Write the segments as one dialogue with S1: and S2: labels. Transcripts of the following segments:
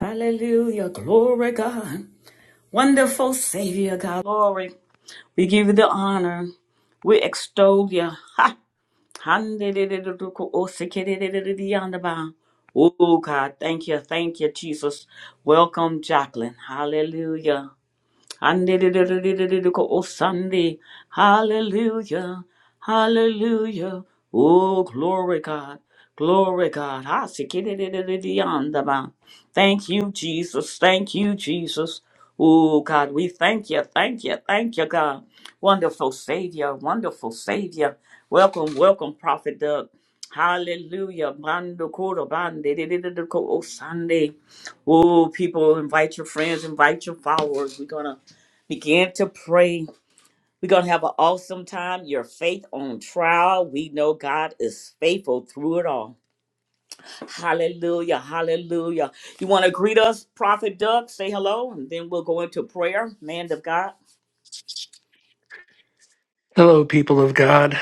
S1: Hallelujah, glory God, wonderful Savior, God glory. We give you the honor, we extol you. Oh God, thank you, thank you, Jesus. Welcome, Jacqueline. Hallelujah. Oh, Sunday. Hallelujah. Hallelujah. Oh, glory, God. Glory, God. Hasikidididididiyandaba. Thank you, Jesus. Thank you, Jesus. Oh, God, we thank you. Thank you. Thank you, God. Wonderful Savior. Wonderful Savior. Welcome, welcome, Prophet Doug. Hallelujah. Bando koro bande didididiko. Oh, Sunday. Oh, people, invite your friends, invite your followers. We're going to begin to pray. We're going to have an awesome time. Your faith on trial. We know God is faithful through it all. Hallelujah. Hallelujah. You want to greet us, Prophet Doug? Say hello, and then we'll go into prayer, man of God.
S2: Hello, people of God.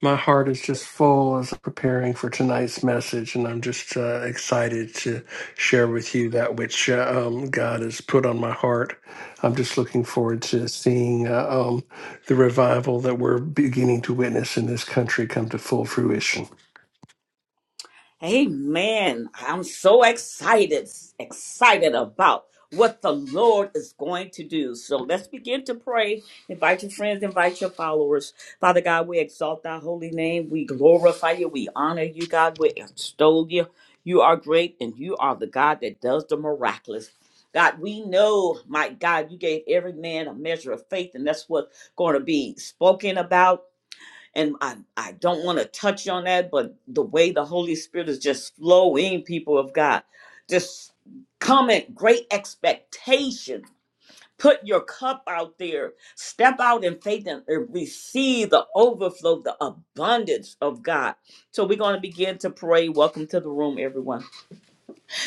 S2: My heart is just full as I'm preparing for tonight's message, and I'm just uh, excited to share with you that which uh, um, God has put on my heart. I'm just looking forward to seeing uh, um, the revival that we're beginning to witness in this country come to full fruition.
S1: Amen. I'm so excited, excited about what the Lord is going to do. So let's begin to pray. Invite your friends, invite your followers. Father God, we exalt thy holy name. We glorify you. We honor you, God. We extol you. You are great and you are the God that does the miraculous. God, we know, my God, you gave every man a measure of faith, and that's what's going to be spoken about and I, I don't want to touch on that, but the way the Holy Spirit is just flowing, people of God, just comment great expectation. Put your cup out there, step out in faith and and receive the overflow, the abundance of God. So we're going to begin to pray. Welcome to the room, everyone.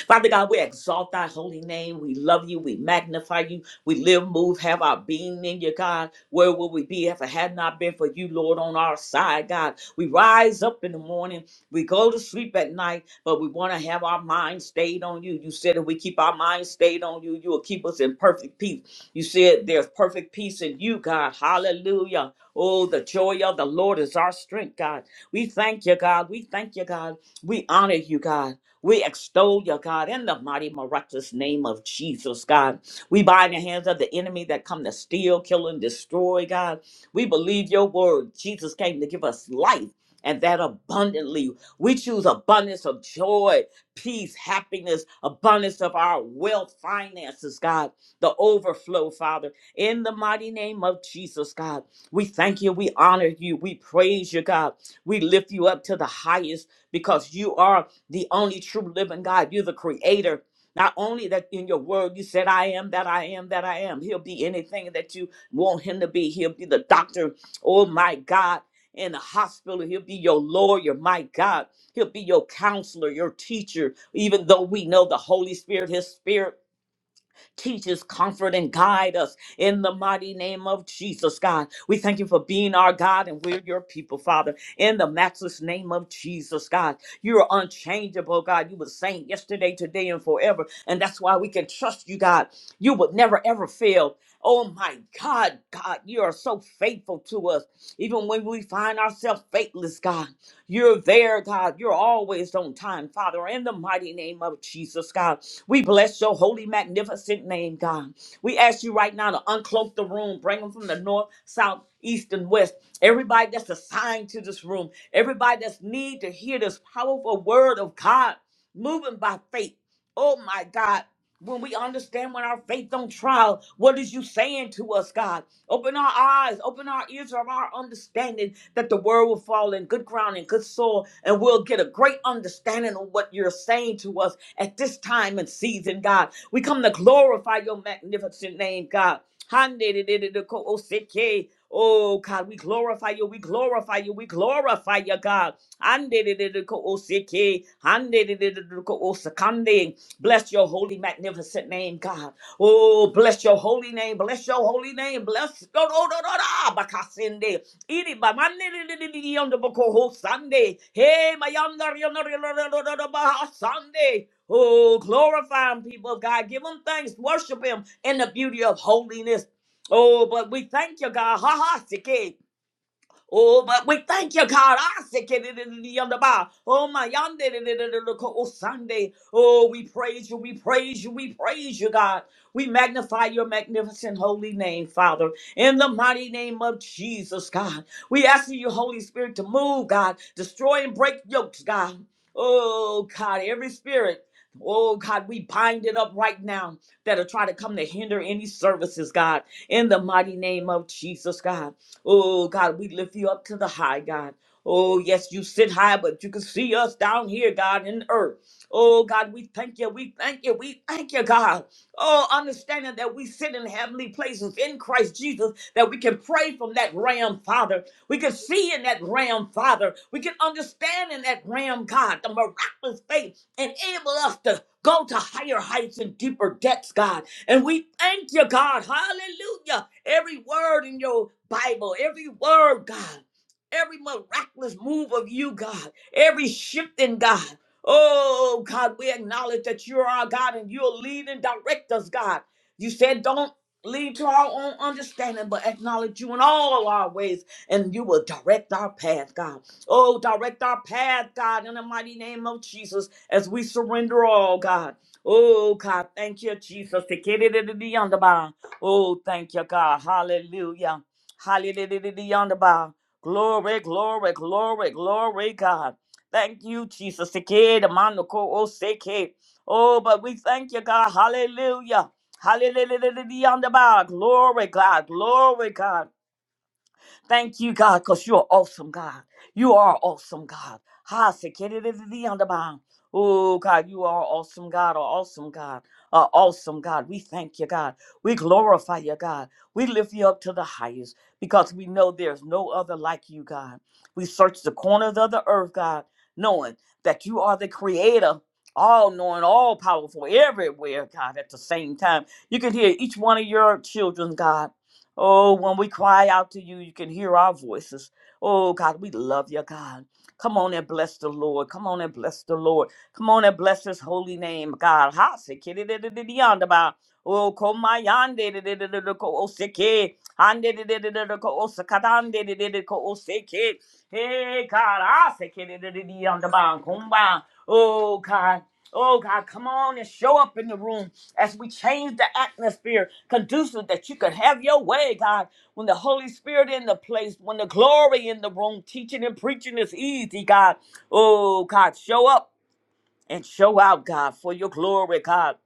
S1: Father God, we exalt thy holy name. We love you. We magnify you. We live, move, have our being in you, God. Where would we be if it had not been for you, Lord, on our side, God? We rise up in the morning. We go to sleep at night, but we want to have our mind stayed on you. You said if we keep our mind stayed on you, you will keep us in perfect peace. You said there's perfect peace in you, God. Hallelujah. Oh, the joy of the Lord is our strength, God. We thank you, God. We thank you, God. We honor you, God. We extol you, God, in the mighty, miraculous name of Jesus, God. We bind the hands of the enemy that come to steal, kill, and destroy, God. We believe your word. Jesus came to give us life and that abundantly. We choose abundance of joy, peace, happiness, abundance of our wealth, finances, God, the overflow, Father. In the mighty name of Jesus, God, we thank you, we honor you, we praise you, God. We lift you up to the highest because you are the only true living God. You're the creator. Not only that in your word you said, I am that I am that I am. He'll be anything that you want him to be. He'll be the doctor, oh my God, in the hospital. He'll be your lawyer, my God. He'll be your counselor, your teacher, even though we know the Holy Spirit, his spirit. Teach us, comfort, and guide us in the mighty name of Jesus, God. We thank you for being our God and we're your people, Father, in the matchless name of Jesus, God. You're unchangeable, God. You were saying yesterday, today, and forever. And that's why we can trust you, God. You would never, ever fail. Oh my God, God, you are so faithful to us, even when we find ourselves faithless, God. You're there, God. You're always on time, Father. In the mighty name of Jesus, God, we bless your holy, magnificent name, God. We ask you right now to uncloak the room, bring them from the north, south, east, and west. Everybody that's assigned to this room, everybody that's need to hear this powerful word of God, moving by faith. Oh my God when we understand when our faith on trial, what is you saying to us, God? Open our eyes, open our ears of our understanding that the word will fall in good ground and good soil, and we'll get a great understanding of what you're saying to us at this time and season, God. We come to glorify your magnificent name, God. Handedidididikooseke. Oh God, we glorify you, we glorify you, we glorify you, God. Handedididikooseke. Handedidididikoosakande. Bless your holy, magnificent name, God. Oh, bless your holy name. Bless your holy name. Bless. No, no, no, no, no. Bakasinde. Iri ba mani di di di di di yondo boko ho Sunday. Hey, my yonder yonder yonder yonder yonder bah Sunday. Oh, glorify him, people of God. Give him thanks. Worship him in the beauty of holiness. Oh, but we thank you, God. Ha ha. sike. Oh, but we thank you, God. I said, "Get it in the other bar." Oh, my yonder, da- da- da- da- oh, Sunday. Oh, we praise you, we praise you, we praise you, God. We magnify your magnificent holy name, Father, in the mighty name of Jesus, God. We ask you, Holy Spirit, to move, God, destroy and break yokes, God. Oh, God, every spirit. Oh, God, we bind it up right now that'll try to come to hinder any services, God, in the mighty name of Jesus, God. Oh God, we lift you up to the high, God. Oh yes, you sit high, but you can see us down here, God, in the earth. Oh God, we thank you, we thank you, we thank you, God. Oh, understanding that we sit in heavenly places in Christ Jesus, that we can pray from that ram, Father. We can see in that ram, Father. We can understand in that ram, God, the miraculous faith enable us to go to higher heights and deeper depths, God. And we thank you, God. Hallelujah. Every word in your Bible, every word, God, every miraculous move of you, God, every shift in God. Oh, God, we acknowledge that you're our God and you'll lead and direct us, God. You said, don't lead to our own understanding, but acknowledge you in all our ways, and you will direct our path, God. Oh, direct our path, God, in the mighty name of Jesus, as we surrender all, God. Oh, God, thank you, Jesus. Oh, thank you, God. Hallelujah. Hallelujah. Glory, glory, glory, glory, God. Thank you, Jesus. Seke, the man the ko. Oh, seke. Oh, but we thank you, God. Hallelujah. Hallelujah. Glory, God. Glory, God. Thank you, God, because you're awesome, God. You are awesome, God. Ha, sekere-re-re-re, underbound. Oh, God, you are awesome, God, an awesome God, an awesome God. We thank you, God. We glorify you, God. We lift you up to the highest because we know there's no other like you, God. We search the corners of the earth, God, knowing that you are the creator, all knowing, all powerful, everywhere, God, at the same time. You can hear each one of your children, God. Oh, when we cry out to you, you can hear our voices. Oh, God, we love you, God. Come on and bless the Lord. Come on and bless the Lord. Come on and bless his holy name, God. Ha, se kiri di di di di yonder ba. Oh, koma yande di di di di di ko o se ke. Ande di di di di di ko o se kadande di di di ko o se ke. Hey, God, ha, se kiri di di di yonder ba. Kumba. Oh, God. Oh, God, come on and show up in the room as we change the atmosphere conducive that you could have your way, God. When the Holy Spirit in the place, when the glory in the room, teaching and preaching is easy, God. Oh, God, show up and show out, God, for your glory, God.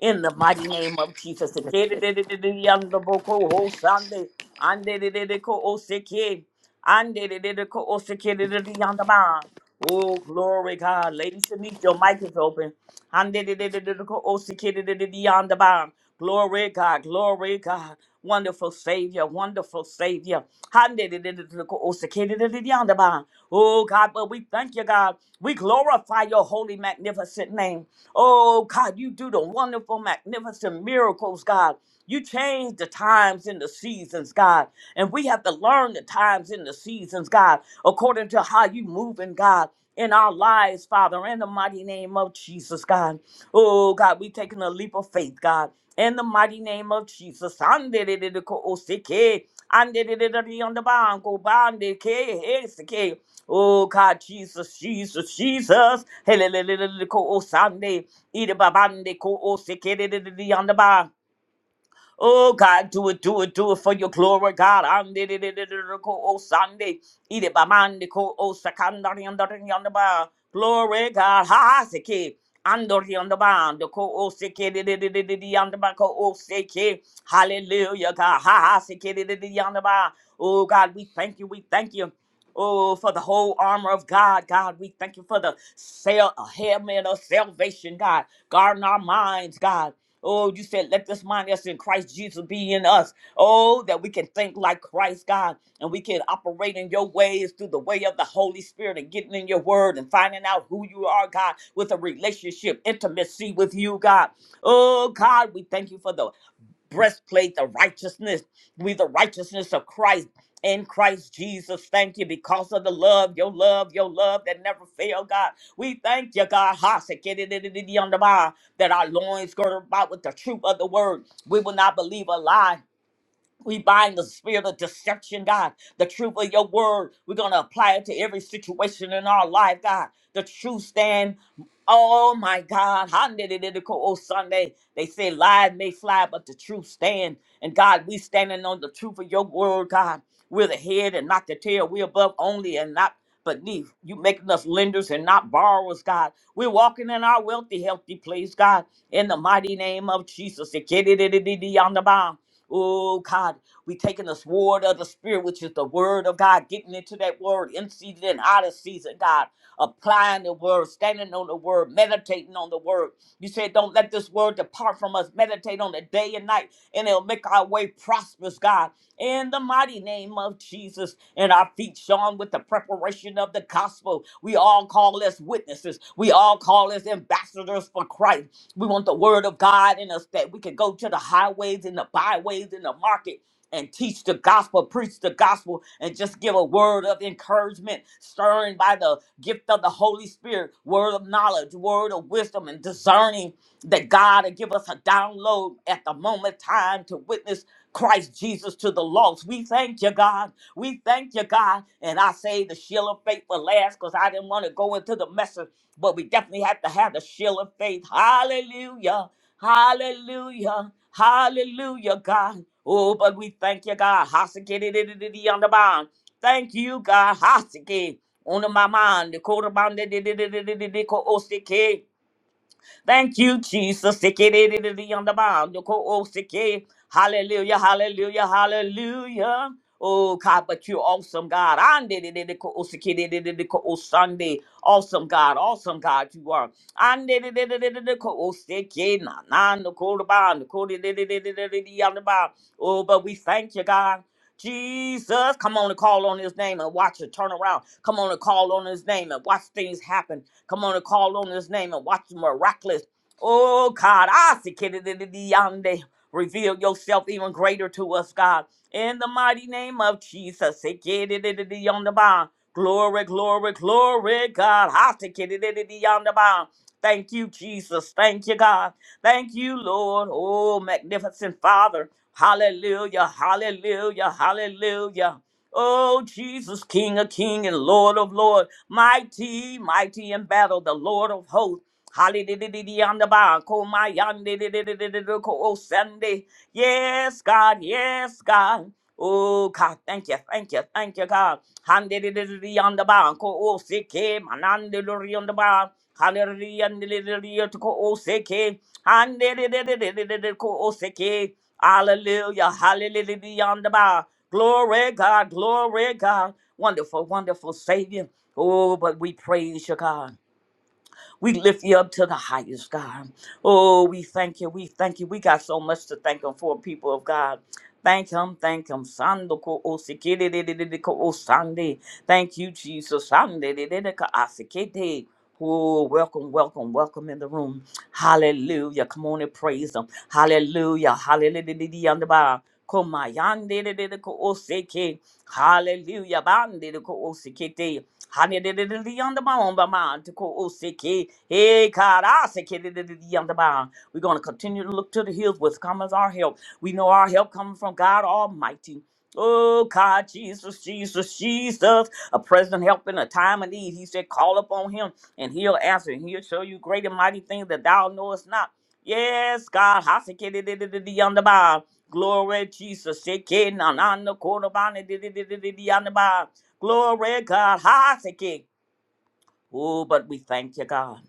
S1: In the mighty name of Jesus. Oh, glory, God. Lady Shanice, your mic is open. Hallelujah! O sacred, beyond the bound, glory God, glory God, wonderful Savior, wonderful Savior. Hallelujah! O God, but we thank you, God. We glorify your holy, magnificent name. O God, you do the wonderful, magnificent miracles, God. You change the times and the seasons, God. And we have to learn the times and the seasons, God, according to how you move, and God in our lives, Father, in the mighty name of Jesus, God. Oh, God, we taking a leap of faith, God, in the mighty name of Jesus. Andededeko oseke, bandeke, heseke. Oh, God, Jesus, Jesus, Jesus. Heleleleleleko osande, idebabandeko Oh God, do it, do it, do it for your glory, God. Andidididididiko, Oh Sunday. Ide ba Idibamandiko, oh, ba Glory, God. Ha ha seke. Andoriandabando, ko, oh, seke, de de de de de de anda ba ko, oh, seke. Hallelujah, God. Ha ha seke, de de de de anda ba. Oh God, we thank you, we thank you. Oh, for the whole armor of God, God, we thank you for the sail, helmet of salvation, God. Guarding our minds, God. Oh, you said, let this mind that's in Christ Jesus be in us. Oh, that we can think like Christ, God, and we can operate in your ways through the way of the Holy Spirit and getting in your word and finding out who you are, God, with a relationship, intimacy with you, God. Oh, God, we thank you for the breastplate of righteousness. We the righteousness of Christ in Christ Jesus. Thank you because of the love, your love, your love that never fail, God. We thank you, God. Ha, se quiere de- de- de- de- on the bar, That our loins girded about with the truth of the word. We will not believe a lie we bind the spirit of deception, God. The truth of your word, we're going to apply it to every situation in our life, God. The truth stand. Oh my God. Oh Sunday. They say lies may fly, but the truth stand. And God, we standing on the truth of your word, God. We're the head and not the tail. We're above only and not beneath. You making us lenders and not borrowers, God. We're walking in our wealthy, healthy place, God. In the mighty name of Jesus. Oh God, we taking the sword of the spirit, which is the word of God, getting into that word in season and out of season, God, applying the word, standing on the word, meditating on the word. You said, Don't let this word depart from us. Meditate on it day and night, and it'll make our way prosperous, God. In the mighty name of Jesus, and our feet shone with the preparation of the gospel. We all call us witnesses. We all call us ambassadors for Christ. We want the word of God in us that we can go to the highways and the byways and the market and teach the gospel, preach the gospel, and just give a word of encouragement, stirring by the gift of the Holy Spirit, word of knowledge, word of wisdom, and discerning that God will give us a download at the moment time to witness Christ Jesus to the lost. We thank you, God. We thank you, God. And I say the shield of faith for last because I didn't want to go into the message, but we definitely have to have the shield of faith. Hallelujah. Hallelujah. Hallelujah, God. Oh, but we thank you, God. Hasiki on the bond. Thank you, God. Hasiki on the my mind. The quarter bound. Thank you, Jesus. Sikididididiyandabandoko-osiki. Hallelujah, hallelujah, hallelujah. Oh God, but you're awesome, God. Andididididiko-osikididididiko-osande. Awesome God, awesome God, you are. Andidididididiko-osiki. Nanandokorobandoko-dididididididiyandaba. Oh, but we thank you, God. Jesus, come on and call on his name and watch it turn around. Come on and call on his name and watch things happen. Come on and call on his name and watch the miraculous. Oh God, I see Kididididiyande. reveal yourself even greater to us, God. In the mighty name of Jesus. say, Kididididiyondaba. Glory, glory, glory, God. I see Kididididiyondaba. Thank you, Jesus. Thank you, God. Thank you, Lord. Oh, magnificent Father. Hallelujah. Hallelujah. Hallelujah. Oh, Jesus, King of King and Lord of Lord. Mighty, mighty in battle, the Lord of hosts. Hallelujah. Oh, Sunday. Yes, God. Yes, God. Oh, God. Thank you. Thank you. Thank you, God. Hallelujah. Oh, Sike. Manandori on the bar. Hallelujah. Hallelujah. to ko o se Hallelujah. ko o se ke. Hallelujah. Hallelujah. on the bar. Glory, God. Glory, God. Wonderful, wonderful Savior. Oh, but we praise you, God. We lift you up to the highest, God. Oh, we thank you. We thank you. We got so much to thank Him for, people of God. Thank Him. Thank Him. Sando ko osikididididiko osande. Thank you, Jesus. Sandidididika asikete. Oh, welcome, welcome, welcome in the room. Hallelujah. Come on and praise Him. Hallelujah. Hallelujah. Komayandidididiko oseke. Hallelujah. Bandidiko osikete. Hani de de de de yonder bound by mine to ko osiki. Hey, God, I say, kid, de de de de yonder bound. We're going to continue to look to the hills, which comes our help. We know our help coming from God Almighty. Oh, God, Jesus, Jesus, Jesus, a present help in a time of need. He said, Call upon him and he'll answer, and he'll show you great and mighty things that thou knowest not. Yes, God, glory, Jesus. Glory, Jesus. say, kid, na na na, ko na ba, na, de de de de de de yonder bound. Glory, God. Ha, thank you. Oh, but we thank you, God.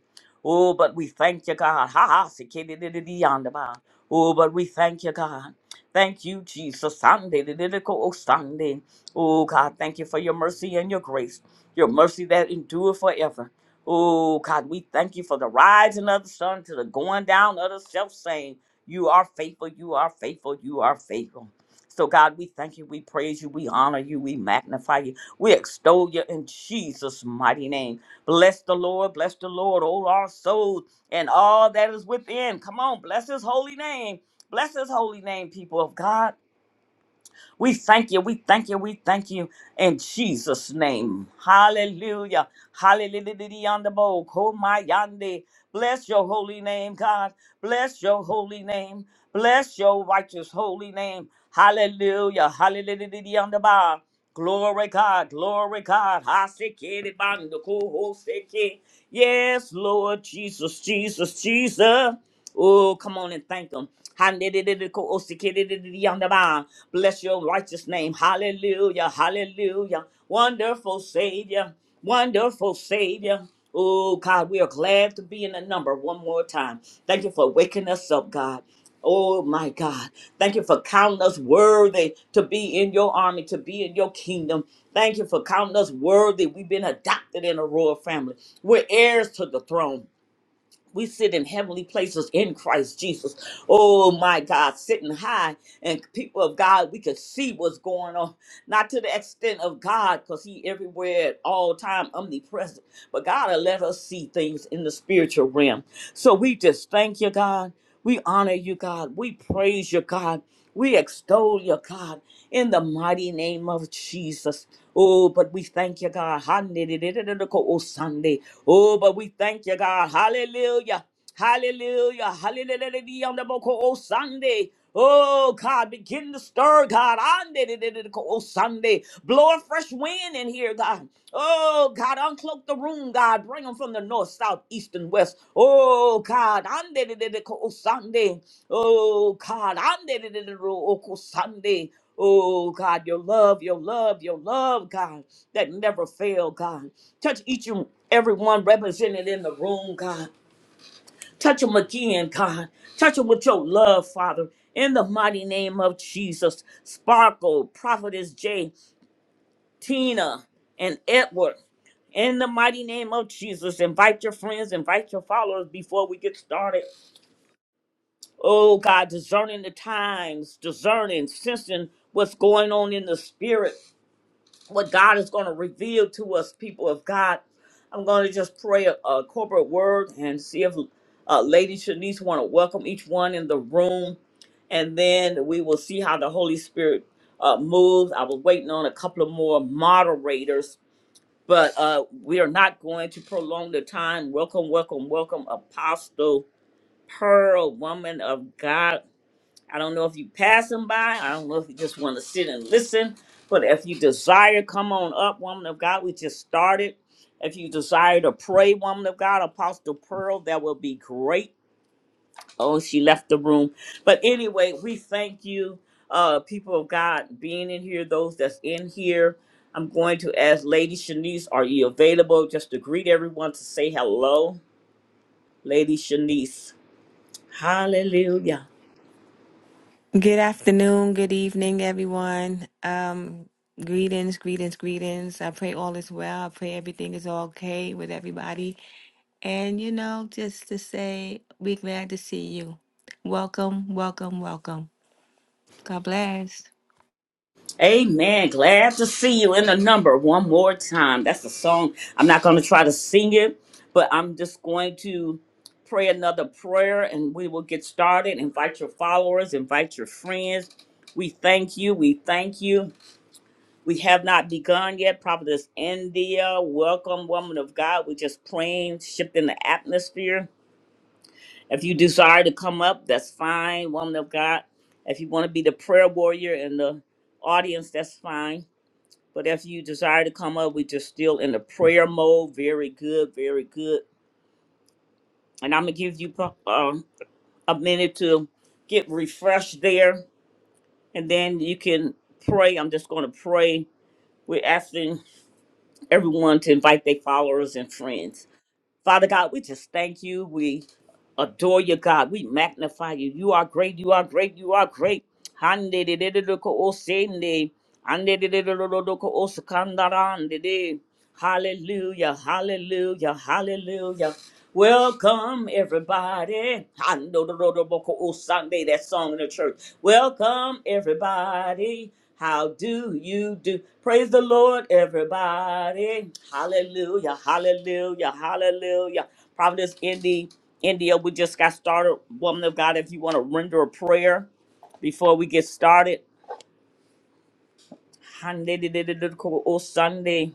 S1: Oh, but we thank you, God. Ha ha, sikididididiyandaba. Oh, but we thank you, God. Thank you, Jesus. Sunday, oh Sunday. Oh, God, thank you for your mercy and your grace, your mercy that endure forever. Oh, God, we thank you for the rising of the sun to the going down of the self saying, You are faithful, you are faithful, you are faithful. So, God, we thank you, we praise you, we honor you, we magnify you, we extol you in Jesus' mighty name. Bless the Lord, bless the Lord, all our souls and all that is within. Come on, bless his holy name. Bless his holy name, people of God. We thank you, we thank you, we thank you in Jesus' name. Hallelujah. Hallelujah. On the bowl. Komayande. Bless your holy name, God. Bless your holy name. Bless your righteous holy name. Hallelujah. Hallelujah. On the bar. Glory God, glory God. I Hasekere bando koho seke. Yes, Lord Jesus, Jesus, Jesus. Oh, come on and thank Him. Handededede ko osekededede yonder ba. Bless your righteous name. Hallelujah, hallelujah. Wonderful Savior, wonderful Savior. Oh, God, we are glad to be in the number one more time. Thank you for waking us up, God. Oh my God. Thank you for counting us worthy to be in your army, to be in your kingdom. Thank you for counting us worthy. We've been adopted in a royal family. We're heirs to the throne. We sit in heavenly places in Christ Jesus. Oh my God, sitting high. And people of God, we can see what's going on. Not to the extent of God, because He everywhere at all time, omnipresent. But God will let us see things in the spiritual realm. So we just thank you, God. We honor you, God. We praise you, God. We extol you, God in the mighty name of Jesus. Oh, but we thank you, God. Oh, Sunday. Oh, but we thank you, God. Hallelujah. Hallelujah. Hallelujah. On the book, Oh, Sunday. Oh God, begin to stir, God. Oh Sunday, blow a fresh wind in here, God. Oh God, uncloak the room, God. Bring them from the north, south, east, and west. Oh God, oh Sunday. Oh God, oh Sunday. Oh God, your love, your love, your love, God, that never fail, God. Touch each and every one represented in the room, God. Touch them again, God. Touch them with your love, Father. In the mighty name of Jesus. Sparkle, Prophetess J, Tina, and Edward. In the mighty name of Jesus, invite your friends, invite your followers before we get started. Oh God, discerning the times, discerning, sensing what's going on in the spirit. what God is going to reveal to us, people of God. I'm going to just pray a, a corporate word and see if uh, Lady Shanice want to welcome each one in the room, and then we will see how the Holy Spirit uh, moves. I was waiting on a couple of more moderators, but uh, we are not going to prolong the time. Welcome, welcome, welcome, Apostle Pearl, woman of God. I don't know if you pass them by. I don't know if you just want to sit and listen. But if you desire, come on up, woman of God. We just started. If you desire to pray, woman of God, Apostle Pearl, that will be great. Oh, she left the room. But anyway, we thank you, uh, people of God, being in here, those that's in here. I'm going to ask Lady Shanice, are you available just to greet everyone to say hello? Lady Shanice. Hallelujah.
S3: Good afternoon, good evening, everyone. Um, greetings, greetings, greetings. I pray all is well. I pray everything is okay with everybody. And you know, just to say, we're glad to see you. Welcome, welcome, welcome. God bless.
S1: Amen. Glad to see you in the number one more time. That's a song. I'm not going to try to sing it, but I'm just going to pray another prayer and we will get started. Invite your followers, invite your friends. We thank you. We thank you. We have not begun yet. Prophetess India, welcome, woman of God. We're just praying, shifting the atmosphere. If you desire to come up, that's fine, woman of God. If you want to be the prayer warrior in the audience, that's fine but if you desire to come up, we just still in the prayer mode. Very good, very good. And I'm gonna give you pro- um a minute to get refreshed there, and then you can pray. I'm just gonna pray. We're asking everyone to invite their followers and friends. Father God, we just thank you. We. adore you, God. We magnify you. You are great. You are great. You are great. Hande de de de de ko o sende. Hande de de de de de ko o sakandaran de de. Hallelujah, hallelujah, hallelujah, Welcome everybody. I know the Lord of call all Sunday that song in the church. Welcome everybody. How do you do? Praise the Lord, everybody. Hallelujah, hallelujah, hallelujah. Providence, Indy, India, we just got started. Woman of God, if you want to render a prayer before we get started. Hallelujah, all Sunday.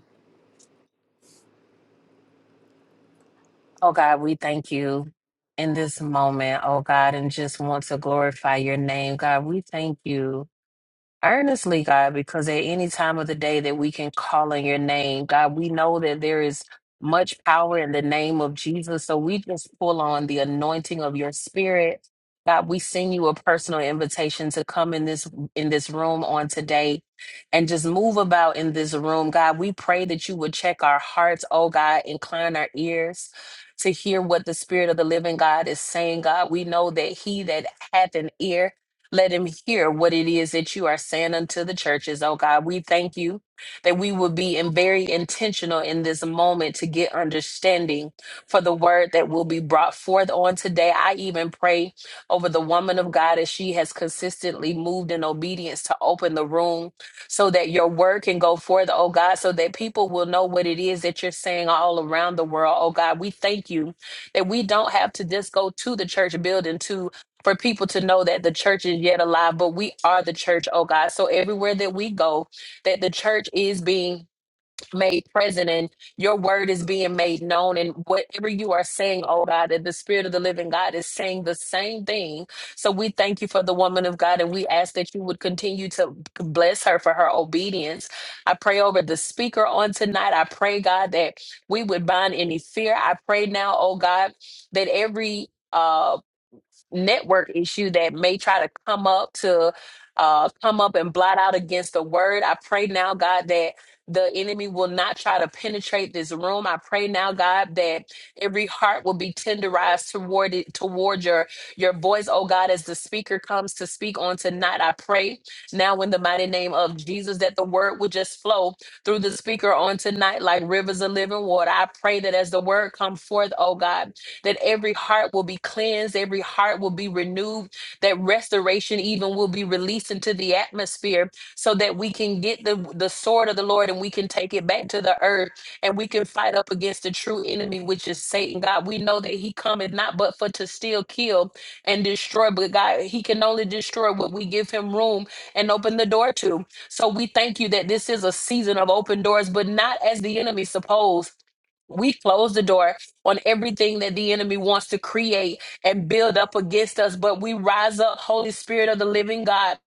S4: Oh God, we thank you in this moment, oh God, and just want to glorify your name. God, we thank you. Earnestly, God, because at any time of the day that we can call on your name, God, we know that there is much power in the name of Jesus. So we just pull on the anointing of your spirit. God, we send you a personal invitation to come in this in this room on today and just move about in this room. God, we pray that you would check our hearts, oh God, incline our ears to hear what the spirit of the living God is saying. God, we know that he that hath an ear let him hear what it is that you are saying unto the churches. Oh God, we thank you that we will be in very intentional in this moment to get understanding for the word that will be brought forth on today. I even pray over the woman of God as she has consistently moved in obedience to open the room so that your word can go forth, oh God, so that people will know what it is that you're saying all around the world. Oh God, we thank you that we don't have to just go to the church building to for people to know that the church is yet alive, but we are the church, oh God. So everywhere that we go, that the church is being made present and your word is being made known. And whatever you are saying, oh God, that the spirit of the living God is saying the same thing. So we thank you for the woman of God and we ask that you would continue to bless her for her obedience. I pray over the speaker on tonight. I pray, God, that we would bind any fear. I pray now, oh God, that every uh network issue that may try to come up to uh, come up and blot out against the word. I pray now, God, that the enemy will not try to penetrate this room. I pray now, God, that every heart will be tenderized toward it, toward your your voice, oh God, as the speaker comes to speak on tonight. I pray now in the mighty name of Jesus that the word will just flow through the speaker on tonight like rivers of living water. I pray that as the word come forth, oh God that every heart will be cleansed, every heart will be renewed, that restoration even will be released into the atmosphere so that we can get the, the sword of the Lord and we can take it back to the earth and we can fight up against the true enemy, which is Satan. God, we know that he cometh not but for to steal, kill, and destroy, but God, he can only destroy what we give him room and open the door to. So we thank you that this is a season of open doors, but not as the enemy supposed we close the door on everything that the enemy wants to create and build up against us. But we rise up, Holy Spirit of the living God.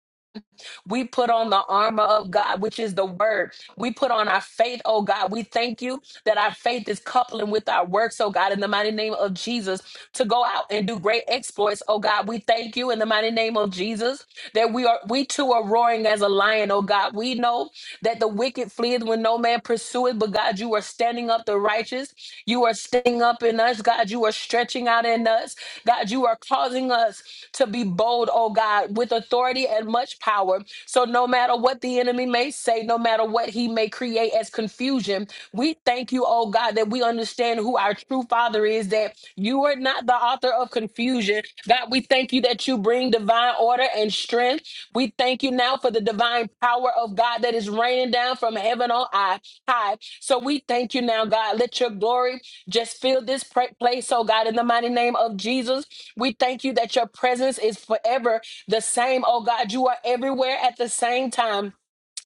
S4: We put on the armor of God, which is the word. We put on our faith, oh God. We thank you that our faith is coupling with our works, oh God, in the mighty name of Jesus, to go out and do great exploits, oh God. We thank you in the mighty name of Jesus that we are we too are roaring as a lion, oh God. We know that the wicked fleeth when no man pursueth, but God, you are standing up the righteous. You are standing up in us, God. You are stretching out in us. God, you are causing us to be bold, oh God, with authority and much power. So no matter what the enemy may say, no matter what he may create as confusion, we thank you, oh God, that we understand who our true Father is, that you are not the author of confusion. God, we thank you that you bring divine order and strength. We thank you now for the divine power of God that is raining down from heaven on high. high. So we thank you now, God. Let your glory just fill this pra- place, oh God, in the mighty name of Jesus. We thank you that your presence is forever the same, oh God. You are everywhere at the same time.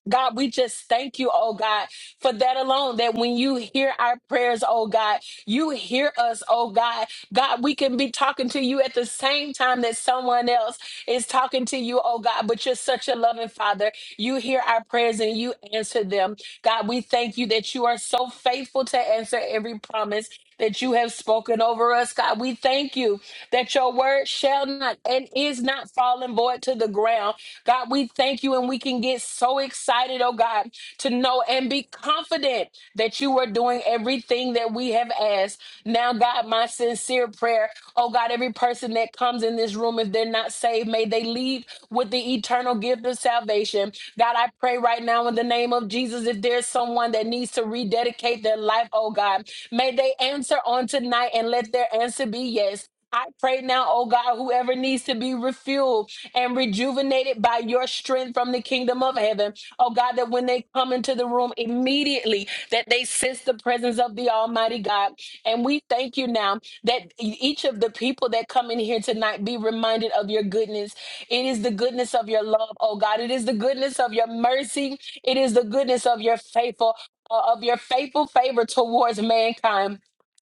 S4: God, we just thank you, oh God, for that alone. That when you hear our prayers, oh God, you hear us, oh God. God, we can be talking to you at the same time that someone else is talking to you, oh God, but you're such a loving Father. You hear our prayers and you answer them. God, we thank you that you are so faithful to answer every promise that you have spoken over us, God. We thank you that your word shall not and is not falling void to the ground. God, we thank you and we can get so excited, oh God, to know and be confident that you are doing everything that we have asked. Now, God, my sincere prayer, oh God, every person that comes in this room, if they're not saved, may they leave with the eternal gift give them salvation. God, I pray right now in the name of Jesus, if there's someone that needs to rededicate their life, oh God, may they answer on tonight and let their answer be yes. I pray now, oh God, whoever needs to be refueled and rejuvenated by your strength from the kingdom of heaven, oh God, that when they come into the room immediately, that they sense the presence of the Almighty God. And we thank you now that e- each of the people that come in here tonight be reminded of your goodness it is the goodness of your love, oh God. It is the goodness of your mercy. It is the goodness of your faithful, uh, of your faithful favor towards mankind.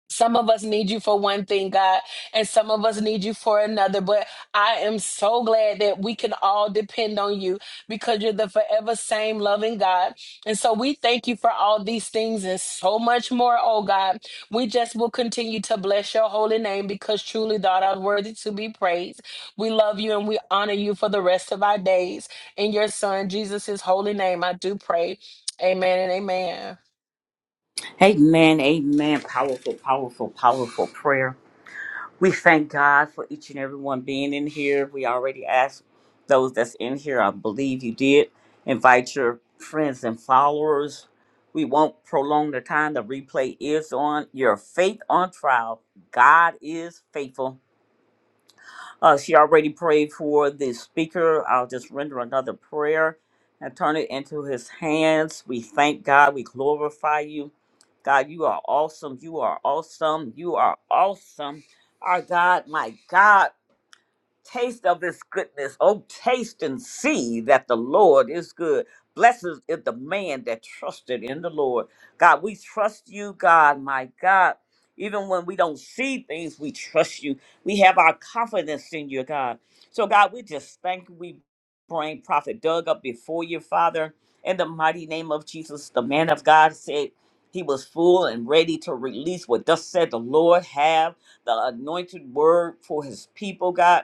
S4: Some of us need you for one thing, God, and some of us need you for another. But I am so glad that we can all depend on you because you're the forever same loving God. And so we thank you for all these things and so much more, oh God. We just will continue to bless your holy name because truly thou art worthy to be praised. We love you and we honor you for the rest of our days. In your son, Jesus' holy name, I do pray. Amen and amen.
S1: Amen, amen. Powerful, powerful, powerful prayer. We thank God for each and every one being in here. We already asked those that's in here, I believe you did. Invite your friends and followers. We won't prolong the time. The replay is on. Your faith on trial. God is faithful. Uh, she already prayed for the speaker. I'll just render another prayer and turn it into his hands. We thank God. We glorify you. God, you are awesome. You are awesome. You are awesome. Our God, my God taste of this goodness. Oh, taste and see that the Lord is good. Blessed is the man that trusted in the Lord. God, we trust you, God, my God. Even when we don't see things, we trust you. We have our confidence in you, God. So, God, we just thank you. We bring Prophet Doug up before you, Father. In the mighty name of Jesus, the man of God said he was full and ready to release what thus said the Lord have, the anointed word for his people, God.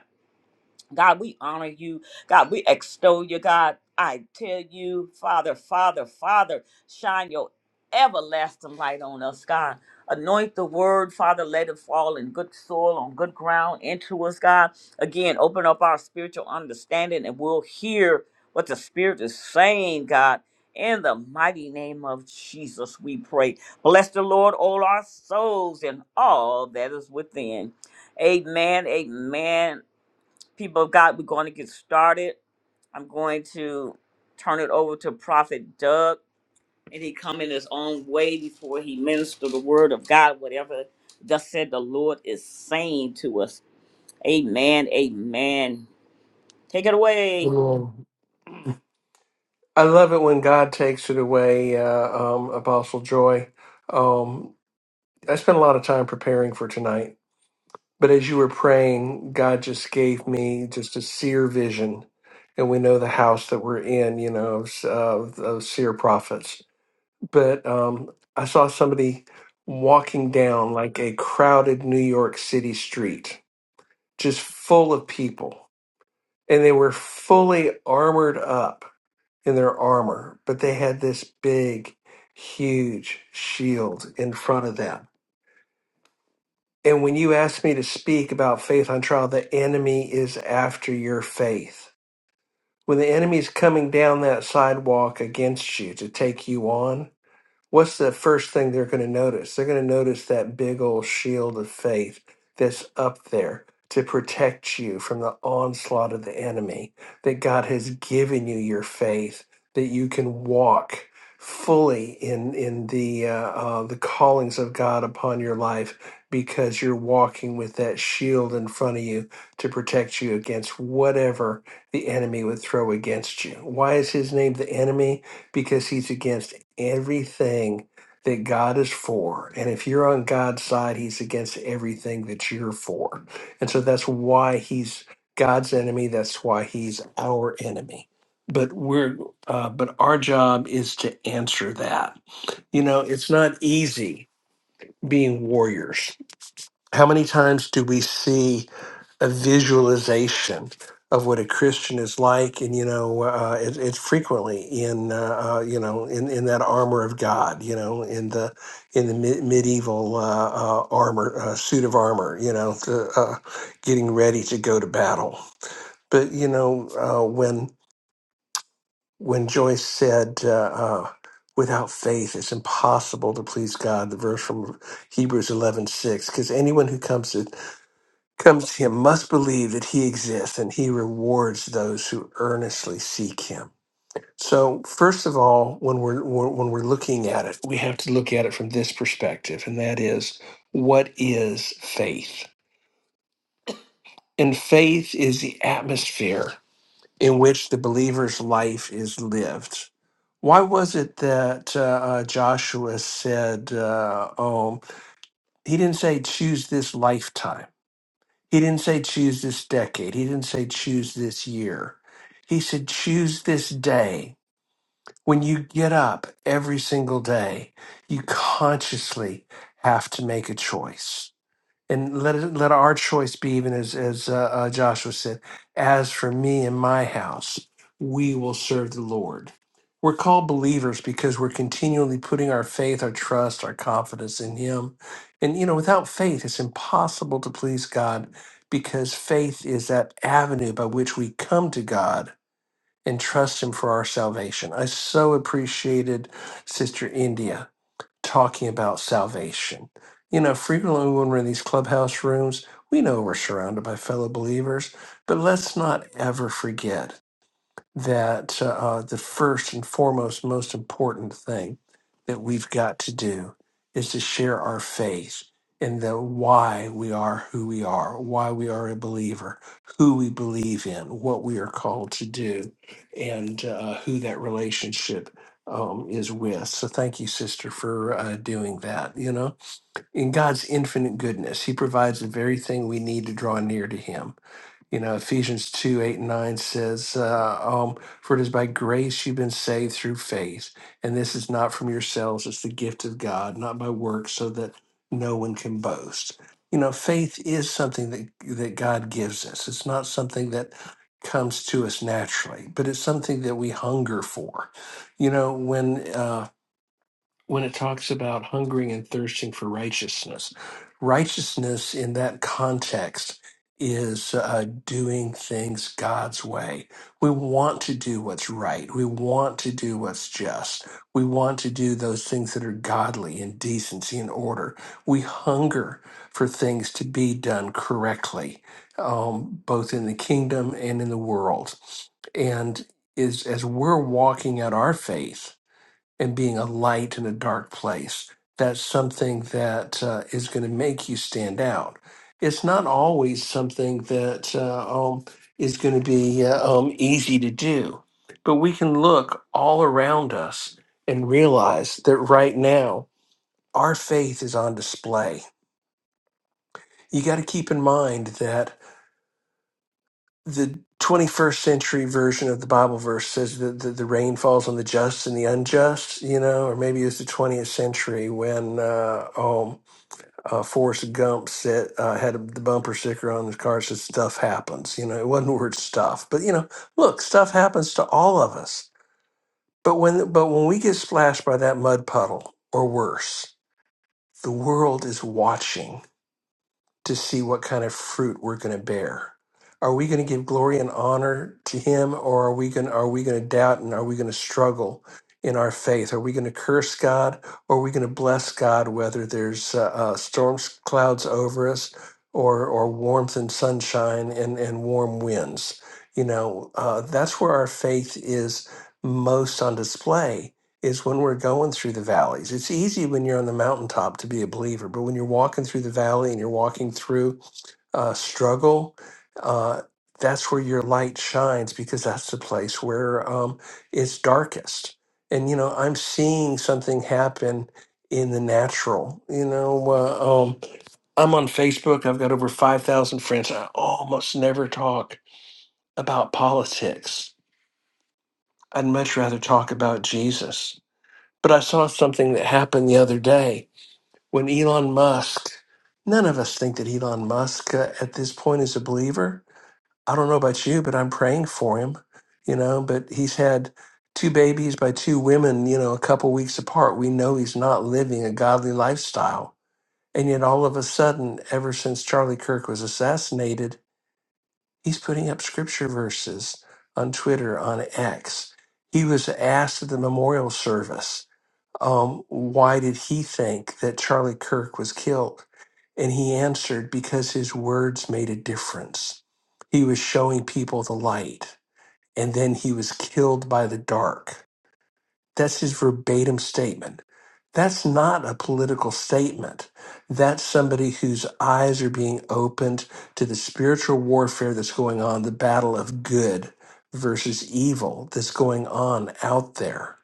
S1: God, we honor you. God, we extol you. God, I tell you, Father, Father, Father, shine your everlasting light on us, God. Anoint the word, Father, let it fall in good soil, on good ground, into us, God. Again, open up our spiritual understanding and we'll hear what the Spirit is saying, God. In the mighty name of Jesus, we pray. Bless the Lord, all our souls and all that is within. Amen. Amen. People of God, we're going to get started. I'm going to turn it over to Prophet Doug, and he come in his own way before he minister the word of God, whatever thus said the Lord is saying to us. Amen. Amen. Take it away.
S2: Amen. I love it when God takes it away, uh, um, Apostle Joy. Um, I spent a lot of time preparing for tonight But as you were praying, God just gave me just a seer vision. And we know the house that we're in, you know, of, of, of seer prophets. But um, I saw somebody walking down like a crowded New York City street, just full of people. And they were fully armored up in their armor, but they had this big, huge shield in front of them And when you ask me to speak about faith on trial, the enemy is after your faith. When the enemy is coming down that sidewalk against you to take you on, what's the first thing they're going to notice? They're going to notice that big old shield of faith that's up there to protect you from the onslaught of the enemy, that God has given you your faith, that you can walk fully in in the uh, uh, the callings of God upon your life because you're walking with that shield in front of you to protect you against whatever the enemy would throw against you. Why is his name the enemy? because he's against everything that God is for. And if you're on God's side, he's against everything that you're for. And so that's why he's God's enemy. That's why he's our enemy. But we're uh, but our job is to answer that. You know, it's not easy being warriors. How many times do we see a visualization of what a Christian is like, and you know, uh, it, it's frequently in uh, uh, you know in, in that armor of God, you know, in the in the me- medieval uh, uh, armor uh, suit of armor, you know, to, uh, getting ready to go to battle. But you know, uh, when when Joyce said. Uh, uh, Without faith, it's impossible to please God. The verse from Hebrews eleven six, because anyone who comes to comes to him must believe that he exists and he rewards those who earnestly seek him so first of all when we're when when we're looking at it we have to look at it from this perspective and that is what is faith and faith is the atmosphere in which the believer's life is lived why was it that uh, uh, joshua said uh, oh he didn't say choose this lifetime He didn't say choose this decade. He didn't say choose this year. He said choose this day. When you get up every single day, you consciously have to make a choice and let it, let our choice be even as as uh, uh, Joshua said. As for me and my house, we will serve the Lord. We're called believers because we're continually putting our faith, our trust, our confidence in Him. And you know, without faith, it's impossible to please God because faith is that avenue by which we come to God and trust Him for our salvation. I so appreciated Sister India talking about salvation. You know, frequently when we're in these clubhouse rooms, we know we're surrounded by fellow believers, but let's not ever forget that uh, the first and foremost, most important thing that we've got to do is to share our faith and the why we are who we are, why we are a believer, who we believe in, what we are called to do, and uh, who that relationship um, is with. So thank you, sister, for uh, doing that. You know, in God's infinite goodness, He provides the very thing we need to draw near to Him you know, Ephesians 2 8 and 9 says, uh, um, For it is by grace you've been saved through faith, and this is not from yourselves, it's the gift of God, not by works, so that no one can boast. You know, faith is something that, that God gives us, it's not something that comes to us naturally, but it's something that we hunger for. You know, when uh, when it talks about hungering and thirsting for righteousness. Righteousness in that context is uh, doing things God's way. We want to do what's right. We want to do what's just. We want to do those things that are godly and decency and order. We hunger for things to be done correctly, um, both in the kingdom and in the world. And is as we're walking out our faith, and being a light in a dark place. That's something that uh, is going to make you stand out. It's not always something that uh, um, is going to be uh, um, easy to do, but we can look all around us and realize that right now our faith is on display. You got to keep in mind that the 21st century version of the Bible verse says that the, the rain falls on the just and the unjust, you know, or maybe it's the 20th century when uh, um, uh, Forrest Gump said, uh, had the bumper sticker on his car that said, Stuff happens. You know, it wasn't the word stuff, but, you know, look, stuff happens to all of us. But when, but when we get splashed by that mud puddle or worse, the world is watching to see what kind of fruit we're going to bear. Are we going to give glory and honor to him or are we going are we going to doubt and are we going to struggle in our faith? Are we going to curse God or are we going to bless God whether there's uh, uh, storm clouds over us or or warmth and sunshine and and warm winds? You know, uh, that's where our faith is most on display is when we're going through the valleys. It's easy when you're on the mountaintop to be a believer, but when you're walking through the valley and you're walking through uh, struggle, uh, that's where your light shines because that's the place where um, it's darkest. And, you know, I'm seeing something happen in the natural. You know, uh, um, I'm on Facebook, I've got over 5,000 friends. I almost never talk about politics. I'd much rather talk about Jesus but I saw something that happened the other day when Elon Musk, none of us think that Elon Musk uh, at this point is a believer. I don't know about you, but I'm praying for him, you know, but he's had two babies by two women, you know, a couple weeks apart. We know he's not living a godly lifestyle. And yet all of a sudden, ever since Charlie Kirk was assassinated, he's putting up scripture verses on Twitter, on X. He was asked at the memorial service um, why did he think that Charlie Kirk was killed? And he answered, because his words made a difference. He was showing people the light, and then he was killed by the dark. That's his verbatim statement. That's not a political statement. That's somebody whose eyes are being opened to the spiritual warfare that's going on, the battle of good versus evil that's going on out there.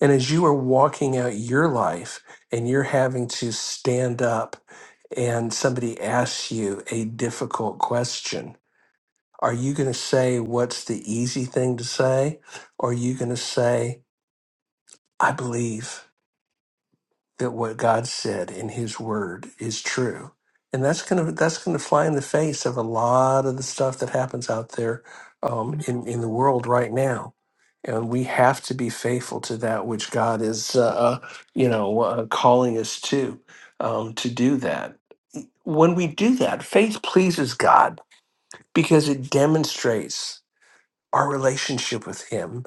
S2: And as you are walking out your life and you're having to stand up and somebody asks you a difficult question, are you going to say what's the easy thing to say? Or are you going to say, I believe? that what God said in His Word is true, and that's gonna that's gonna fly in the face of a lot of the stuff that happens out there um, in in the world right now, and we have to be faithful to that which God is uh, uh, you know uh, calling us to um, to do that. When we do that, faith pleases God because it demonstrates our relationship with Him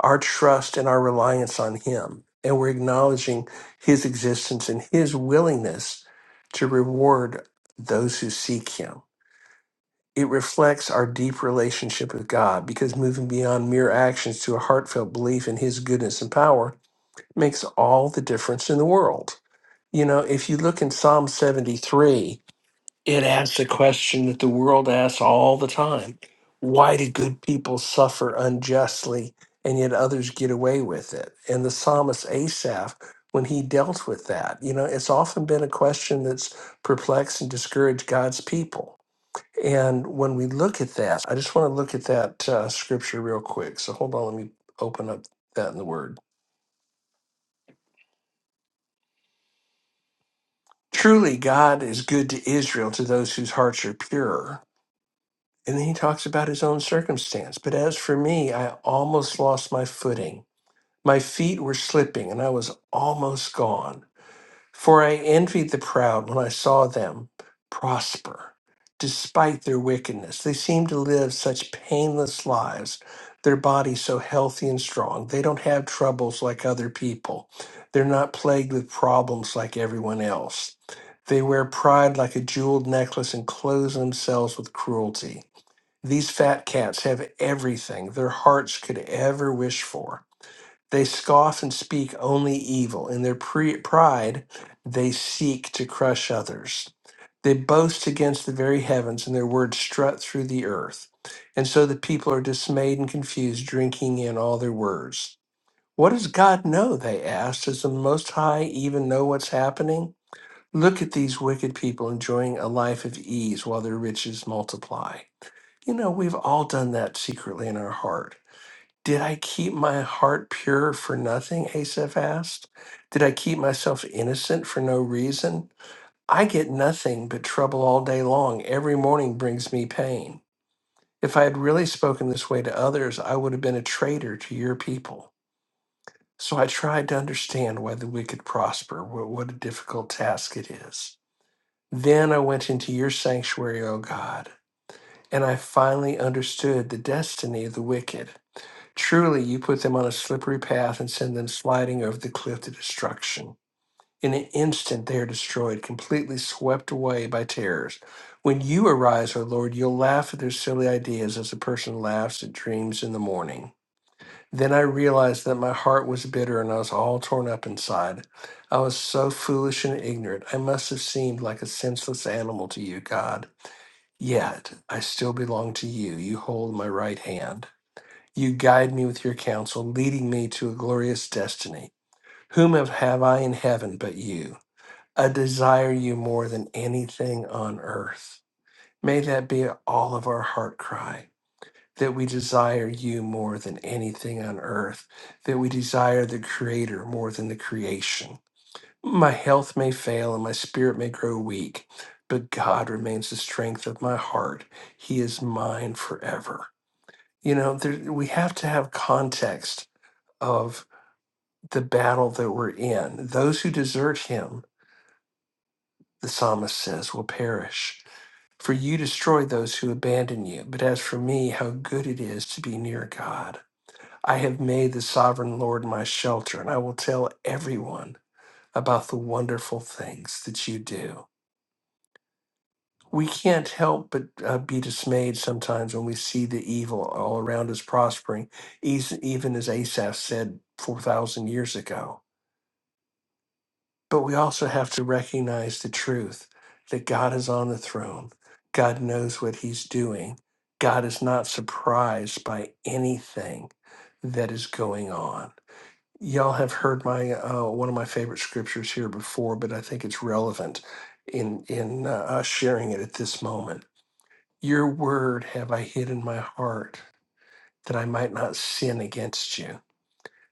S2: our trust and our reliance on Him. And we're acknowledging His existence and His willingness to reward those who seek Him. It reflects our deep relationship with God because moving beyond mere actions to a heartfelt belief in His goodness and power makes all the difference in the world. You know, if you look in Psalm 73, it asks a question that the world asks all the time Why do good people suffer unjustly and yet others get away with it? And the psalmist Asaph, when he dealt with that, you know, it's often been a question that's perplexed and discouraged God's people. And when we look at that, I just want to look at that uh, scripture real quick. So hold on, let me open up that in the Word. Truly, God is good to Israel, to those whose hearts are pure. And then he talks about his own circumstance. But as for me, I almost lost my footing. My feet were slipping, and I was almost gone. For I envied the proud when I saw them prosper, despite their wickedness. They seem to live such painless lives, their bodies so healthy and strong. They don't have troubles like other people, they're not plagued with problems like everyone else. They wear pride like a jeweled necklace and clothe themselves with cruelty. These fat cats have everything their hearts could ever wish for. They scoff and speak only evil. In their pre- pride, they seek to crush others. They boast against the very heavens, and their words strut through the earth. And so the people are dismayed and confused, drinking in all their words. What does God know? They asked. Does the Most High even know what's happening? Look at these wicked people enjoying a life of ease while their riches multiply. You know, we've all done that secretly in our heart. Did I keep my heart pure for nothing? Asaph asked. Did I keep myself innocent for no reason? I get nothing but trouble all day long. Every morning brings me pain. If I had really spoken this way to others, I would have been a traitor to your people. So I tried to understand why the wicked prosper. What, what a difficult task it is. Then I went into your sanctuary, O God, and I finally understood the destiny of the wicked. Truly, you put them on a slippery path and send them sliding over the cliff to destruction. In an instant, they are destroyed, completely swept away by terrors. When you arise, O Lord, you'll laugh at their silly ideas as a person laughs at dreams in the morning. Then I realized that my heart was bitter and I was all torn up inside. I was so foolish and ignorant. I must have seemed like a senseless animal to you, God. Yet I still belong to you. You hold my right hand. You guide me with your counsel, leading me to a glorious destiny. Whom have have I in heaven but you? I desire you more than anything on earth. May that be all of our heart cry that we desire you more than anything on earth, that we desire the Creator more than the creation. My health may fail and my spirit may grow weak, but God remains the strength of my heart. He is mine forever. You know, there, we have to have context of the battle that we're in. Those who desert him, the psalmist says, will perish. For you destroy those who abandon you. But as for me, how good it is to be near God. I have made the sovereign Lord my shelter, and I will tell everyone about the wonderful things that you do. We can't help but uh, be dismayed sometimes when we see the evil all around us prospering, eas- even as Asaph said 4,000 years ago. But we also have to recognize the truth that God is on the throne. God knows what he's doing. God is not surprised by anything that is going on. Y'all have heard my uh, one of my favorite scriptures here before, but I think it's relevant in in uh, us sharing it at this moment. Your word have I hid in my heart that I might not sin against you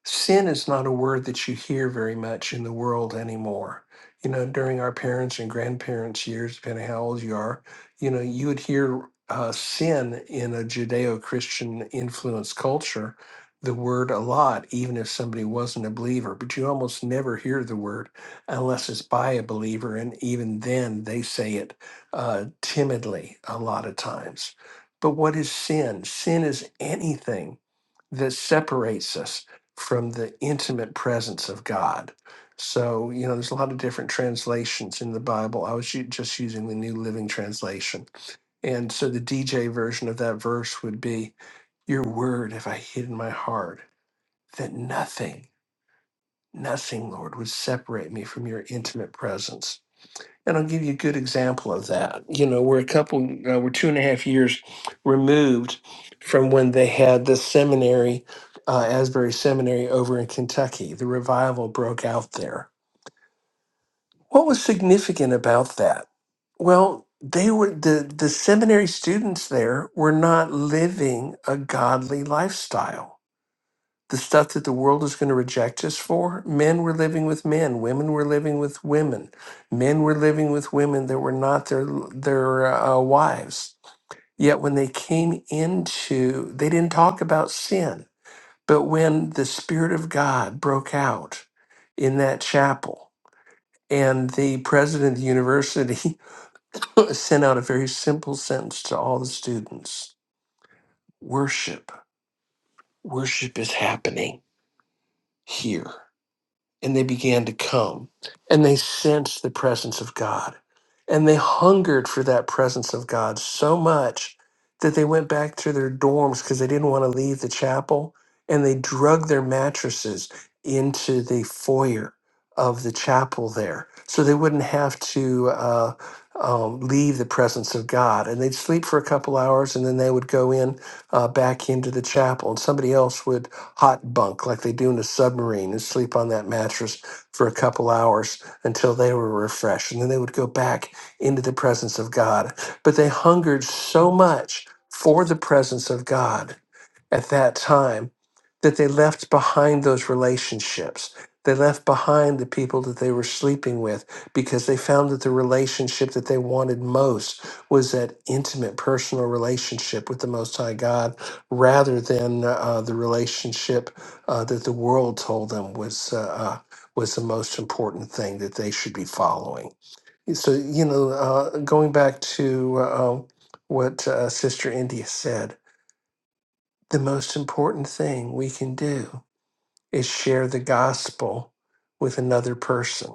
S2: sin is not a word that you hear very much in the world anymore. You know, during our parents' and grandparents' years, depending how old you are, you know, you would hear uh, sin in a Judeo Christian influenced culture, the word a lot, even if somebody wasn't a believer. But you almost never hear the word unless it's by a believer. And even then, they say it uh, timidly a lot of times. But what is sin? Sin is anything that separates us from the intimate presence of God. So, you know, there's a lot of different translations in the Bible. I was u- just using the New Living Translation. And so the DJ version of that verse would be Your word have I hid in my heart, that nothing, nothing, Lord, would separate me from your intimate presence. And I'll give you a good example of that. You know, we're a couple, uh, we're two and a half years removed from when they had the seminary, uh, Asbury Seminary over in Kentucky. The revival broke out there. What was significant about that? Well, they were the, the seminary students there were not living a godly lifestyle the stuff that the world is going to reject us for. Men were living with men, women were living with women, men were living with women that were not their their uh, wives. Yet when they came into, they didn't talk about sin. But when the Spirit of God broke out in that chapel, and the president of the university sent out a very simple sentence to all the students: "Worship, worship is happening here." and they began to come and they sensed the presence of God and they hungered for that presence of God so much that they went back to their dorms because they didn't want to leave the chapel and they drug their mattresses into the foyer of the chapel there so they wouldn't have to uh, um, leave the presence of God and they'd sleep for a couple hours and then they would go in uh, back into the chapel and somebody else would hot bunk like they do in a submarine and sleep on that mattress for a couple hours until they were refreshed. And then they would go back into the presence of God. But they hungered so much for the presence of God at that time that they left behind those relationships. They left behind the people that they were sleeping with because they found that the relationship that they wanted most was that intimate personal relationship with the Most High God rather than uh, the relationship uh, that the world told them was. Uh, uh, was the most important thing that they should be following. So, you know, uh, going back to uh, what uh, Sister India said, the most important thing we can do is share the gospel with another person.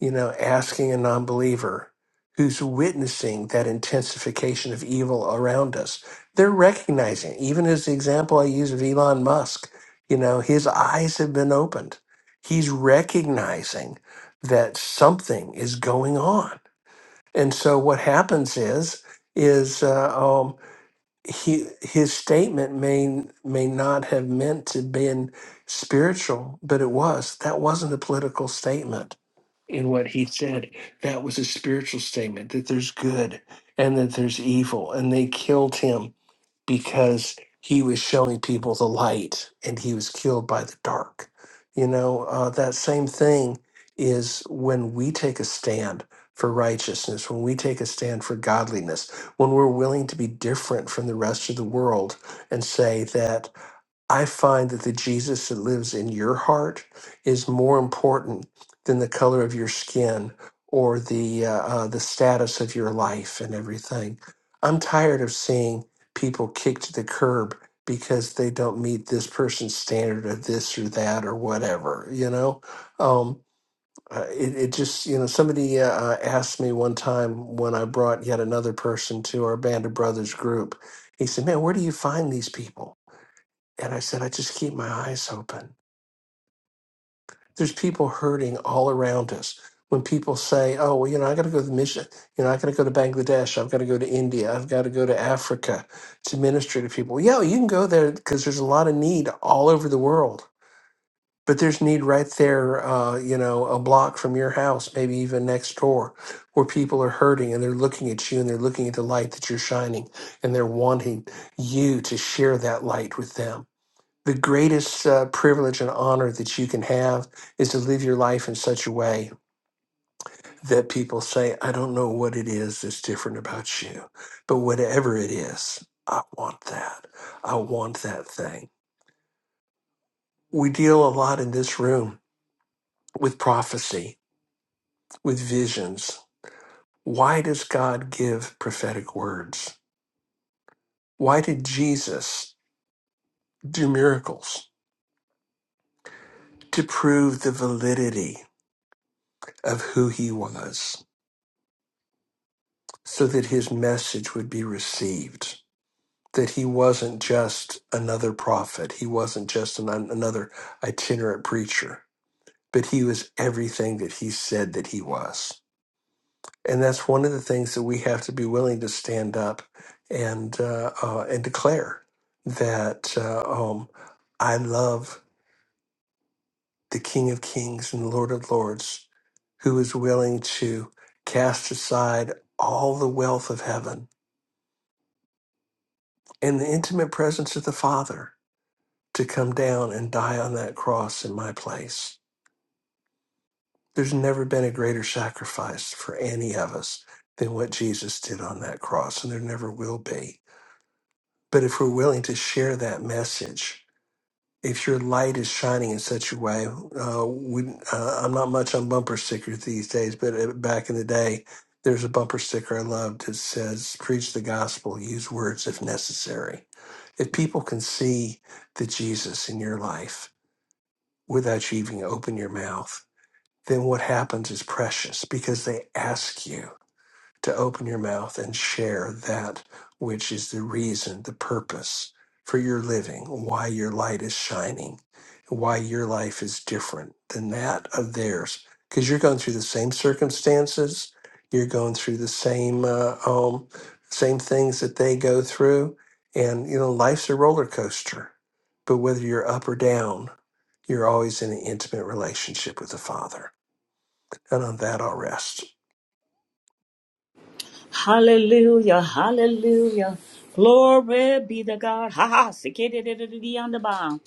S2: You know, asking a non believer who's witnessing that intensification of evil around us, they're recognizing, even as the example I use of Elon Musk, you know, his eyes have been opened. He's recognizing that something is going on. And so what happens is, is uh, um, he his statement may may not have meant to been spiritual, but it was. That wasn't a political statement in what he said. That was a spiritual statement that there's good and that there's evil, and they killed him because he was showing people the light and he was killed by the dark. You know, uh, that same thing is when we take a stand for righteousness, when we take a stand for godliness, when we're willing to be different from the rest of the world and say that. I find that the Jesus that lives in your heart is more important than the color of your skin or the uh, uh, the status of your life and everything. I'm tired of seeing people kicked to the curb because they don't meet this person's standard of this or that or whatever. You know, um, uh, it, it just you know somebody uh, uh, asked me one time when I brought yet another person to our band of brothers group. He said, "Man, where do you find these people?" And I said, I just keep my eyes open. There's people hurting all around us. When people say, oh, well, you know, I got to go to the mission, you know, I got to go to Bangladesh, I've got to go to India, I've got to go to Africa to minister to people. Well, Yeah, you can go there because there's a lot of need all over the world. But there's need right there, uh, you know, a block from your house, maybe even next door, where people are hurting and they're looking at you and they're looking at the light that you're shining and they're wanting you to share that light with them the greatest uh, privilege and honor that you can have is to live your life in such a way that people say, I don't know what it is that's different about you, but whatever it is, I want that. I want that thing. We deal a lot in this room with prophecy, with visions. Why does God give prophetic words? Why did Jesus do miracles? To prove the validity of who he was so that his message would be received. That he wasn't just another prophet, he wasn't just an, another itinerant preacher, but he was everything that he said that he was. And that's one of the things that we have to be willing to stand up and uh, uh, and declare that uh, um, I love the King of Kings and Lord of Lords, who is willing to cast aside all the wealth of heaven and the intimate presence of the Father to come down and die on that cross in my place. There's never been a greater sacrifice for any of us than what Jesus did on that cross, and there never will be. But if we're willing to share that message, if your light is shining in such a way, uh, we, uh, I'm not much on bumper stickers these days, but uh, back in the day, there's a bumper sticker I loved that says, Preach the gospel, use words if necessary. If people can see the Jesus in your life without you even open your mouth, then what happens is precious because they ask you to open your mouth and share that which is the reason, the purpose for your living, why your light is shining, why your life is different than that of theirs. Because you're going through the same circumstances, you're going through the same uh, um, same things that they go through, and you know life's a roller coaster. But whether you're up or down, you're always in an intimate relationship with the Father. And on that, I'll rest.
S1: Hallelujah, hallelujah. Glory be to God. Ha ha. sikididididi on the bound.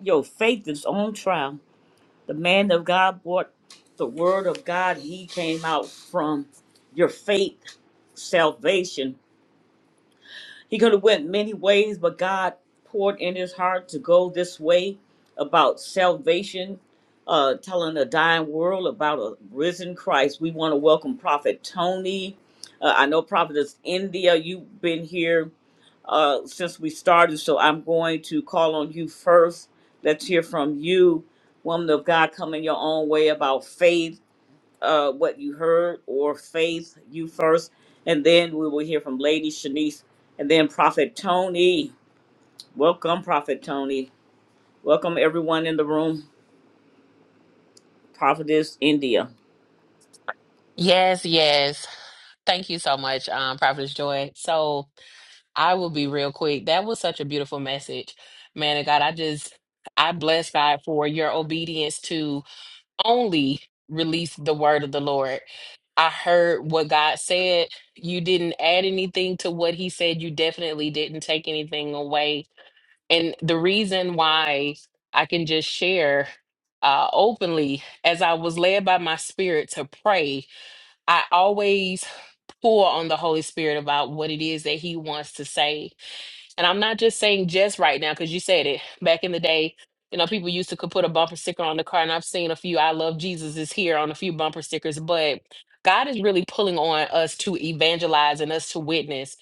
S1: Your faith is on trial. The man of God brought the word of God. He came out from your faith, salvation. He could have went many ways, but God poured in his heart to go this way about salvation, uh, telling a dying world about a risen Christ. We want to welcome Prophet Tony. Uh, I know Prophet is India. You've been here uh, since we started. So I'm going to call on you first. Let's hear from you, woman of God, coming your own way about faith, uh, what you heard, or faith, you first. And then we will hear from Lady Shanice and then Prophet Tony. Welcome, Prophet Tony. Welcome, everyone in the room. Prophetess India.
S4: Yes, yes. Thank you so much, um, Prophetess Joy. So I will be real quick. That was such a beautiful message, man of God. I just I bless God for your obedience to only release the word of the Lord. I heard what God said. You didn't add anything to what He said. You definitely didn't take anything away. And the reason why I can just share uh, openly, as I was led by my spirit to pray, I always pour on the Holy Spirit about what it is that He wants to say and I'm not just saying just right now, because you said it back in the day. You know, people used to could put a bumper sticker on the car, and I've seen a few I love Jesus is here on a few bumper stickers, but God is really pulling on us to evangelize and us to witness.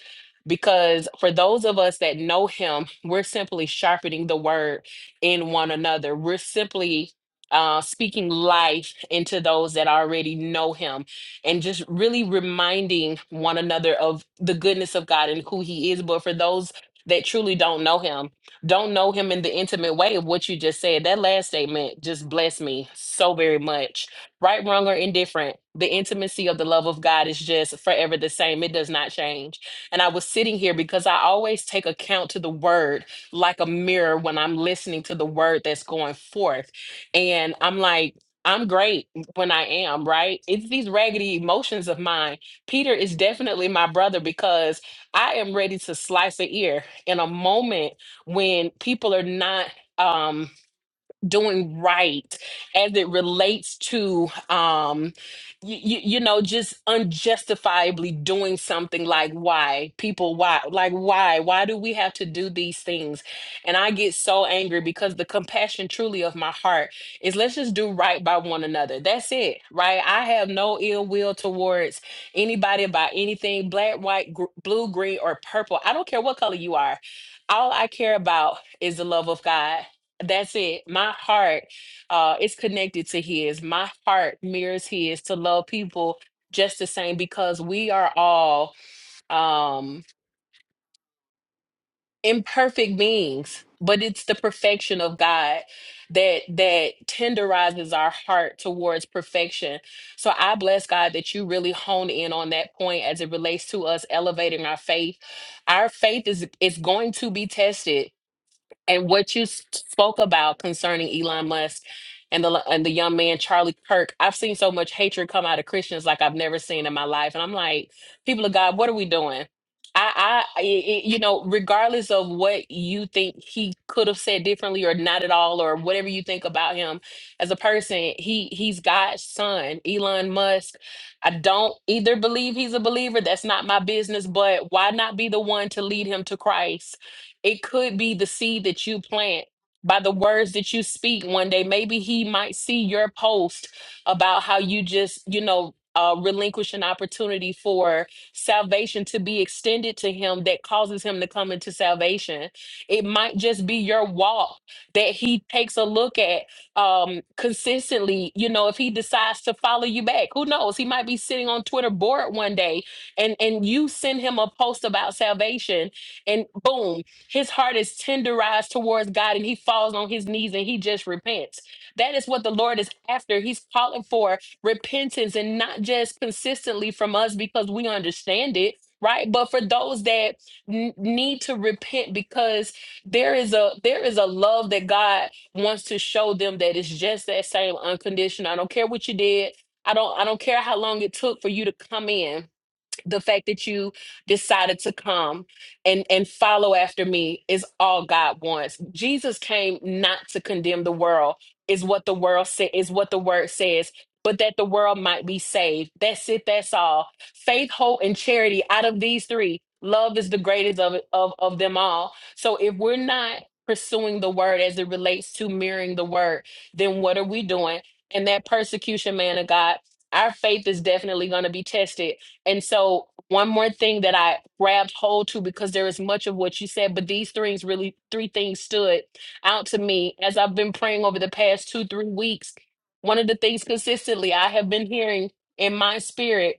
S4: Because for those of us that know him, we're simply sharpening the word in one another. We're simply uh, speaking life into those that already know him and just really reminding one another of the goodness of God and who he is. But for those that truly don't know him, don't know him in the intimate way of what you just said. That last statement just blessed me so very much. Right, wrong, or indifferent, the intimacy of the love of God is just forever the same. It does not change. And I was sitting here because I always take account to the word like a mirror when I'm listening to the word that's going forth. And I'm like, I'm great when I am, right? It's these raggedy emotions of mine. Peter is definitely my brother because I am ready to slice an ear in a moment when people are not. Um, doing right as it relates to um you, you, you know just unjustifiably doing something like why people why like why why do we have to do these things and i get so angry because the compassion truly of my heart is let's just do right by one another that's it right i have no ill will towards anybody about anything black white gr- blue green or purple i don't care what color you are all i care about is the love of god that's it. My heart uh, is connected to His. My heart mirrors His to love people just the same because we are all um, imperfect beings. But it's the perfection of God that that tenderizes our heart towards perfection. So I bless God that you really hone in on that point as it relates to us elevating our faith. Our faith is is going to be tested and what you s- spoke about concerning Elon Musk and the and the young man Charlie Kirk, I've seen so much hatred come out of Christians like I've never seen in my life, and I'm like, people of God, what are we doing? I, I, i i- you know, regardless of what you think he could have said differently or not at all, or whatever you think about him as a person, he he's God's son, Elon Musk. I don't either believe he's a believer. That's not my business. But why not be the one to lead him to Christ? It could be the seed that you plant by the words that you speak one day. Maybe he might see your post about how you just, you know, uh, relinquish an opportunity for salvation to be extended to him that causes him to come into salvation. It might just be your walk that he takes a look at um, consistently. You know, if he decides to follow you back, who knows? He might be sitting on Twitter bored one day and, and you send him a post about salvation and boom his heart is tenderized towards God and he falls on his knees and he just repents. That is what the Lord is after. He's calling for repentance and not just consistently from us because we understand it, right? But for those that n- need to repent because there is a there is a love that God wants to show them that is just that same unconditional. I don't care what you did. I don't I don't care how long it took for you to come in the fact that you decided to come and and follow after me is all God wants. Jesus came not to condemn the world is what the world say, is what the word says, but that the world might be saved. That's it, that's all. Faith, hope and charity out of these three, love is the greatest of of of them all. So if we're not pursuing the word as it relates to mirroring the word, then what are we doing? And that persecution man of God our faith is definitely going to be tested and so, one more thing that I grabbed hold to because there is much of what you said, but these things really, three things stood out to me as I've been praying over the past two, three weeks. One of the things consistently I have been hearing in my spirit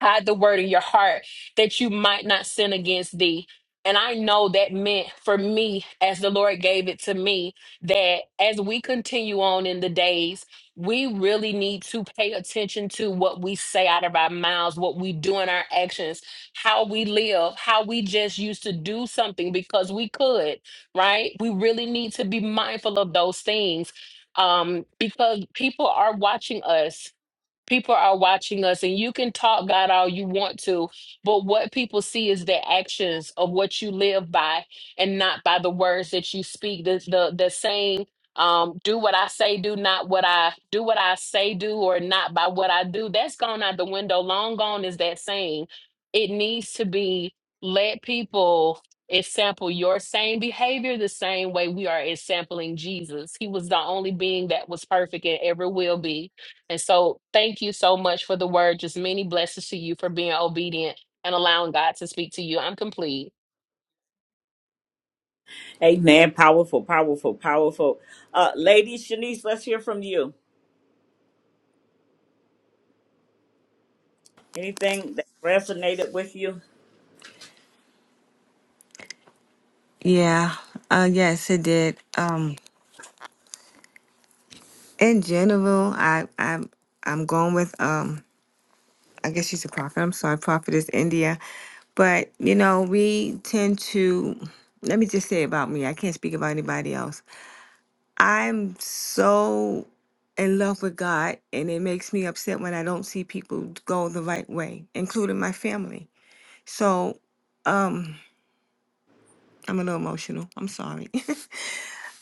S4: hide the word in your heart that you might not sin against thee. And I know that meant for me, as the Lord gave it to me, that as we continue on in the days, we really need to pay attention to what we say out of our mouths, what we do in our actions, how we live, how we just used to do something because we could, right? We really need to be mindful of those things um, because people are watching us People are watching us, and you can talk God all you want to, but what people see is the actions of what you live by and not by the words that you speak. The the, the saying, um, do what I say, do not what I do what I say do, or not by what I do. That's gone out the window. Long gone is that saying. It needs to be let people example your same behavior the same way we are sampling Jesus. He was the only being that was perfect and ever will be and so, thank you so much for the word. Just many blessings to you for being obedient and allowing God to speak to you. I'm complete.
S1: Amen. Powerful, powerful, powerful. Uh, Lady Shanice, let's hear from you. Anything that resonated with you?
S3: Yeah. Uh, yes, it did. Um, in general, I, I I'm I'm going with um. I guess she's a prophet. I'm sorry, prophetess India. But, you know, we tend to, let me just say about me, I can't speak about anybody else. I'm so in love with God, and it makes me upset when I don't see people go the right way, including my family. So, um, I'm a little emotional. I'm sorry.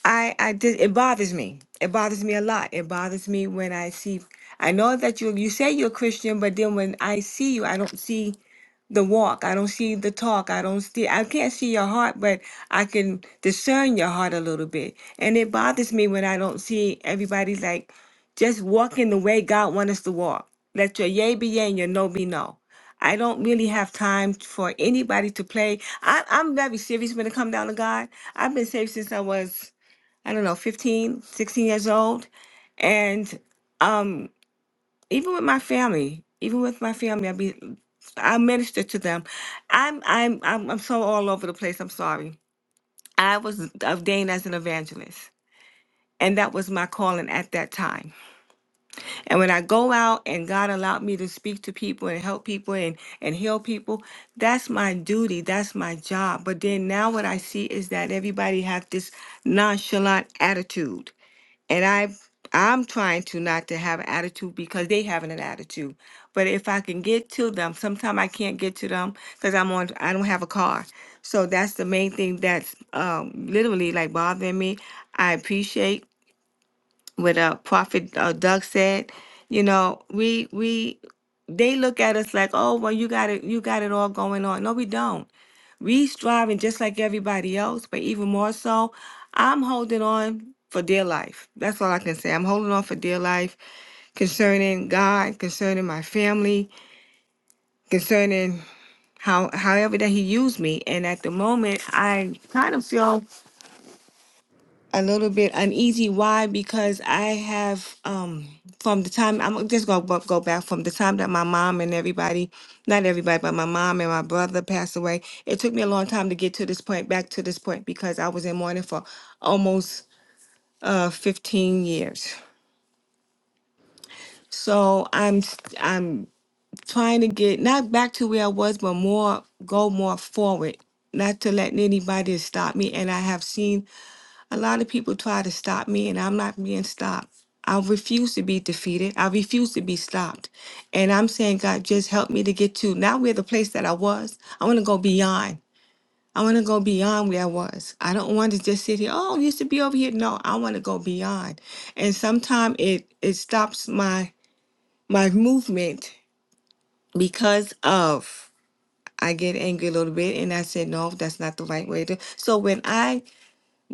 S3: I I did it bothers me. It bothers me a lot. It bothers me when I see I know that you you say you're Christian, but then when I see you, I don't see the walk. I don't see the talk. I don't see I can't see your heart, but I can discern your heart a little bit. And it bothers me when I don't see everybody like just walking the way God wants us to walk. Let your yay be yay and your no be no. I don't really have time for anybody to play. I, I'm very serious when it comes down to God. I've been saved since I was I don't know, 15, 16 years old. And um, even with my family, even with my family, I be I minister to them. I'm I'm I'm I'm so all over the place. I'm sorry. I was ordained as an evangelist. And that was my calling at that time. And when I go out and God allowed me to speak to people and help people and, and heal people, that's my duty. That's my job. But then now what I see is that everybody have this nonchalant attitude and I I'm trying to not to have an attitude because they having an attitude. But if I can get to them, sometimes I can't get to them because I'm on I don't have a car. So that's the main thing that's um, literally like bothering me. I appreciate what uh, Prophet uh, Doug said. You know, we we they look at us like, oh well, you got it, you got it all going on. No, we don't we striving just like everybody else, but even more so, I'm holding on for dear life. That's all I can say. I'm holding on for dear life concerning God, concerning my family, concerning how however that He used me. And at the moment, I kind of feel a little bit uneasy. Why? Because I have um from the time I'm just gonna go go back from the time that my mom and everybody, not everybody, but my mom and my brother passed away. It took me a long time to get to this point, back to this point, because I was in mourning for almost uh 15 years. So I'm s- I'm trying to get not back to where I was, but more go more forward, not to let anybody stop me. And I have seen A lot of people try to stop me, and I'm not being stopped. I refuse to be defeated. I refuse to be stopped. And I'm saying, God, just help me to get to now we're the place that I was. I want to go beyond. I want to go beyond where I was. I don't want to just sit here. Oh, I used to be over here. No, I want to go beyond. And sometimes it it stops my my movement because of I get angry a little bit and I said, no, that's not the right way to. So when I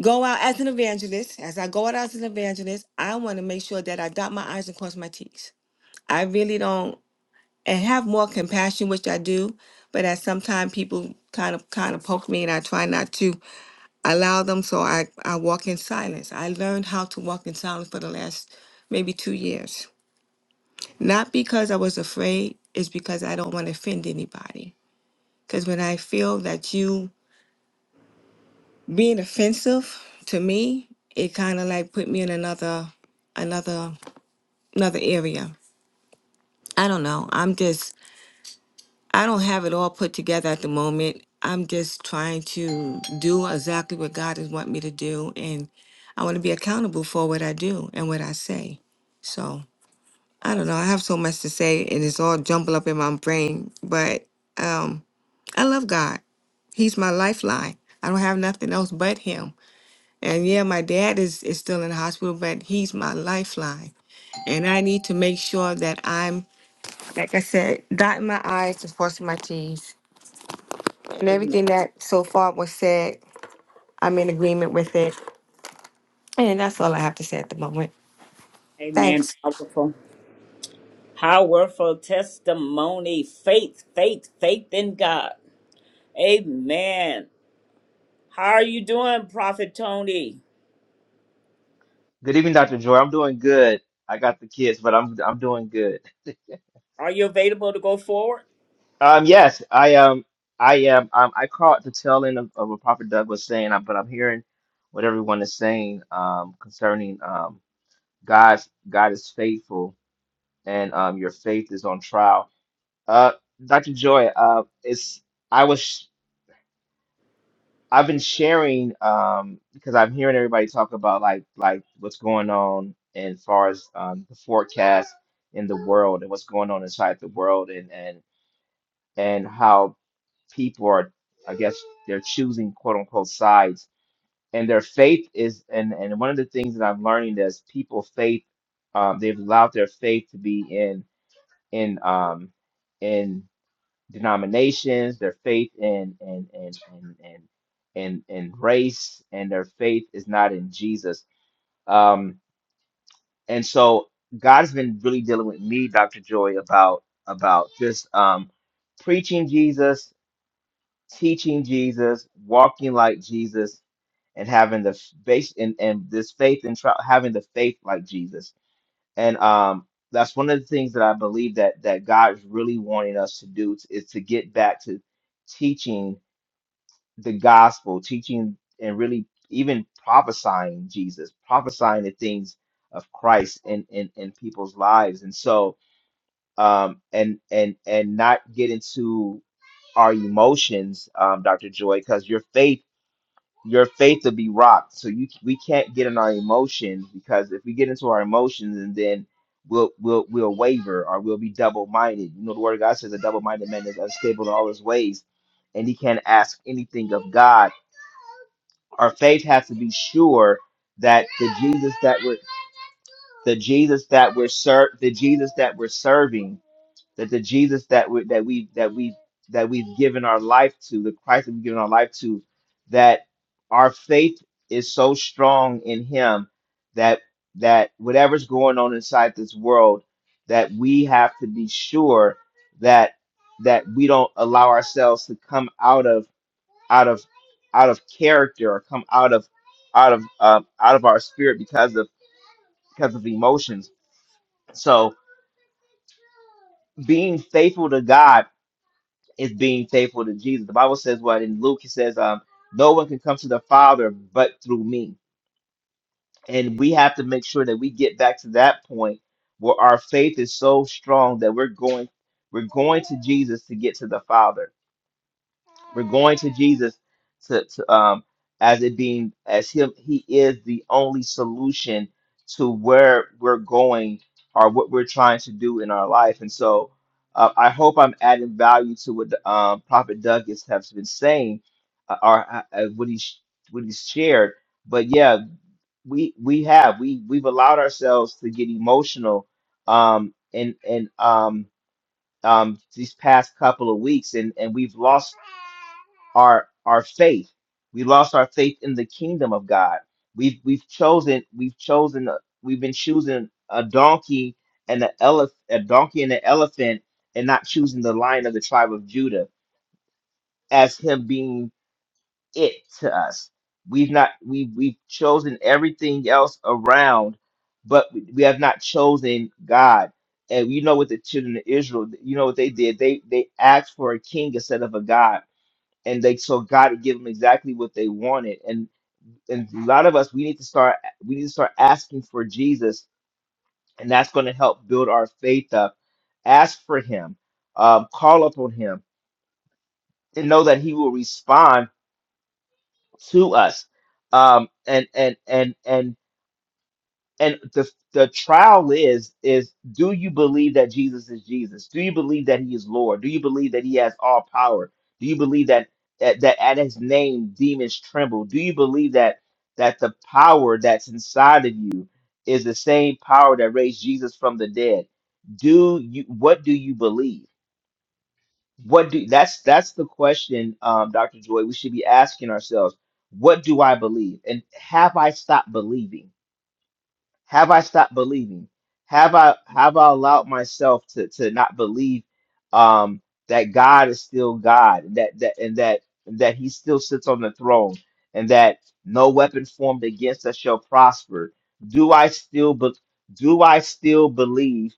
S3: go out as an evangelist, as I go out as an evangelist, I want to make sure that I dot my I's and cross my T's. I really don't and have more compassion, which I do, but at some time people kind of kind of poke me and I try not to allow them. So I, I walk in silence. I learned how to walk in silence for the last maybe two years. Not because I was afraid, it's because I don't want to offend anybody. Because when I feel that you being offensive to me it kind of like put me in another another another area i don't know i'm just i don't have it all put together at the moment i'm just trying to do exactly what god has want me to do and i want to be accountable for what i do and what i say so i don't know i have so much to say and it's all jumbled up in my brain but um i love god he's my lifeline i don't have nothing else but him And yeah, my dad is, is still in the hospital, but he's my lifeline. And I need to make sure that I'm, like I said, dotting my I's and crossing my T's. And
S1: Amen.
S3: everything that so far was said, I'm in agreement with it. And that's all I have to say at the moment.
S1: Amen.
S3: Thanks.
S1: Powerful. Powerful testimony, faith, faith, faith in God. Amen. How are you doing, Prophet Tony?
S5: Good evening, Dr. Joy. I'm doing good. I got the kids, but I'm I'm doing good.
S1: Are you available to go forward?
S5: Um, yes, I um I am um I caught the tail end of, of what Prophet Doug was saying, uh, but I'm hearing what everyone is saying um concerning um God's God is faithful and um your faith is on trial. Uh, Dr. Joy, uh, it's I was. I've been sharing um because I'm hearing everybody talk about like like what's going on as far as um, the forecast in the world and what's going on inside the world and and and how people are I guess they're choosing quote unquote sides and their faith is and and one of the things that I'm learning is people faith um, they've allowed their faith to be in in um in denominations, their faith in and and and and and and race, and their faith is not in Jesus. Um, and so God's been really dealing with me, Dr. Joy, about about just um, preaching Jesus, teaching Jesus, walking like Jesus, and having the f- base and, and this faith and tr- having the faith like Jesus. And um, that's one of the things that I believe that that God's really wanting us to do is to get back to teaching the gospel, teaching and really even prophesying Jesus, prophesying the things of Christ in in, in people's lives. And so um and and and not get into our emotions, um, Dr. Joy, because your faith your faith will be rocked. So you we can't get in our emotions because if we get into our emotions and then we'll we'll we'll waver or we'll be double minded. You know the word of God says a double minded man is unstable in all his ways and he can't ask anything of God our faith has to be sure that the Jesus that we're the Jesus that we're ser- the Jesus that we're serving, that the Jesus that we that we that we that we've given our life to, the Christ that we've given our life to, that our faith is so strong in Him that that whatever's going on inside this world, that we have to be sure that that we don't allow ourselves to come out of out of out of character or come out of out of uh, out of our spirit because of because of emotions. So being faithful to God is being faithful to Jesus. The Bible says what in Luke it says, um, no one can come to the Father but through me. And we have to make sure that we get back to that point where our faith is so strong that we're going we're going to Jesus to get to the Father We're going to Jesus to, to um as it being as him he is the only solution to where we're going or what we're trying to do in our life. And so uh, I hope I'm adding value to what um, Prophet Douglas has been saying uh, or uh, uh, what he sh- what he's shared. But yeah, we we have we we've allowed ourselves to get emotional um and and um um these past couple of weeks and and we've lost our our faith. We lost our faith in the kingdom of God. We've we've chosen we've chosen uh, we've been choosing a donkey and an elephant a donkey and an elephant and not choosing the lion of the tribe of Judah as him being it to us. We've not we we've, chosen everything else around, but we we have not chosen God. And you know what the children of Israel, you know what they did? They they asked for a king instead of a God and they so God would give them exactly what they wanted. And and a lot of us we need to start we need to start asking for Jesus, and that's going to help build our faith up. Ask for Him, um, call upon Him, and know that He will respond to us. Um, and and and and and the the trial is is do you believe that Jesus is Jesus? Do you believe that he is Lord? Do you believe that he has all power? Do you believe that that, that at his name demons tremble? Do you believe that that the power that's inside of you is the same power that raised Jesus from the dead? Do you what do you believe? What do that's that's the question, um, Dr. Joy, we should be asking ourselves. What do I believe? And have I stopped believing? Have I stopped believing? Have I have I allowed myself to to not believe um that God is still God, and that that and that and that he still sits on the throne and that no weapon formed against us shall prosper? Do I still be, do I still believe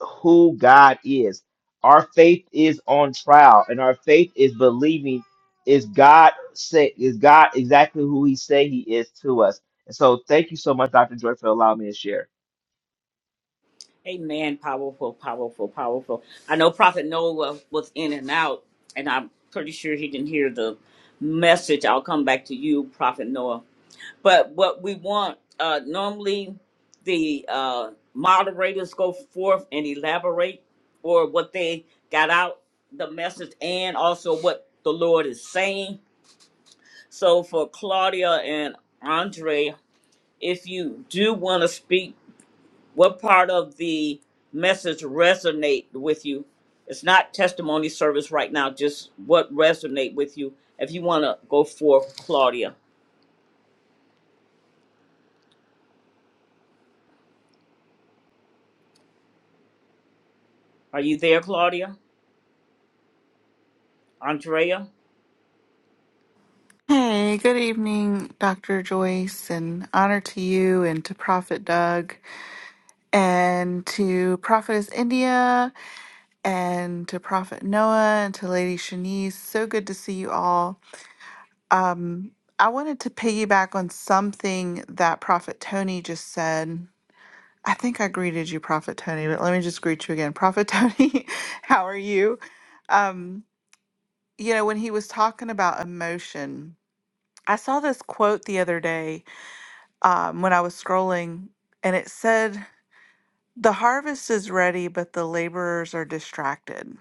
S5: who God is. Our faith is on trial, and our faith is believing is God say is God exactly who He say He is to us. And so, thank you so much, Dr. Joy, for allowing me to share.
S1: Amen. Powerful, powerful, powerful. I know Prophet Noah was in and out, and I'm pretty sure he didn't hear the message. I'll come back to you, Prophet Noah. But what we want, uh, normally the uh, moderators go forth and elaborate or what they got out the message and also what the Lord is saying. So for Claudia and Andre, if you do want to speak, what part of the message resonate with you? It's not testimony service right now, just what resonate with you. If you want to go forth, Claudia. Are you there, Claudia? Andrea?
S6: Hey, good evening, Dr. Joyce, and honor to you and to Prophet Doug and to Prophetess India and to Prophet Noah and to Lady Shanice. So good to see you all. Um, I wanted to piggyback on something that Prophet Tony just said. I think I greeted you, Prophet Tony, but let me just greet you again. Prophet Tony, how are you? Um, you know, when he was talking about emotion, I saw this quote the other day um, when I was scrolling, and it said, The harvest is ready, but the laborers are distracted.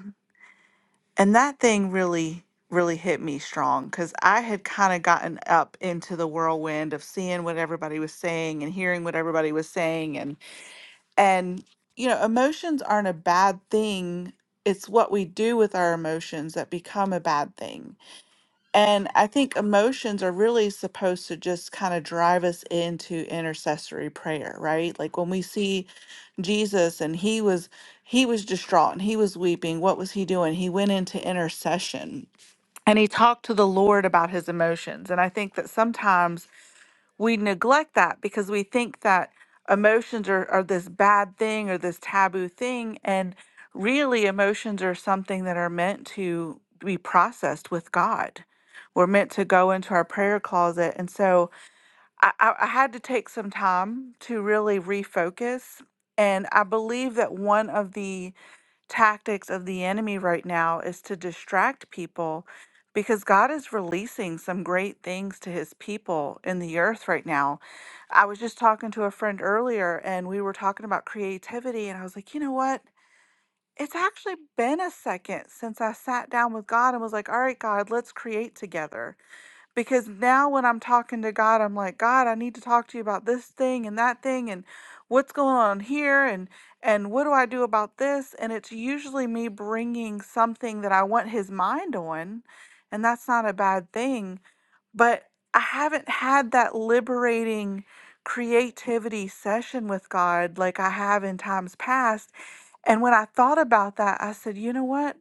S6: And that thing really, really hit me strong because I had kind of gotten up into the whirlwind of seeing what everybody was saying and hearing what everybody was saying. And, and, you know, emotions aren't a bad thing. It's what we do with our emotions that become a bad thing. And I think emotions are really supposed to just kind of drive us into intercessory prayer, right? Like when we see Jesus and he was he was distraught and he was weeping, what was he doing? He went into intercession and he talked to the Lord about his emotions. And I think that sometimes we neglect that because we think that emotions are, are this bad thing or this taboo thing. And really, emotions are something that are meant to be processed with God. We're meant to go into our prayer closet. And so I, I I had to take some time to really refocus. And I believe that one of the tactics of the enemy right now is to distract people because God is releasing some great things to his people in the earth right now. I was just talking to a friend earlier and we were talking about creativity, and I was like, you know what? It's actually been a second since I sat down with God and was like, all right, God, let's create together because now when I'm talking to God, I'm like, God, I need to talk to you about this thing and that thing and what's going on here and and what do I do about this? And it's usually me bringing something that I want his mind on, and that's not a bad thing, but I haven't had that liberating creativity session with God like I have in times past. And when I thought about that, I said, you know what?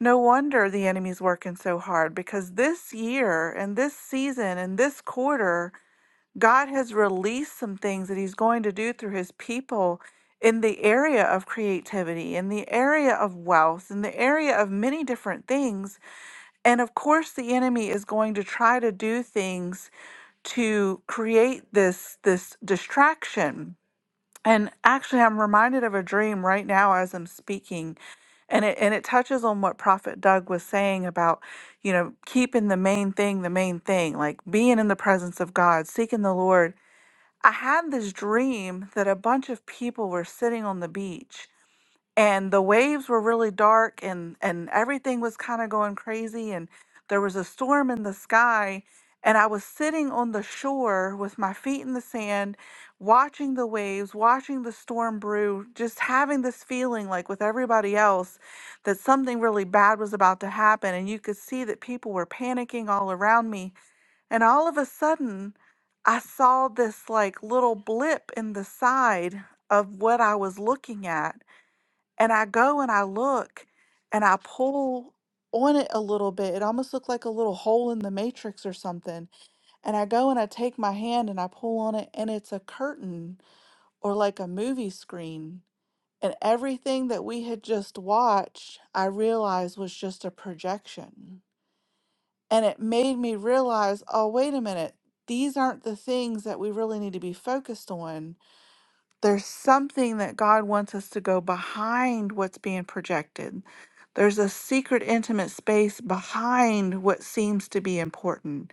S6: No wonder the enemy's working so hard because this year and this season and this quarter, God has released some things that He's going to do through His people in the area of creativity, in the area of wealth, in the area of many different things. And of course, the enemy is going to try to do things to create this, this distraction and actually, I'm reminded of a dream right now as I'm speaking, and it and it touches on what Prophet Doug was saying about, you know, keeping the main thing the main thing, like being in the presence of God, seeking the Lord. I had this dream that a bunch of people were sitting on the beach and the waves were really dark and and everything was kind of going crazy and there was a storm in the sky and i was sitting on the shore with my feet in the sand watching the waves watching the storm brew just having this feeling like with everybody else that something really bad was about to happen and you could see that people were panicking all around me and all of a sudden i saw this like little blip in the side of what i was looking at and I go and I look and I pull on it a little bit. It almost looked like a little hole in the matrix or something. And I go and I take my hand and I pull on it, and it's a curtain or like a movie screen. And everything that we had just watched, I realized was just a projection. And it made me realize oh, wait a minute, these aren't the things that we really need to be focused on there's something that God wants us to go behind what's being projected. There's a secret, intimate space behind what seems to be important.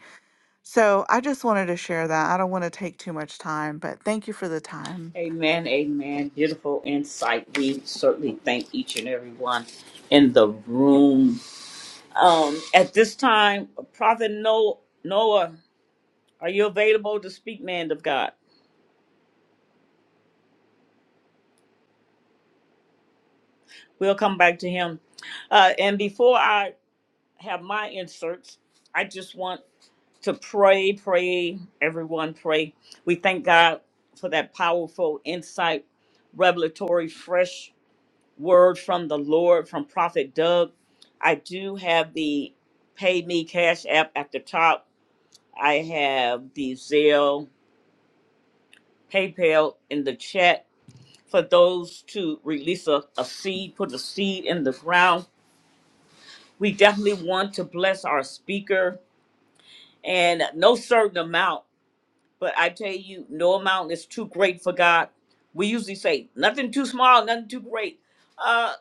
S6: So I just wanted to share that. I don't want to take too much time, but thank you for the time.
S1: Amen, amen. Beautiful insight. We certainly thank each and every one in the room. Um, at this time, Prophet No- Noah, are you available to speak, man of God? We'll come back to him. Uh, and before I have my inserts, I just want to pray, pray, everyone pray. We thank God for that powerful insight, revelatory, fresh word from the Lord from Prophet Doug. I do have the Pay Me Cash app at the top. I have the Zelle, PayPal in the chat for those to release a, a seed, put a seed in the ground. We definitely want to bless our speaker and no certain amount, but I tell you, no amount is too great for God. We usually say nothing too small, nothing too great. Uh,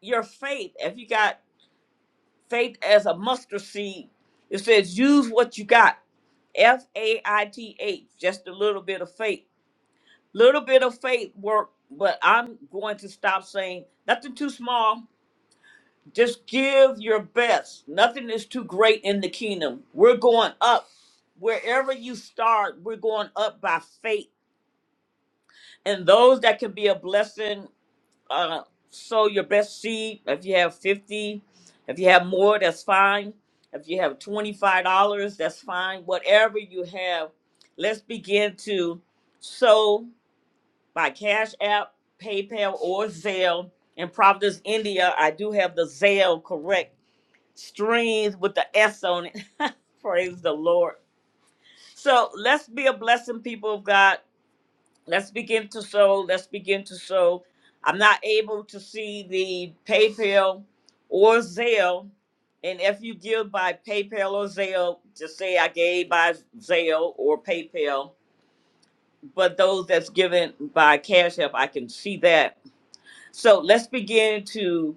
S1: your faith, if you got faith as a mustard seed. It says use what you got. F A I T H, just a little bit of faith. Little bit of faith work, but I'm going to stop saying nothing too small. Just give your best. Nothing is too great in the kingdom. We're going up. Wherever you start, we're going up by faith. And those that can be a blessing uh, sow your best seed. If you have 50, if you have more, that's fine. If you have $25, that's fine. Whatever you have, let's begin to sow by Cash App, PayPal, or Zelle. In Providence, India, I do have the Zelle correct strings with the S on it. Praise the Lord. So let's be a blessing, people of God let's begin to sow. Let's begin to sow. I'm not able to see the PayPal or Zelle. And if you give by PayPal or Zelle, just say I gave by Zelle or PayPal. But those that's given by Cash App, I can see that. So let's begin to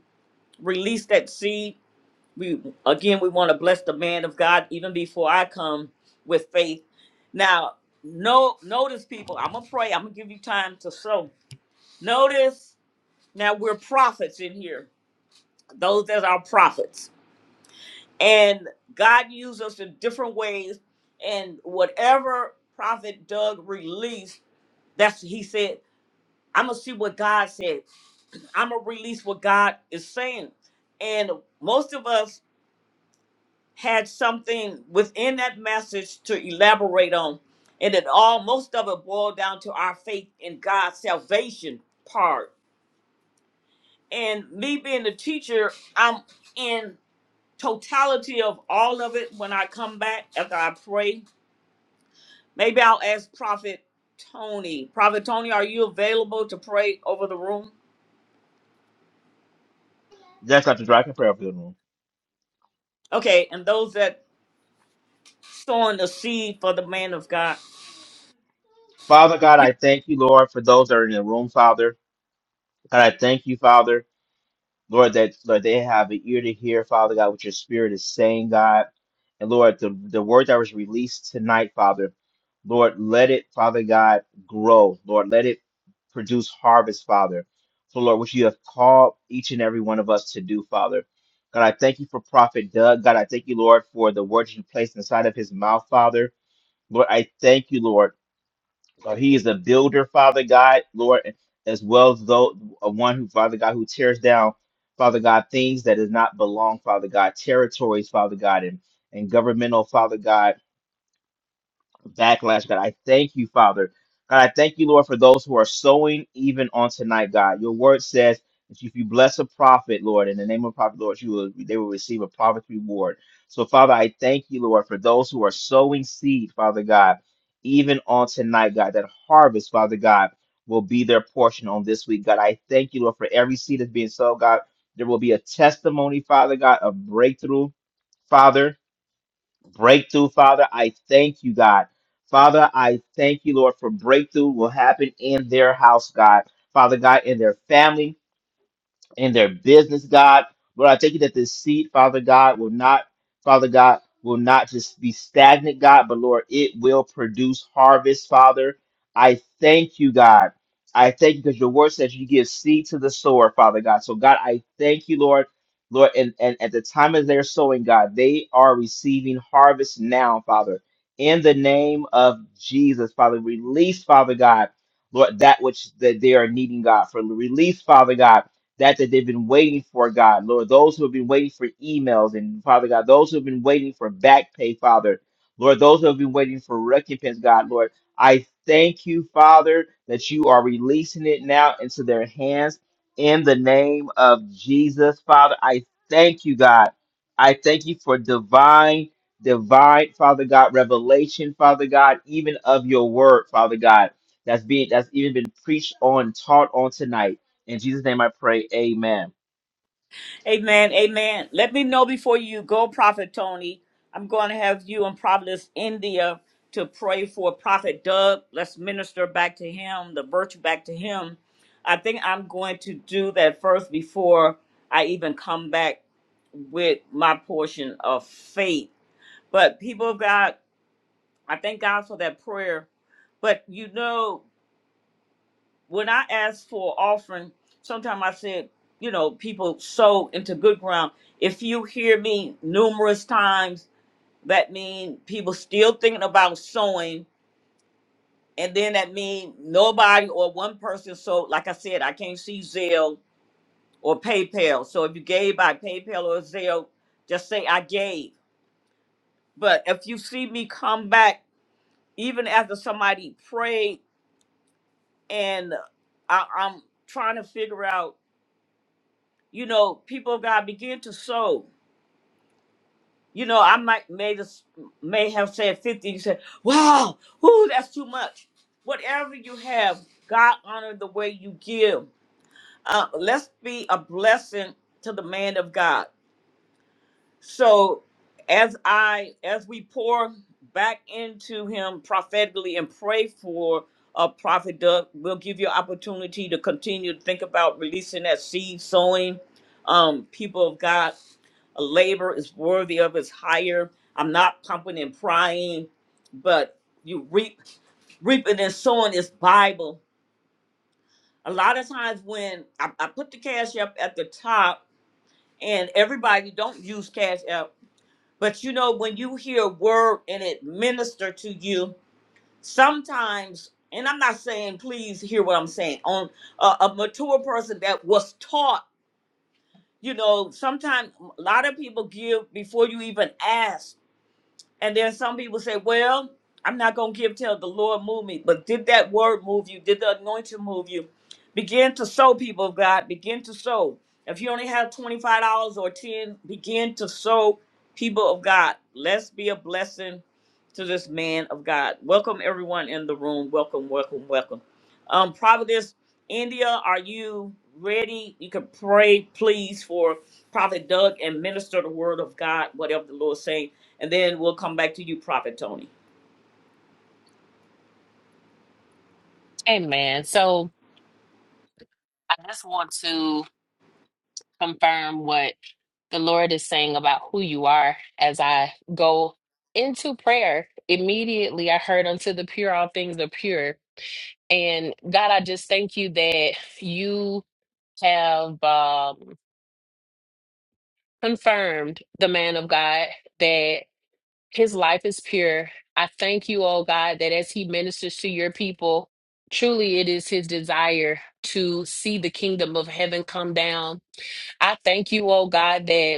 S1: release that seed. We again, we want to bless the man of God even before I come with faith. Now, no, notice people. I'm gonna pray. I'm gonna give you time to sow Notice now we're prophets in here, those that are prophets. And God used us in different ways. And whatever Prophet Doug released, that's he said, I'm gonna see what God said. I'm gonna release what God is saying. And most of us had something within that message to elaborate on. And it all most of it boiled down to our faith in God's salvation part. And me being a teacher, I'm in totality of all of it when I come back after I pray. Maybe I'll ask Prophet Tony. Prophet Tony, are you available to pray over the room?
S5: Yes, Dr. Joy, I can pray over the room.
S1: Okay, and those that sowing the seed for the man of God.
S5: Father God, I thank you, Lord, for those that are in the room, Father. God, I thank you, Father. Lord, that Lord, they have an ear to hear, Father God, what your spirit is saying, God. And Lord, the, the word that was released tonight, Father, Lord, let it, Father God, grow. Lord, let it produce harvest, Father. So, Lord, what you have called each and every one of us to do, Father. God, I thank you for Prophet Doug. God, I thank you, Lord, for the words you placed inside of his mouth, Father. Lord, I thank you, Lord. So he is a builder, Father God, Lord, as well as though a one who, Father God, who tears down, Father God, things that does not belong, Father God, territories, Father God, and, and governmental, Father God backlash, God. I thank you, Father. God, I thank you, Lord, for those who are sowing even on tonight, God. Your word says that if you bless a prophet, Lord, in the name of prophet, Lord, you will they will receive a prophet's reward. So, Father, I thank you, Lord, for those who are sowing seed, Father God, even on tonight, God. That harvest, Father God, will be their portion on this week, God. I thank you, Lord, for every seed that's being sown, God. There will be a testimony, Father God, of breakthrough, Father breakthrough, Father. I thank you, God. Father, I thank you, Lord, for breakthrough will happen in their house, God. Father God, in their family in their business, God. Lord, I thank you that this seed, Father God, will not, Father God, will not just be stagnant, God, but Lord, it will produce harvest, Father. I thank you, God. I thank you because your word says you give seed to the sower, Father God. So, God, I thank you, Lord. Lord, and, and at the time of their sowing, God, they are receiving harvest now, Father. In the name of Jesus, Father, release, Father God, Lord, that which that they are needing, God, for release, Father God that that they've been waiting for, God, Lord, those who have been waiting for emails and Father God, those who have been waiting for back pay, Father, Lord, those who have been waiting for recompense, God, Lord, I thank you, Father, that you are releasing it now into their hands in the name of Jesus, Father. I thank you, God. I thank you for divine, divine, Father God, revelation, Father God, even of your word, Father God, that's being that's even been preached on, taught on tonight. In Jesus' name I pray, amen.
S1: Amen. Amen. Let me know before you go, Prophet Tony. I'm going to have you and Providence, India, to pray for Prophet Doug. Let's minister back to him, the virtue back to him. I think I'm going to do that first before I even come back with my portion of faith. But people of God, I thank God for that prayer. But you know, when I ask for offering, sometimes I said, you know, people sow into good ground. If you hear me numerous times, that means people still thinking about sowing, and then that means nobody or one person sowed. Like I said, I can't see Zelle or PayPal. So if you gave by PayPal or Zelle, just say I gave. But if you see me come back, even after somebody prayed, and I, I'm trying to figure out. you know, people of God begin to sow. You know, I might may this, may have said fifty. You said, "Wow, whoo, that's too much." Whatever you have, God honor the way you give. Uh, let's be a blessing to the man of God. So as I as we pour back into him prophetically and pray for a prophet, Doug, we'll give you opportunity to continue to think about releasing that seed sowing. Um, people of God, a labor is worthy of his hire. I'm not pumping and prying, but you reap reaping and sowing is Bible. A lot of times when I, I put the cash up at the top and everybody don't use cash app but you know, when you hear a word and it minister to you, sometimes, and I'm not saying please hear what I'm saying, on a, a mature person that was taught, you know, sometimes a lot of people give before you even ask. And then some people say, well, I'm not going to give till the Lord move me. But did that word move you? Did the anointing move you? Begin to sow, people of God. Begin to sow. If you only have $25 or 10 begin to sow, people of God. Let's be a blessing to this man of God. Welcome, everyone in the room. Welcome, welcome, welcome. Um, Providence, India, are you ready? You can pray, please, for Prophet Doug and minister the word of God, whatever the Lord saying and then we'll come back to you, Prophet Tony.
S4: Amen. So, I just want to confirm what the Lord is saying about who you are as I go into prayer. Immediately, I heard unto the pure, all things are pure. And God, I just thank you that you have um, confirmed the man of God that. His life is pure. I thank you, oh God, that as he ministers to your people, truly it is his desire to see the kingdom of heaven come down. I thank you, oh God, that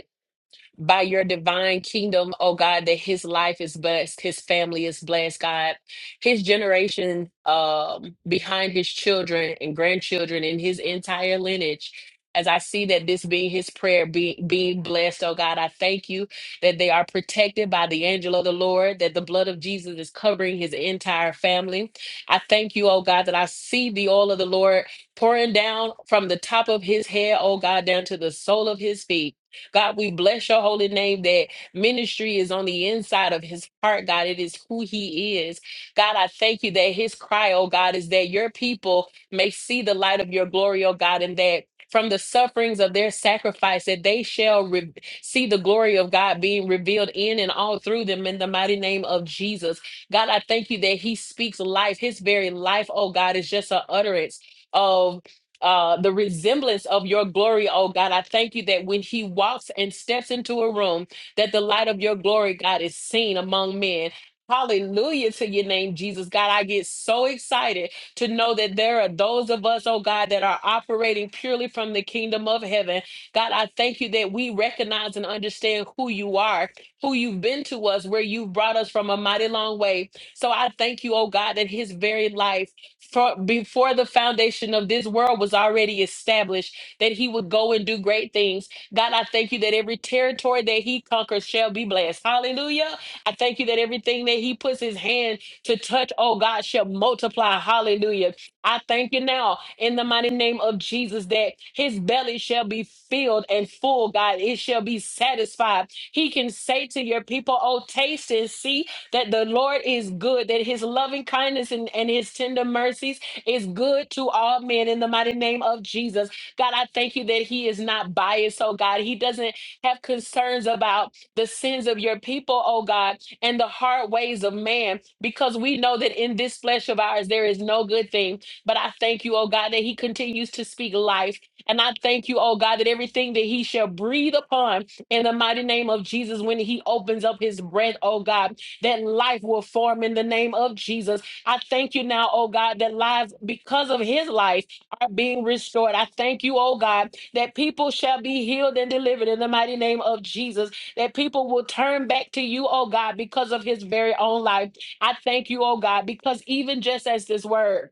S4: by your divine kingdom, oh God, that his life is blessed, his family is blessed, God. His generation um, behind his children and grandchildren and his entire lineage. As I see that this being his prayer, be, being blessed, oh God, I thank you that they are protected by the angel of the Lord, that the blood of Jesus is covering his entire family. I thank you, oh God, that I see the oil of the Lord pouring down from the top of his head, oh God, down to the sole of his feet. God, we bless your holy name that ministry is on the inside of his heart, God. It is who he is. God, I thank you that his cry, oh God, is that your people may see the light of your glory, oh God, and that from the sufferings of their sacrifice, that they shall re- see the glory of God being revealed in and all through them in the mighty name of Jesus. God, I thank you that He speaks life. His very life, oh God, is just an utterance. of uh, the resemblance of your glory, oh God. I thank you that when he walks and steps into a room, that the light of your glory, God, is seen among men. Hallelujah to your name, Jesus. God, I get so excited to know that there are those of us, oh God, that are operating purely from the kingdom of heaven. God, I thank you that we recognize and understand who you are, who you've been to us, where you've brought us from a mighty long way. So I thank you, oh God, that his very life for, before the foundation of this world was already established that he would go and do great things. God, I thank you that every territory that he conquers shall be blessed. Hallelujah. I thank you that everything that he puts his hand to touch, oh God, shall multiply. Hallelujah. I thank you now in the mighty name of Jesus that his belly shall be filled and full, God. It shall be satisfied. He can say to your people, oh, taste and see that the Lord is good, that his loving kindness and, and his tender mercies is good to all men in the mighty name of Jesus. God, I thank you that he is not biased, oh God. He doesn't have concerns about the sins of your people, oh God, and the hard ways of man, because we know that in this flesh of ours there is no good thing. But I thank you, oh God, that he continues to speak life. And I thank you, oh God, that everything that he shall breathe upon in the mighty name of Jesus when he opens up his breath, oh God that life will form in the name of Jesus. I thank you now, oh God, that lives because of his life are being restored. I thank you, oh God, that people shall be healed and delivered in the mighty name of Jesus, that people will turn back to you, oh God, because of his very own life. I thank you, oh God, because even just as this word,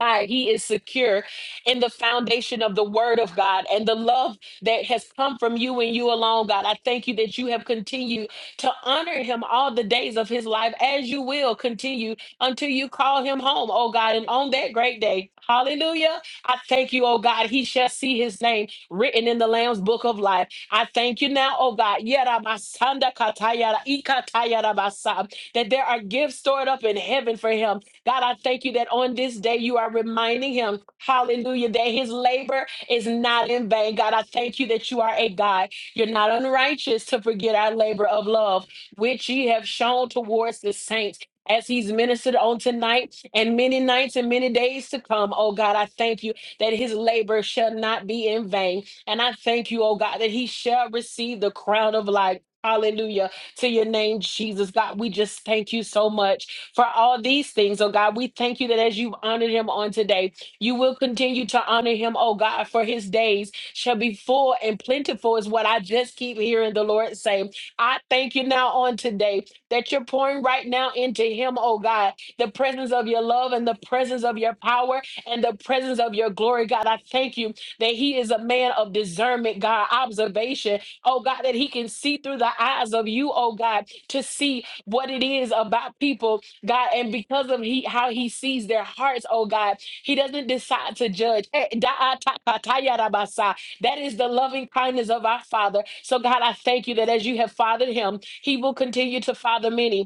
S4: God, he is secure in the foundation of the word of God and the love that has come from you and you alone, God. I thank you that you have continued to honor him all the days of his life as you will continue until you call him home, oh God. And on that great day, hallelujah, I thank you, oh God, he shall see his name written in the Lamb's book of life. I thank you now, oh God, Yeramasanda katayara, ikatayara basa, that there are gifts stored up in heaven for him God, I thank you that on this day you are reminding him, hallelujah, that his labor is not in vain. God, I thank you that you are a God. You're not unrighteous to forget our labor of love, which ye have shown towards the saints. As he's ministered on tonight and many nights and many days to come, oh God, I thank you that his labor shall not be in vain. And I thank you, oh God, that he shall receive the crown of life. Hallelujah to your name, Jesus. God, we just thank you so much for all these things. Oh God, we thank you that as you've honored him on today, you will continue to honor him, oh God, for his days shall be full and plentiful, is what I just keep hearing the Lord say. I thank you now on today that you're pouring right now into him, oh God, the presence of your love and the presence of your power and the presence of your glory, God. I thank you that he is a man of discernment, God, observation, oh God, that he can see through the eyes of you, oh God, to see what it is about people, God. And because of he how he sees their hearts, oh God, he doesn't decide to judge. Eh, da- ta- ta- ta- ya- da- ba- sa. That is the loving kindness of our Father. So God, I thank you that as you have fathered him, he will continue to father many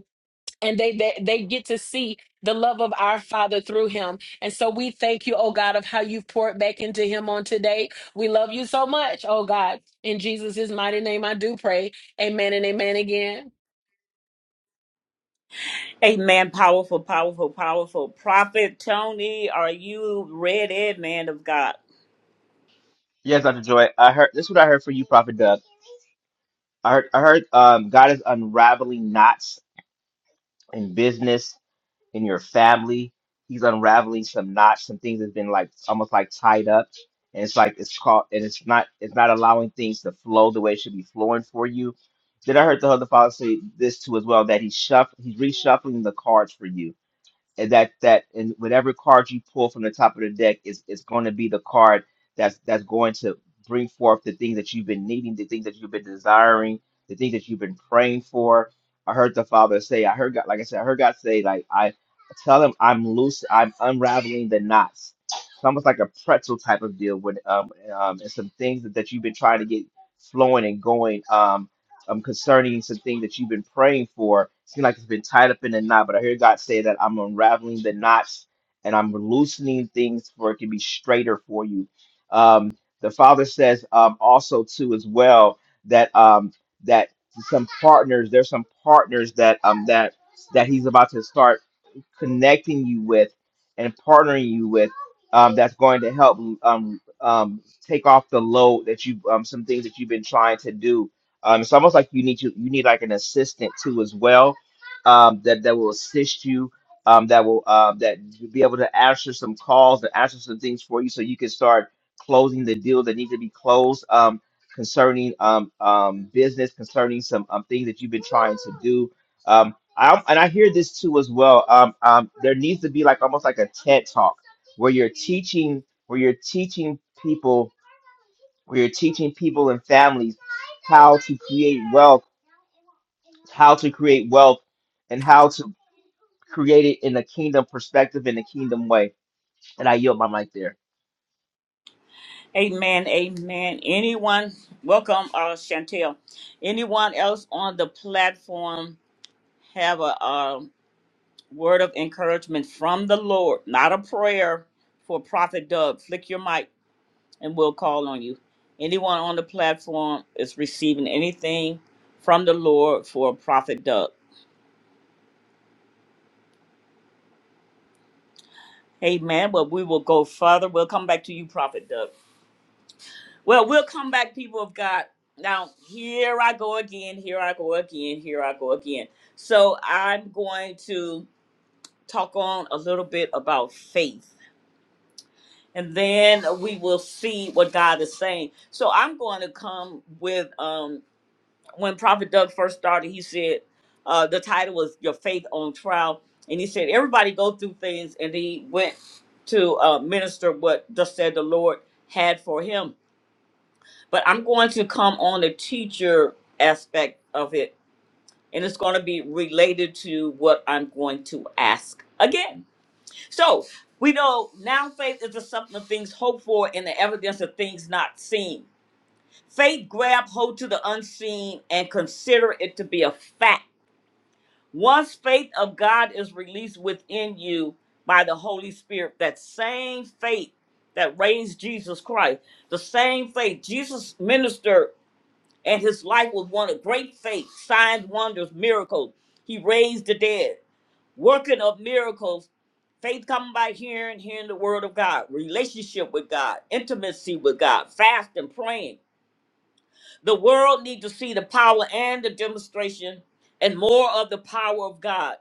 S4: and they, they they get to see the love of our father through him and so we thank you oh god of how you've poured back into him on today we love you so much oh god in jesus' mighty name i do pray amen and amen again
S1: Amen. Powerful, powerful, powerful. Prophet Tony, are you ready, man of God?
S5: Yes, Dr. Joy, I heard this is what I heard for you, Prophet Doug. I heard I heard um God is unraveling knots in business, in your family. He's unraveling some knots, some things that's been like almost like tied up. And it's like it's caught and it's not it's not allowing things to flow the way it should be flowing for you. Then I heard the other father say this too as well, that he's shuff he's reshuffling the cards for you and that that and whatever card you pull from the top of the deck is is going to be the card that's that's going to bring forth the things that you've been needing, the things that you've been desiring, the things that you've been praying for. I heard the Father say, I heard God, like I said, I heard God say, like I tell him I'm loose, I'm unraveling the knots. It's almost like a pretzel type of deal with um, um and some things that, that you've been trying to get flowing and going. Um um, concerning some things that you've been praying for. It Seems like it's been tied up in a knot, but I hear God say that I'm unraveling the knots and I'm loosening things for it can be straighter for you. Um, the Father says um, also too as well that um, that some partners, there's some partners that um that that He's about to start connecting you with and partnering you with um, that's going to help um, um, take off the load that you um, some things that you've been trying to do. Um, it's almost like you need to you need like an assistant too as well um, that that will assist you um, that will uh, that you'll be able to answer some calls to answer some things for you so you can start closing the deals that need to be closed um, concerning um, um, business concerning some um, things that you've been trying to do Um, I, and I hear this too as well. Um, um, there needs to be like almost like a TED talk where you're teaching, where you're teaching people, where you're teaching people and families how to create wealth, how to create wealth, and how to create it in a kingdom perspective, in a kingdom way. And I yield my mic there.
S1: Amen. Amen. Anyone, welcome, uh, Chantel. Anyone else on the platform have a, uh word of encouragement from the Lord, not a prayer for Prophet Doug? Flick your mic and we'll call on you. Anyone on the platform is receiving anything from the Lord for Prophet Doug. Amen. Well, we will go further. We'll come back to you, Prophet Doug. Well, we'll come back, people of God. Now, here I go again. Here I go again. Here I go again. So I'm going to talk on a little bit about faith, and then we will see what God is saying. So I'm going to come with um when Prophet Doug first started, he said uh, the title was "Your Faith on Trial," and he said everybody go through things, and he went to uh, minister what just said the Lord had for him. But I'm going to come on the teacher aspect of it, and it's going to be related to what I'm going to ask again. So we know now faith is the something of things hoped for and the evidence of things not seen. Faith grab hold to the unseen and consider it to be a fact Once faith of God is released within you by the Holy Spirit, that same faith that raised Jesus Christ, the same faith Jesus ministered and his life was one of great faith, signs, wonders, miracles. He raised the dead, working of miracles. Faith coming by hearing, hearing the word of God, relationship with God, intimacy with God, fasting, praying. The world needs to see the power and the demonstration and more of the power of God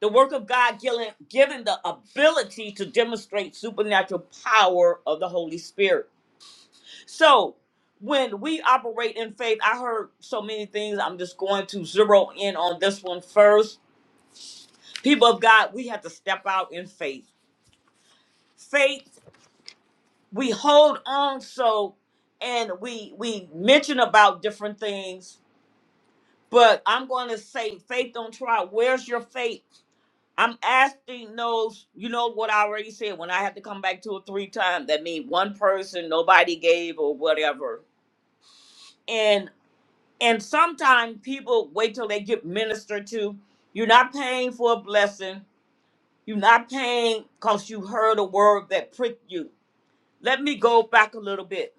S1: the work of God given, given the ability to demonstrate supernatural power of the Holy Spirit. So when we operate in faith, I heard so many things. I'm just going to zero in on this one first. People of God, we have to step out in faith. Faith, we hold on so and we we mention about different things, but I'm going to say faith don't try. Where's your faith? I'm asking those, you know what I already said, when I had to come back two or three times, that means one person, nobody gave or whatever. And and sometimes people wait till they get ministered to. You're not paying for a blessing. You're not paying because you heard a word that pricked you. Let me go back a little bit.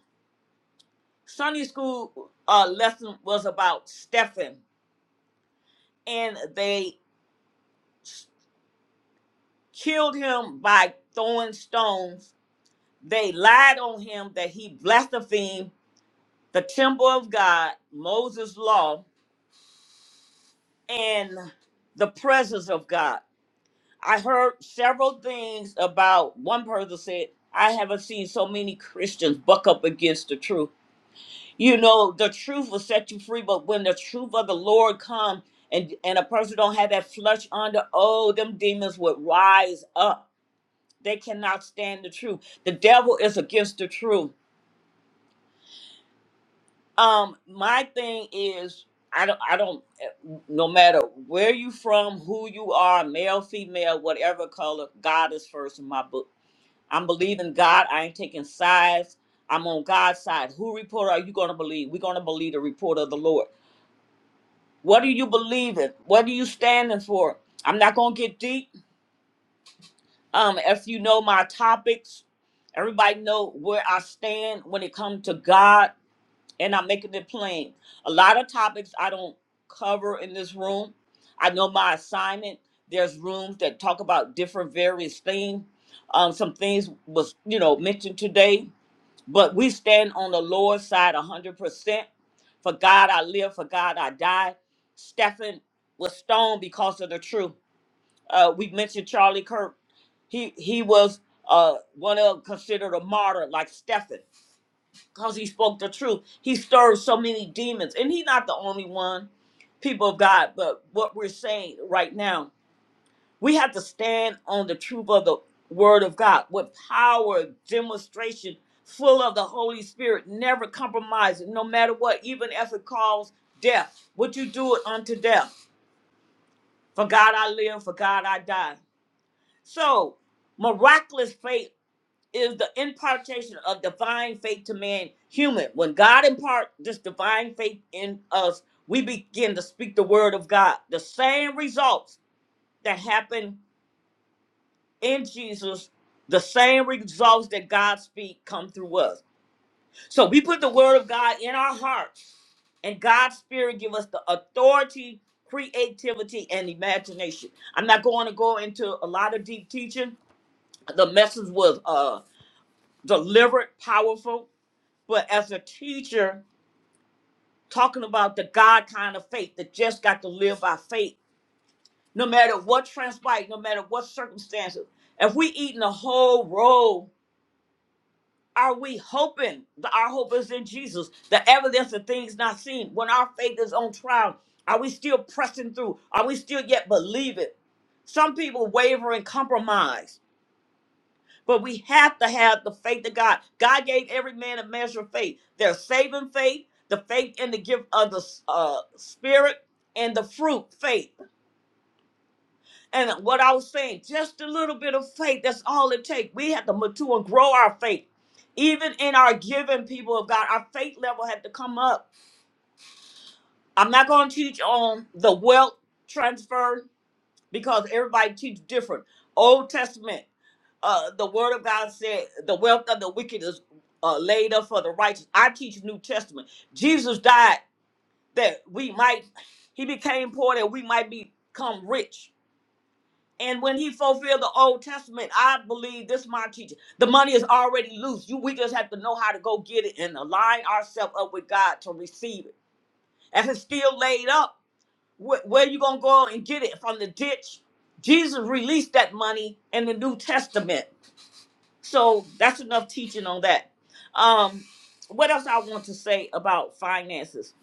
S1: Sunday school uh, lesson was about Stephen, and they killed him by throwing stones. They lied on him that he blasphemed the temple of God, Moses' law, and the presence of God. I heard several things about one person said, I haven't seen so many Christians buck up against the truth. You know, the truth will set you free, but when the truth of the Lord comes and and a person don't have that flesh under, oh, them demons would rise up. They cannot stand the truth. The devil is against the truth. Um, my thing is, I don't, I don't. eh, No matter where you from, who you are, male, female, whatever color, God is first in my book. I'm believing God. I ain't taking sides. I'm on God's side. Who report are you gonna believe? We're gonna believe the report of the Lord. What do you believe in? What are you standing for? I'm not gonna get deep. Um, if you know my topics, everybody know where I stand when it comes to God and I'm making it plain. A lot of topics I don't cover in this room. I know my assignment. There's rooms that talk about different various things. Um, some things was you know mentioned today, but we stand on the Lord's side 100. percent For God I live, for God I die. Stephen was stoned because of the truth. Uh, we mentioned Charlie Kirk. He he was uh, one of considered a martyr like Stephen because he spoke the truth. He stirred so many demons, and he's not the only one, people of God. But what we're saying right now, we have to stand on the truth of the Word of God with power, demonstration, full of the Holy Spirit, never compromising, no matter what, even if it calls death. Would you do it unto death? For God I live, for God I die. So, miraculous faith is the impartation of divine faith to man human. When God impart this divine faith in us, we begin to speak the word of God. The same results that happen in Jesus, the same results that God speak come through us. So we put the word of God in our hearts, and God's spirit give us the authority, creativity, and imagination. I'm not going to go into a lot of deep teaching. The message was uh delivered, powerful But as a teacher, talking about the God kind of faith that just got to live by faith, no matter what transpired, no matter what circumstances, if we eating a whole roll, are we hoping? The- Our hope is in Jesus, the evidence of things not seen. When our faith is on trial, are we still pressing through? Are we still yet believing? Some people waver and compromise But we have to have the faith of God. God gave every man a measure of faith. There's saving faith, the faith in the gift of the uh, Spirit, and the fruit faith. And what I was saying, just a little bit of faith. That's all it takes. We have to mature and grow our faith. Even in our giving, people of God, our faith level had to come up. I'm not going to teach on the wealth transfer because everybody teaches different. Old Testament. uh, the word of God said, the wealth of the wicked is uh, laid up for the righteous. I teach New Testament. Jesus died that we might, he became poor that we might become rich. And when he fulfilled the Old Testament, I believe this is my teaching. The money is already loose. You we just have to know how to go get it and align ourselves up with God to receive it. If it's still laid up, wh- where you gonna go and get it from the ditch? Jesus released that money in the New Testament so that's enough teaching on that. Um, what else I want to say about finances?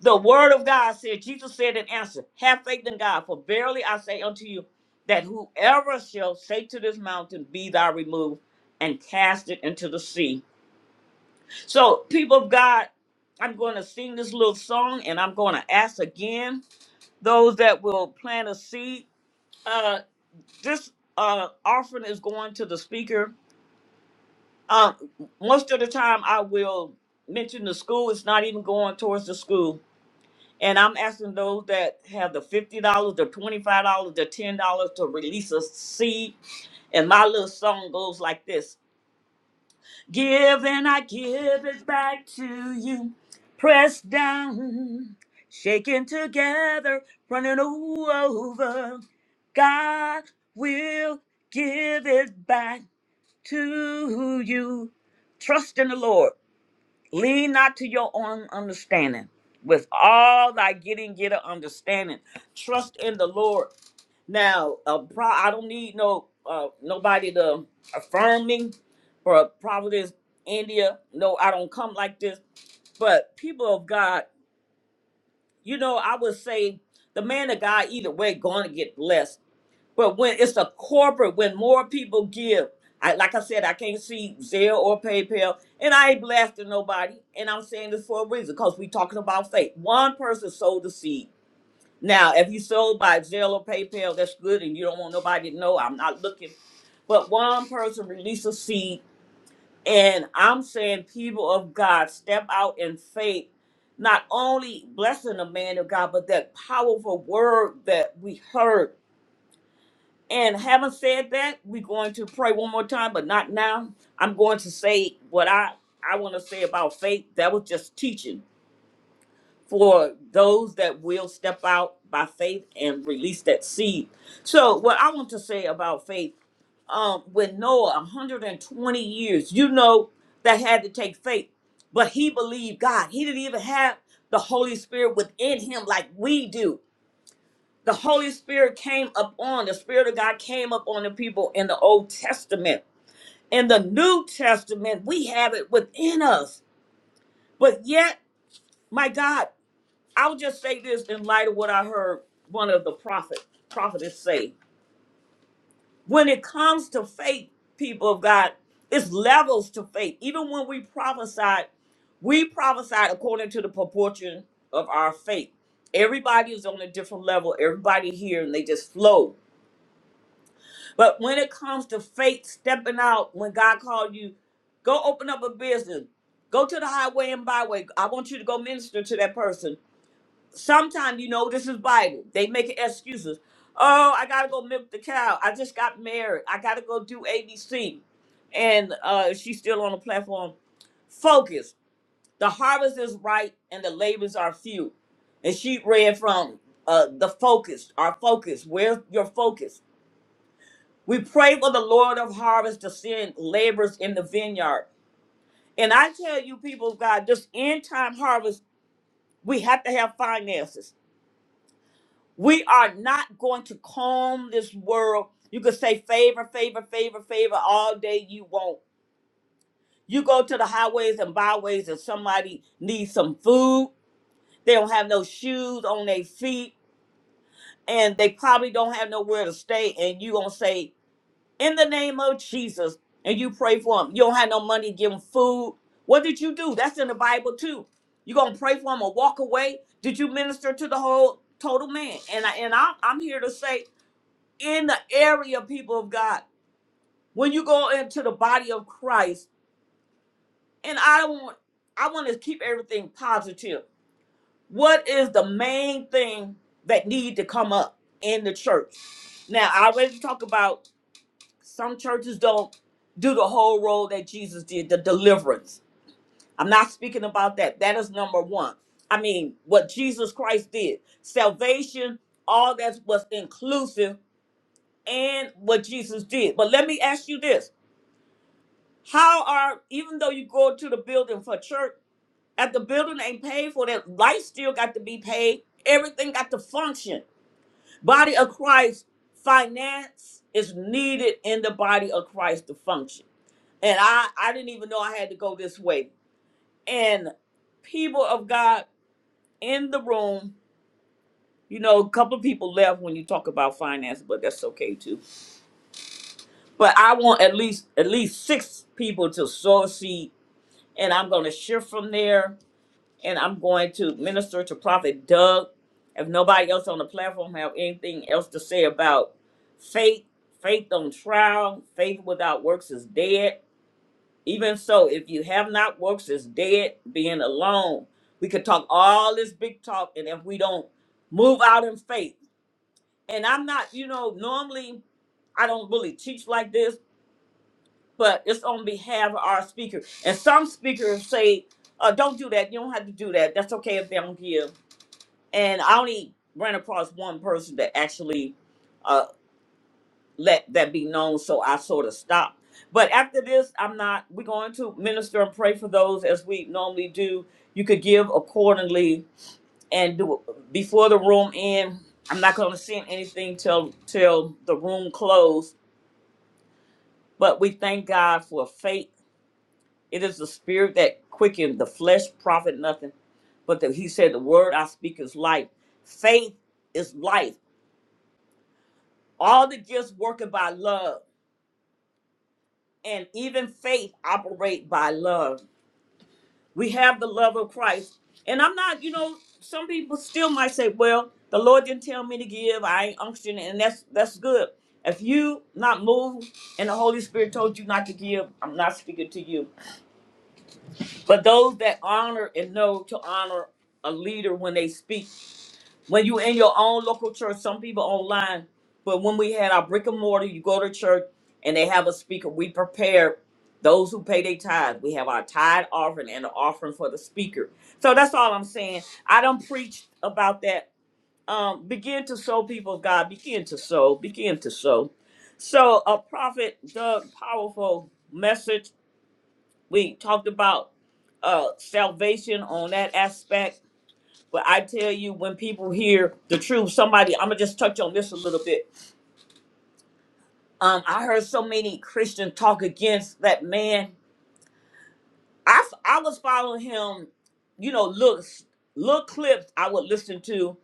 S1: The word of God said, Jesus said in answer, have faith in God, for verily I say unto you that whoever shall say to this mountain, be thou removed and cast it into the sea. So people of God, I'm going to sing this little song and I'm going to ask again those that will plant a seed. Uh, this uh, offering is going to the speaker Uh, most of the time, I will mention the school. It's not even going towards the school. And I'm asking those that have the fifty dollars, the twenty-five dollars, the ten dollars to release a seed. And my little song goes like this: Give and I give it back to you, pressed down, shaken together, running over. God will give it back to you. Trust in the Lord. Lean not to your own understanding. With all thy getting, get an understanding. Trust in the Lord. Now, uh, pro- I don't need no uh, nobody to affirm me or Providence, India. No, I don't come like this. But people of God, you know, I would say the man of God either way going to get blessed but when it's a corporate, when more people give, I like I said, I can't see Zelle or PayPal, and I ain't blasting nobody. And I'm saying this for a reason, because we talking about faith. One person sowed the seed. Now, if you sold by Zelle or PayPal, that's good, and you don't want nobody to know. I'm not looking. But one person released a seed, and I'm saying, people of God, step out in faith. Not only blessing the man of God, but that powerful word that we heard and having said that, we're going to pray one more time, but not now. I'm going to say what I, I want to say about faith. That was just teaching for those that will step out by faith and release that seed. So, what I want to say about faith, um, with Noah, 120 years, you know, that had to take faith, but he believed God. He didn't even have the Holy Spirit within him like we do the Holy Spirit came upon, the Spirit of God came upon the people in the Old Testament. In the New Testament, we have it within us. But yet, my God, I'll just say this in light of what I heard one of the prophet prophetess say. When it comes to faith, people of God, it's levels to faith. Even when we prophesied, we prophesied according to the proportion of our faith. Everybody is on a different level. Everybody here, and they just flow But when it comes to faith stepping out when God called you, go open up a business. Go to the highway and byway. I want you to go minister to that person. Sometimes you know this is Bible. They make excuses. Oh, I gotta go milk the cow. I just got married. I gotta go do ABC. And uh she's still on the platform. Focus. The harvest is ripe and the labors are few. And she read from uh the focus, our focus. Where's your focus? We pray for the Lord of harvest to send laborers in the vineyard. And I tell you, people of God, this end time harvest, we have to have finances. We are not going to comb this world. You can say favor, favor, favor, favor all day you want. You go to the highways and byways, and somebody needs some food. They don't have no shoes on their feet, and they probably don't have nowhere to stay. And you gonna say in the name of Jesus. And you pray for them. You don't have no money, give them food. What did you do? That's in the Bible too. You gonna pray for them or walk away? Did you minister to the whole total man? And I and I'm, I'm here to say, in the area, people of God, when you go into the body of Christ, and I don't want, I want to keep everything positive. What is the main thing that need to come up in the church? Now I already talked about Some churches don't do the whole role that Jesus did, the deliverance. I'm not speaking about that. That is number one. I mean, what Jesus Christ did, salvation, all that was inclusive, and what Jesus did. But let me ask you this: How are even though you go to the building for church, if the building ain't paid for, that life still got to be paid. Everything got to function. Body of Christ, finance is needed in the body of Christ to function and I I didn't even know I had to go this way. And people of God in the room, you know, a couple of people left when you talk about finance, but that's okay too. But I want at least at least six people to sow a seed, and I'm going to shift from there, and I'm going to minister to Prophet Doug. If nobody else on the platform have anything else to say about faith, faith on trial, faith without works is dead Even so, if you have not works, is dead being alone. We could talk all this big talk, and if we don't move out in faith, and I'm not, you know, normally I don't really teach like this, but it's on behalf of our speaker. And some speakers say, uh, "Don't do that. You don't have to do that. That's okay if they don't give." And I only ran across one person that actually. uh, let that be known so i sort of stopped, but after this i'm not we're going to minister and pray for those as we normally do you could give accordingly and do before the room end i'm not going to send anything till till the room closed. but we thank god for faith it is the spirit that quickened the flesh profit nothing but that he said the word i speak is life faith is life all the gifts working by love and even faith operate by love we have the love of Christ. And I'm not, you know, some people still might say, well, the Lord didn't tell me to give. I ain't unction, and that's that's good. If you not moved and the Holy Spirit told you not to give, I'm not speaking to you. But those that honor and know to honor a leader when they speak when you in your own local church, some people online, but when we had our brick and mortar, you go to church and they have a speaker. We prepare those who pay their tithe. We have our tithe offering and the offering for the speaker. So that's all I'm saying. I don't preach about that. Um, begin to sow, people of God. Begin to sow. Begin to sow. So a prophet, Doug, powerful message. We talked about uh salvation on that aspect but I tell you, when people hear the truth, somebody, I'm gonna just touch on this a little bit. Um, I heard so many Christians talk against that man. I, f- I was following him, you know, Look, little clips I would listen to.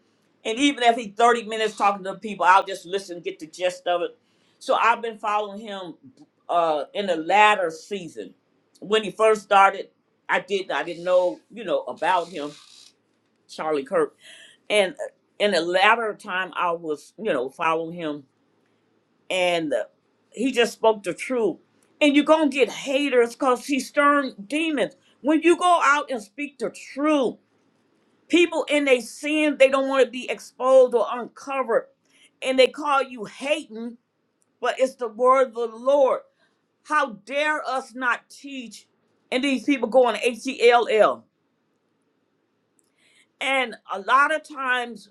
S1: And even if he 30 minutes talking to people, I'll just listen, get the gist of it. So I've been following him uh, in the latter season. When he first started, I didn't, I didn't know, you know, about him Charlie Kirk. And in the latter time, I was, you know, following him, and uh, he just spoke the truth. And you're going to get haters because he stirring demons. When you go out and speak the truth, people in their sin, they don't want to be exposed or uncovered. And they call you hating, but it's the word of the Lord. How dare us not teach? And these people go on H E L L. And a lot of times,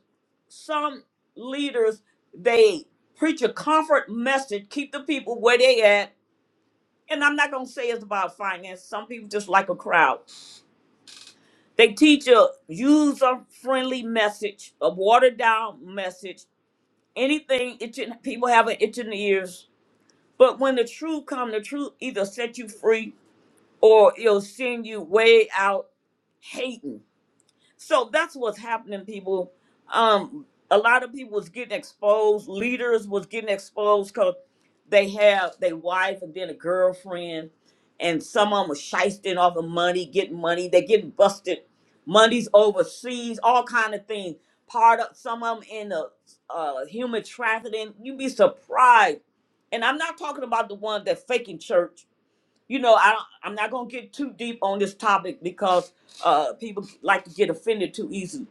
S1: some leaders they preach a comfort message, keep the people where they at. And I'm not gonna say it's about finance. Some people just like a crowd. They teach a user-friendly message, a watered-down message. Anything itching, people have an itch in the ears. But when the truth come, the truth either set you free or it'll send you way out hating So that's what's happening, people. Um, a lot of people was getting exposed. Leaders was getting exposed because they have their wife and then a girlfriend, and some of them was shysting off of money, getting money. They getting busted. Money's overseas, all kind of things. Part of some of them in the uh, human trafficking. You'd be surprised. And I'm not talking about the one that faking church you know, I don't, I'm not gonna get too deep on this topic because uh, people like to get offended too easy.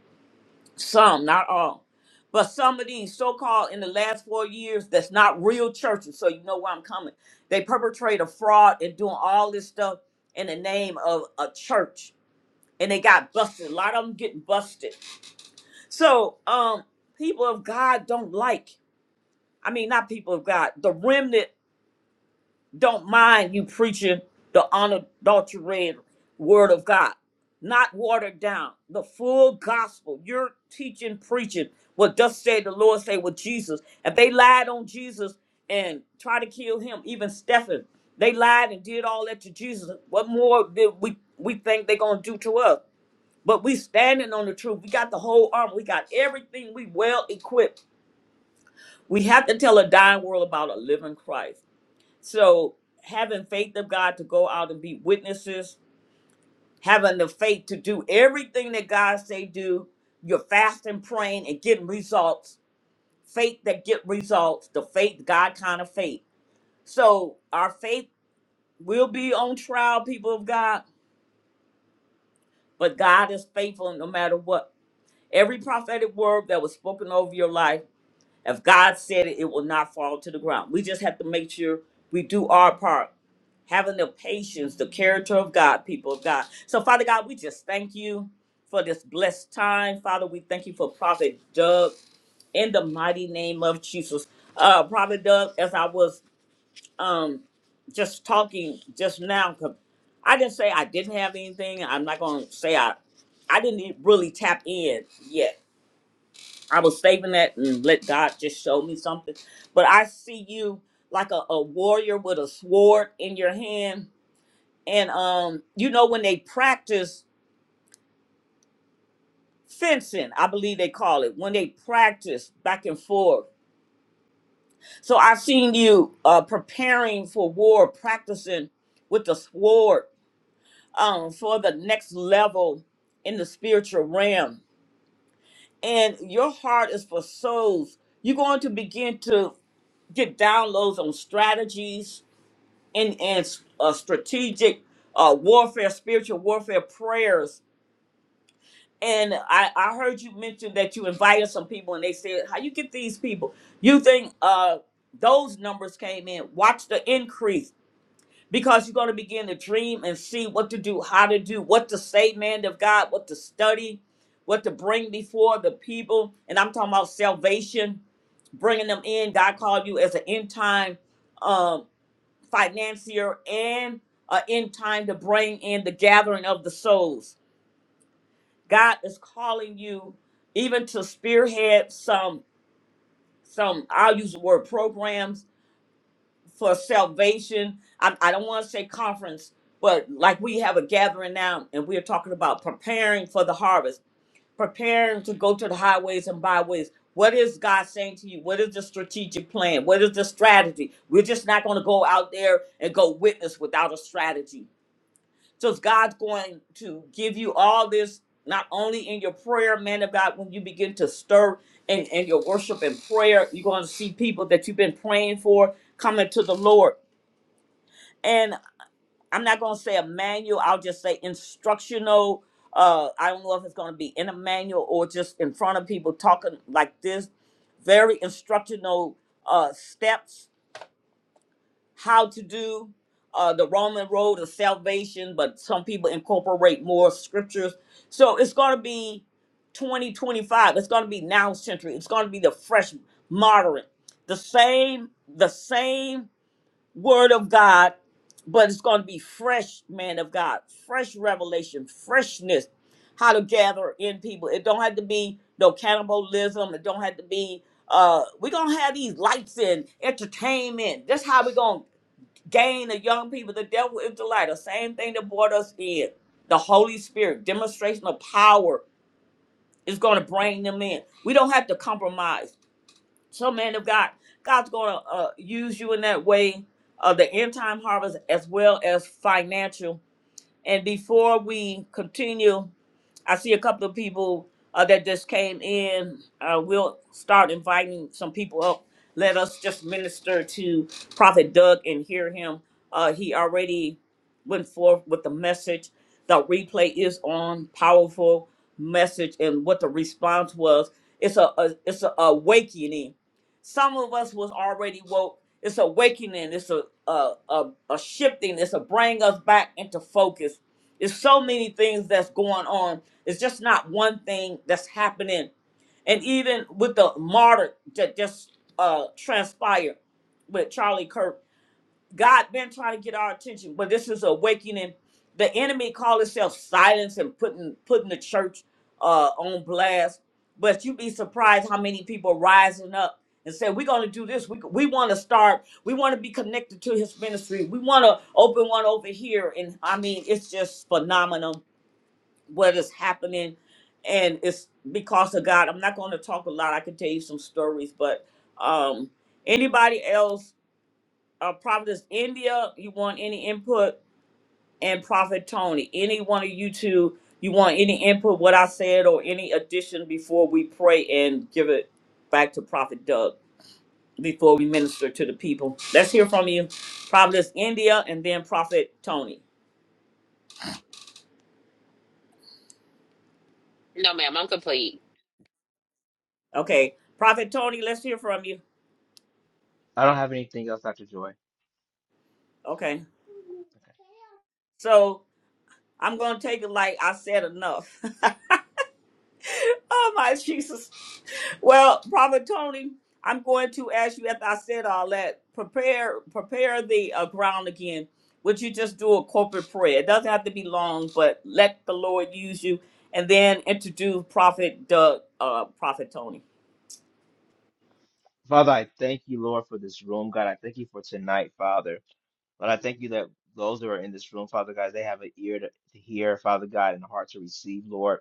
S1: Some, not all, but some of these so-called in the last four years that's not real churches. So you know where I'm coming. They perpetrate a fraud and doing all this stuff in the name of a church, and they got busted. A lot of them getting busted. So um, people of God don't like. I mean, not people of God. The remnant don't mind you preaching the unadulterated word of God, not watered down, the full gospel. You're teaching, preaching what thus say the Lord say with Jesus. If they lied on Jesus and try to kill him, even Stephen, they lied and did all that to Jesus. What more did we we think they're gonna do to us? But we standing on the truth. We got the whole armor. We got everything. We well equipped. We have to tell a dying world about a living Christ. So having faith of God to go out and be witnesses, having the faith to do everything that God say do, you're fasting, praying, and getting results. Faith that get results, the faith, God kind of faith. So our faith will be on trial, people of God, but God is faithful no matter what. Every prophetic word that was spoken over your life. If God said it, it will not fall to the ground. We just have to make sure we do our part. Having the patience, the character of God, people of God. So, Father God, we just thank you for this blessed time. Father, we thank you for Prophet Doug in the mighty name of Jesus. Uh, Prophet Doug, as I was um just talking just now, 'cause I didn't say I didn't have anything. I'm not gonna say I I didn't really tap in yet I was saving that and let God just show me something. But I see you like a, a warrior with a sword in your hand. And um, you know, when they practice fencing, I believe they call it, when they practice back and forth. So I've seen you uh preparing for war, practicing with the sword um for the next level in the spiritual realm and your heart is for souls. You're going to begin to get downloads on strategies and and uh, strategic uh, warfare, spiritual warfare prayers. And I, I heard you mention that you invited some people, and they said, "How you get these people?" You think uh, those numbers came in? Watch the increase because you're going to begin to dream and see what to do, how to do, what to say, man of God, what to study, what to bring before the people. And I'm talking about salvation, bringing them in. God called you as an end time um, financier and an end time to bring in the gathering of the souls. God is calling you even to spearhead some some I'll use the word programs for salvation. I, I don't want to say conference, but like we have a gathering now and we're talking about preparing for the harvest, preparing to go to the highways and byways. What is God saying to you? What is the strategic plan? What is the strategy? We're just not going to go out there and go witness without a strategy. So God's going to give you all this, not only in your prayer, man of God, when you begin to stir in, in your worship and prayer, you're going to see people that you've been praying for coming to the Lord and I'm not going to say a manual. I'll just say instructional. Uh, I don't know if it's going to be in a manual or just in front of people talking like this. Very instructional uh, steps, how to do uh, the Roman road of salvation, but some people incorporate more scriptures. So it's going to be 2025. It's going to be now century. It's going to be the fresh, moderate, the same, the same word of God, but it's going to be fresh, man of God, fresh revelation, freshness, how to gather in people. It don't have to be no cannibalism. It don't have to be, uh, we're going to have these lights and entertainment. That's how we're going to gain the young people. The devil is the light. The same thing that brought us in. The Holy Spirit, demonstration of power is going to bring them in. We don't have to compromise so, man of God, God's going to uh, use you in that way of the end time harvest as well as financial. And before we continue I see a couple of people uh, that just came in. Uh, we'll start inviting some people up. Let us just minister to Prophet Doug and hear him. Uh, he already went forth with the message. The replay is on. Powerful message, and what the response was. It's a, a it's a awakening. Some of us was already woke. It's awakening. It's a a, a, a shifting. It's a bring us back into focus there's so many things that's going on. It's just not one thing that's happening. And even with the martyr that just uh, transpired with Charlie Kirk, God been trying to get our attention, but this is awakening. The enemy call itself silence and putting putting the church uh, on blast. But you'd be surprised how many people rising up and say, "We're going to do this. We we want to start. We want to be connected to His ministry. We want to open one over here." And I mean, it's just phenomenal what is happening and it's because of god i'm not going to talk a lot i can tell you some stories but um anybody else uh providence india you want any input and prophet tony any one of you two you want any input what i said or any addition before we pray and give it back to prophet doug before we minister to the people let's hear from you Prophetess india and then prophet tony
S4: no ma'am i'm complete
S1: okay prophet tony let's hear from you
S5: I don't have anything else, Dr. Joy.
S1: okay so. I'm gonna take it like I said enough. oh my Jesus. Well, Prophet Tony, I'm going to ask you after I said all that, prepare prepare the uh, ground again. Would you just do a corporate prayer? It doesn't have to be long, but let the Lord use you and then introduce Prophet Doug, uh Prophet Tony.
S5: Father, I thank you, Lord, for this room, God. I thank you for tonight, Father. Lord, I thank you that those who are in this room, Father God, they have an ear to, to hear, Father God, and a heart to receive, Lord.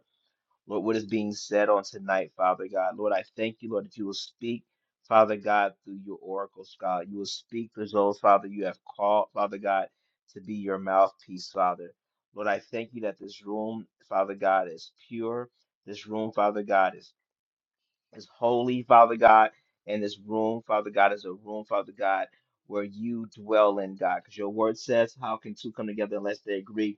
S5: Lord, what is being said on tonight, Father God. Lord, I thank you, Lord, that you will speak, Father God, through your oracles, God. You will speak through those, Father, you have called, Father God, to be your mouthpiece, Father. Lord, I thank you that this room, Father God, is pure. This room, Father God, is, is holy, Father God. And this room, Father God, is a room, Father God, where you dwell in, God. Because your word says, How can two come together unless they agree?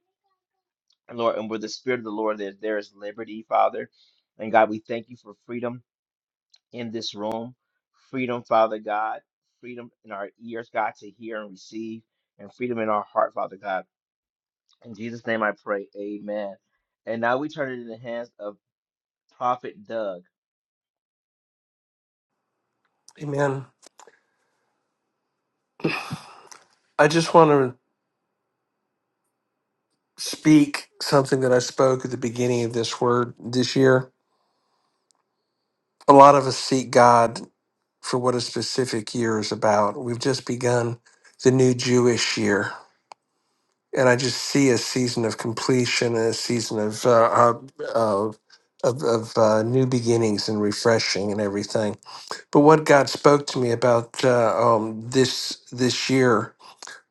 S5: And Lord, and where the Spirit of the Lord is, there is liberty, Father. And God, we thank you for freedom in this room, freedom, Father God, freedom in our ears, God, to hear and receive, and freedom in our heart, Father God. In Jesus' name I pray, amen. And now we turn it in the hands of Prophet Doug.
S2: Amen. I just want to speak something that I spoke at the beginning of this word this year. A lot of us seek God for what a specific year is about. We've just begun the new Jewish year, and I just see a season of completion and a season of uh, uh, of of, of uh, new beginnings and refreshing and everything. But what God spoke to me about uh, um, this this year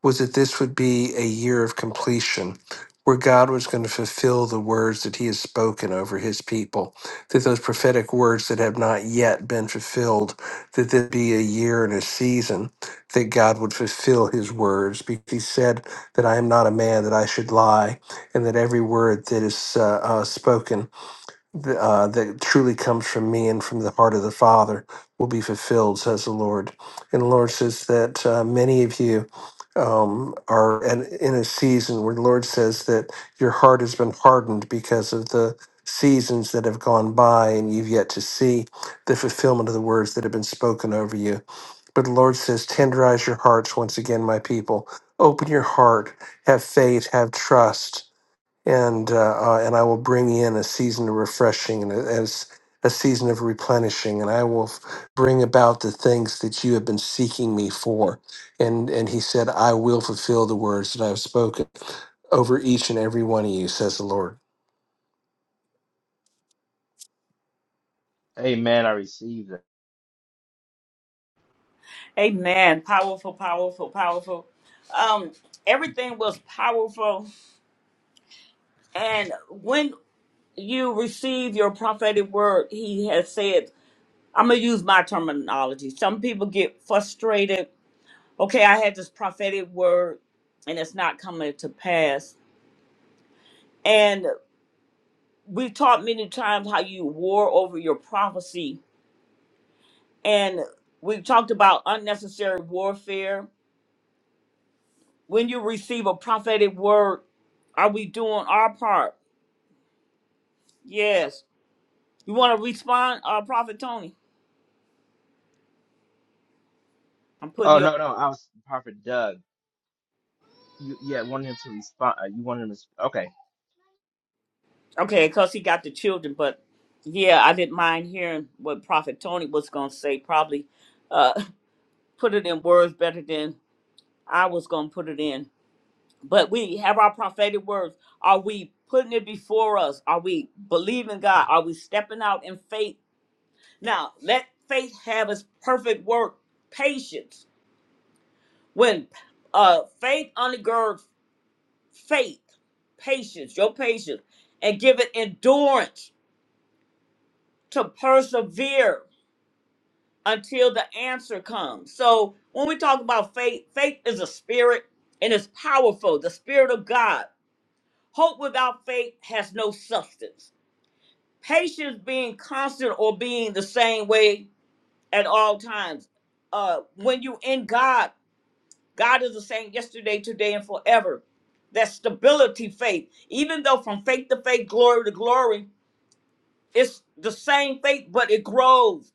S2: was that this would be a year of completion where God was going to fulfill the words that he has spoken over his people, that those prophetic words that have not yet been fulfilled, that there'd be a year and a season that God would fulfill his words. Because he said that I am not a man that I should lie, and that every word that is uh, uh, spoken th- uh, that truly comes from me and from the heart of the Father will be fulfilled, says the Lord. And the Lord says that uh, many of you um, are in, in a season where the Lord says that your heart has been hardened because of the seasons that have gone by and you've yet to see the fulfillment of the words that have been spoken over you. But the Lord says, tenderize your hearts once again, my people. Open your heart, have faith, have trust and uh, uh, and I will bring in a season of refreshing and a- as a season of replenishing, and I will f- bring about the things that you have been seeking me for. And and he said, I will fulfill the words that I have spoken over each and every one of you, says the Lord.
S5: Amen. I received it.
S1: Amen. Powerful, powerful, powerful. Um, everything was powerful. And when you receive your prophetic word, he has said I'm gonna use my terminology. Some people get frustrated. Okay, I had this prophetic word, and it's not coming to pass. And we've taught many times how you war over your prophecy, and we've talked about unnecessary warfare. When you receive a prophetic word, are we doing our part? Yes. You want to respond, uh, Prophet Tony? I'm putting
S5: Oh,
S1: you.
S5: no, no, I was Prophet Doug. You, yeah, wanted him to respond. uh, You wanted him to. Okay.
S1: Okay, because he got the children, but yeah, I didn't mind hearing what Prophet Tony was going to say. Probably uh, put it in words better than I was going to put it in. But we have our prophetic words. Are we putting it before us? Are we believing God? Are we stepping out in faith? Now, let faith have its perfect work, patience. When uh, faith undergirds faith, patience, your patience, and give it endurance to persevere until the answer comes. So when we talk about faith, faith is a spirit and it's powerful, the spirit of God. Hope without faith has no substance. Patience being constant or being the same way at all times. Uh, when you in God, God is the same yesterday, today, and forever. That stability faith, even though from faith to faith, glory to glory, it's the same faith, but it grows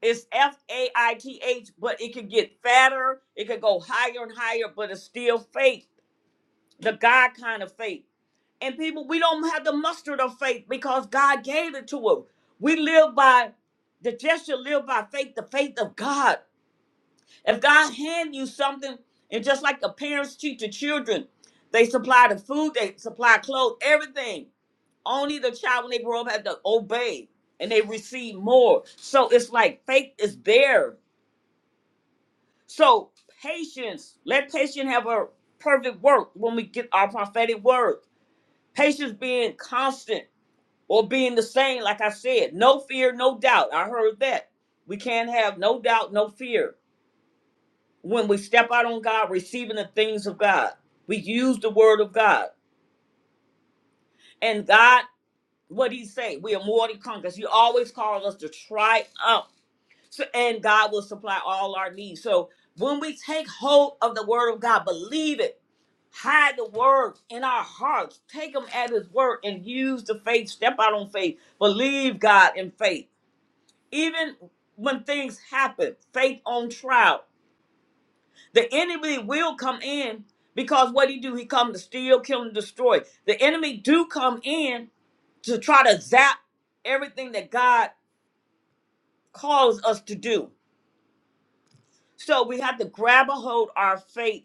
S1: It's F A I T H, but it could get fatter. It could go higher and higher, but it's still faith, the God kind of faith. And people, we don't have the mustard of faith because God gave it to us. We live by the just shall live by faith, the faith of God. If God hand you something, and just like the parents teach the children, they supply the food, they supply clothes, everything. Only the child when they grow up had to obey and they receive more. So it's like faith is there So patience, let patience have a perfect work when we get our prophetic word. Patience being constant or being the same, like I said, no fear, no doubt. I heard that. We can't have no doubt, no fear when we step out on God, receiving the things of God. We use the word of God. And God, what he say? We are more than conquerors. He always calls us to triumph So- and God will supply all our needs. So when we take hold of the word of God, believe it, hide the word in our hearts, take him at his word and use the faith, step out on faith, believe God in faith. Even when things happen, faith on trial. The enemy will come in because what he do, he come to steal, kill, and destroy. The enemy do come in to try to zap everything that God calls us to do So we have to grab a hold our faith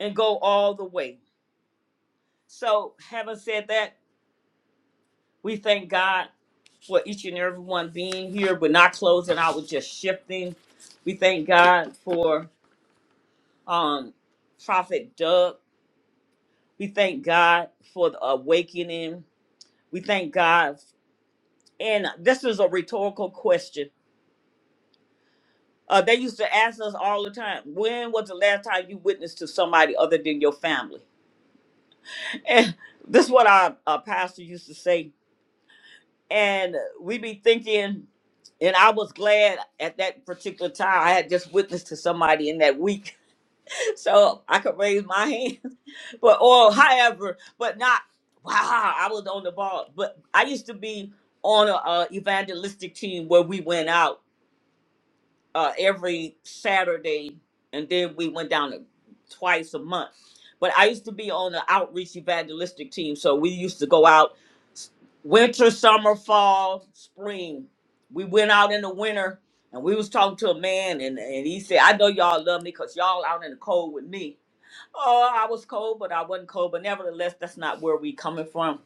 S1: and go all the way. So having said that, we thank God for each and every one being here. We're not closing out, we're just shifting. We thank God for um Prophet Doug. We thank God for the awakening. We thank God. And this is a rhetorical question. Uh, they used to ask us all the time, when was the last time you witnessed to somebody other than your family? And this is what our, our pastor used to say and we be thinking and i was glad at that particular time i had just witnessed to somebody in that week so i could raise my hand but or however but not wow i was on the ball but i used to be on a, a evangelistic team where we went out uh, every Saturday, and then we went down to twice a month. But I used to be on the outreach evangelistic team, so we used to go out s- winter, summer, fall, spring. We went out in the winter, and we was talking to a man, and, and he said, "I know y'all love me because y'all out in the cold with me." Oh, I was cold, but I wasn't cold. But nevertheless, that's not where we coming from.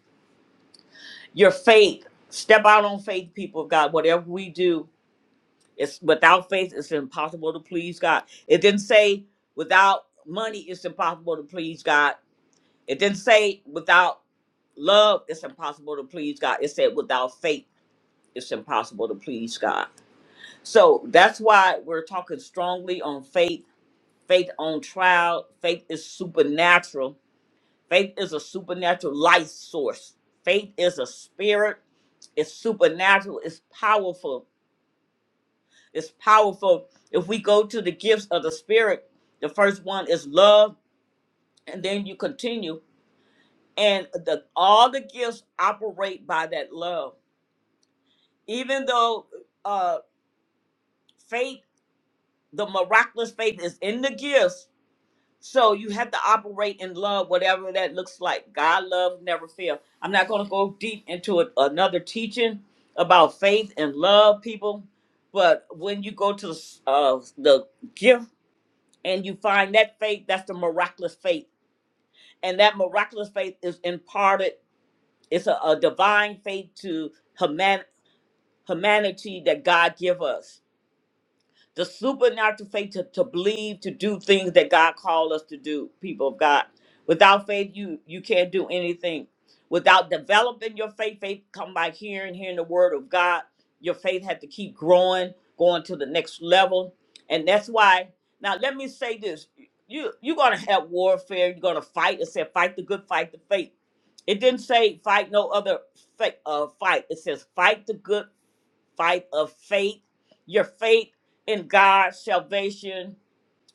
S1: Your faith, step out on faith, people of God. Whatever we do, it's without faith, it's impossible to please God. It didn't say without money, it's impossible to please God. It didn't say without love, it's impossible to please God. It said without faith, it's impossible to please God. So that's why we're talking strongly on faith, faith on trial. Faith is supernatural. Faith is a supernatural life source. Faith is a spirit. It's supernatural. It's powerful It's powerful. If we go to the gifts of the Spirit, the first one is love, and then you continue. And the, all the gifts operate by that love. Even though uh, faith, the miraculous faith is in the gifts, so you have to operate in love, whatever that looks like. God love never fail. I'm not going to go deep into a, another teaching about faith and love, people. But when you go to uh, the gift and you find that faith that's the miraculous faith and that miraculous faith is imparted it's a, a divine faith to human humanity that god give us the supernatural faith to, to believe to do things that God called us to do, people of God. Without faith, you you can't do anything. Without developing your faith, faith come by hearing, hearing the word of God. Your faith had to keep growing, going to the next level. And that's why now let me say this. You you're gonna have warfare, you're gonna fight. It said fight the good fight the faith. It didn't say fight no other fa- uh, fight. It says fight the good fight of faith, your faith in God's salvation.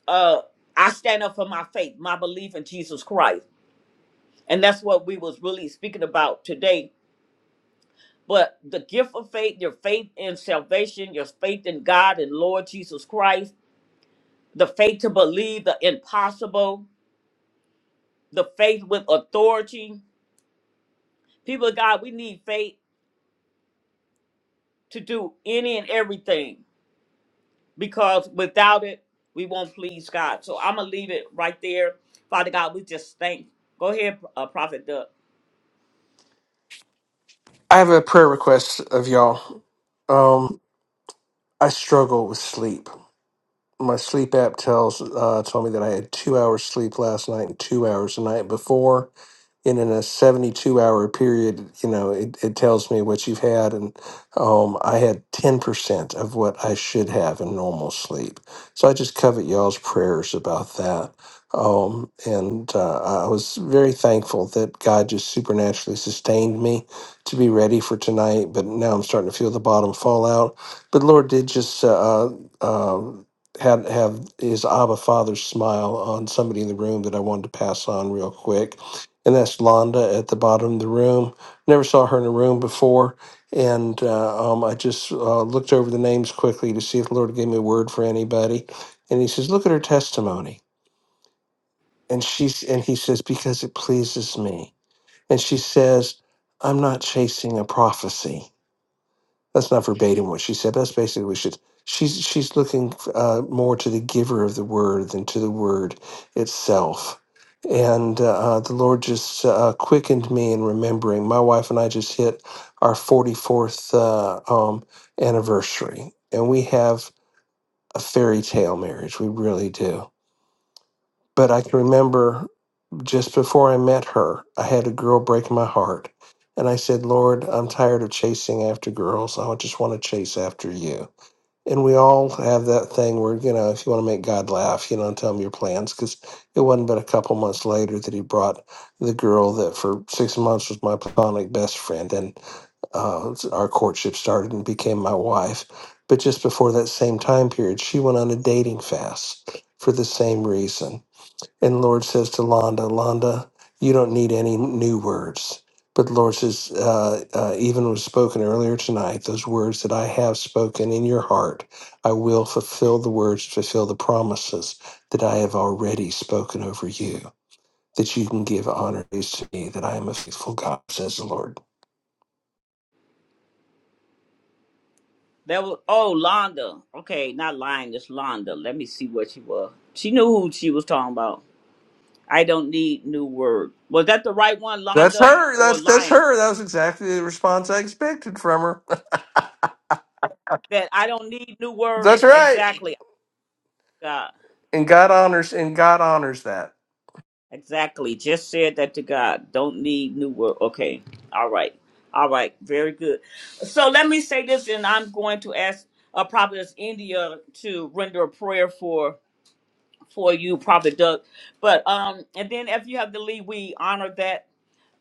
S1: Uh, I stand up for my faith, my belief in Jesus Christ, and that's what we was really speaking about today. But the gift of faith, your faith in salvation, your faith in God and Lord Jesus Christ, the faith to believe the impossible, the faith with authority. People of God, we need faith to do any and everything because without it, we won't please God. So I'm gonna leave it right there. Father God, we just thank. Go ahead, uh, Prophet Doug.
S2: I have a prayer request of y'all. Um, I struggle with sleep. My sleep app tells uh, told me that I had two hours sleep last night and two hours the night before and in a 72 hour period you know it, it tells me what you've had and um, i had 10% of what i should have in normal sleep so i just covet y'all's prayers about that um, and uh, i was very thankful that god just supernaturally sustained me to be ready for tonight but now i'm starting to feel the bottom fall out but lord did just uh, uh, um, had have his Abba Father smile on somebody in the room that I wanted to pass on real quick and that's Londa at the bottom of the room. Never saw her in a room before, and uh, um, I just uh, looked over the names quickly to see if the Lord gave me a word for anybody. And He says, "Look at her testimony." And she's and He says, "Because it pleases me." And she says, "I'm not chasing a prophecy." That's not verbatim what she said. but That's basically what she. She's she's looking uh, more to the giver of the word than to the word itself. And uh, the Lord just uh, quickened me in remembering. My wife and I just hit our 44th uh, um, anniversary, and we have a fairy tale marriage. We really do. But I can remember just before I met her, I had a girl break my heart. And I said, Lord, I'm tired of chasing after girls. I just want to chase after you and we all have that thing where, you know, if you want to make God laugh, you know, and tell him your plans, because it wasn't but a couple months later that he brought the girl that for six months was my platonic best friend, and uh, our courtship started and became my wife. But just before that same time period, she went on a dating fast for the same reason and the Lord says to Londa, Londa, you don't need any new words. But the Lord says, uh, uh, even was spoken earlier tonight, those words that I have spoken in your heart, I will fulfill the words, fulfill the promises that I have already spoken over you, that you can give honor to me, that I am a faithful God, says the Lord.
S1: That was oh Londa. Okay, not lying. It's Londa. Let me see what she was. She knew who she was talking about. I don't need new word. Was that the right one,
S2: That's
S1: Londa,
S2: her.
S1: or
S2: That's that's
S1: lying?
S2: her. That was exactly the response I expected from her.
S1: That I don't need new word.
S2: That's right.
S1: Exactly. God.
S2: And God honors and God honors that.
S1: Exactly. Just said that to God. Don't need new word. Okay. All right. All right. Very good. So let me say this, and I'm going to ask uh, Prophetess India to render a prayer for for you, Prophet Doug. But um, and then if you have to leave, we honor that.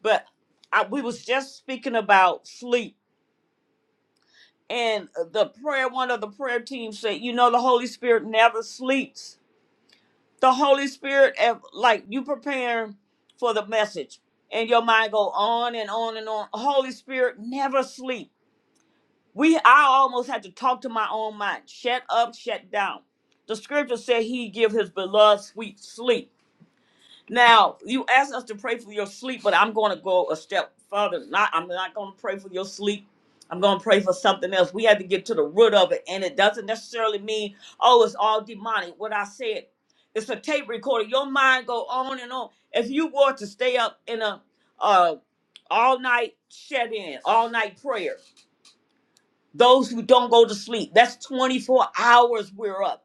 S1: But I, we was just speaking about sleep, and the prayer. One of the prayer team said, you know, the Holy Spirit never sleeps the Holy Spirit, eh, like you preparing for the message, and your mind go on and on and on. Holy Spirit never sleep. We, I almost had to talk to my own mind. Shut up, shut down. The scripture said He give His beloved sweet sleep. Now you asked us to pray for your sleep, but I'm going to go a step further. Not, I'm not going to pray for your sleep. I'm going to pray for something else. We have to get to the root of it, and it doesn't necessarily mean oh it's all demonic. What I said, it's a tape recorder. Your mind go on and on. If you were to stay up in a uh, all night shut in, all night prayer, those who don't go to sleep, that's 24 hours we're up.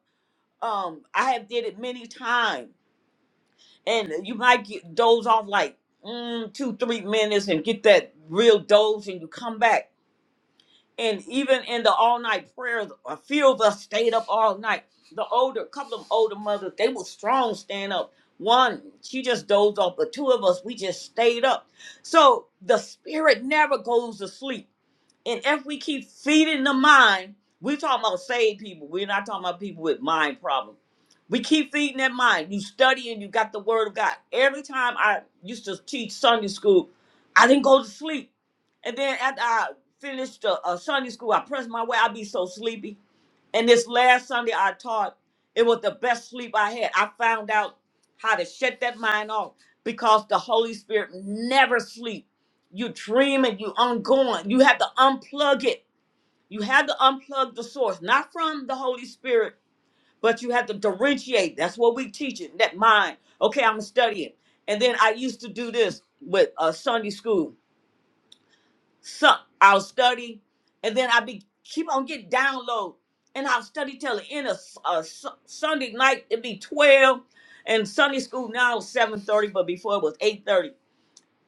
S1: Um, I have did it many times and you might get doze off like mm, two, three minutes and get that real doze, and you come back. And even in the all night prayers, a few of us stayed up all night. The older, a couple of older mothers, they were strong staying up. One, she just dozed off, but two of us, we just stayed up. So the spirit never goes to sleep and if we keep feeding the mind, we talking about saved people. We're not talking about people with mind problems. We keep feeding that mind. You study and you got the word of God. Every time I used to teach Sunday school, I didn't go to sleep. And then after I finished uh, uh, Sunday school, I pressed my way. I'd be so sleepy. And this last Sunday I taught, it was the best sleep I had. I found out how to shut that mind off because the Holy Spirit never sleep. You dreaming, you ongoing. You have to unplug it. You have to unplug the source, not from the Holy Spirit, but you have to differentiate. That's what we teach it, that mind. Okay, I'm studying. And then I used to do this with uh, Sunday school. So I'll study, and then I be keep on getting download, and I'll study till the end of s- uh, su- Sunday night. It'd be twelve, and Sunday school now is seven thirty, but before it was eight thirty.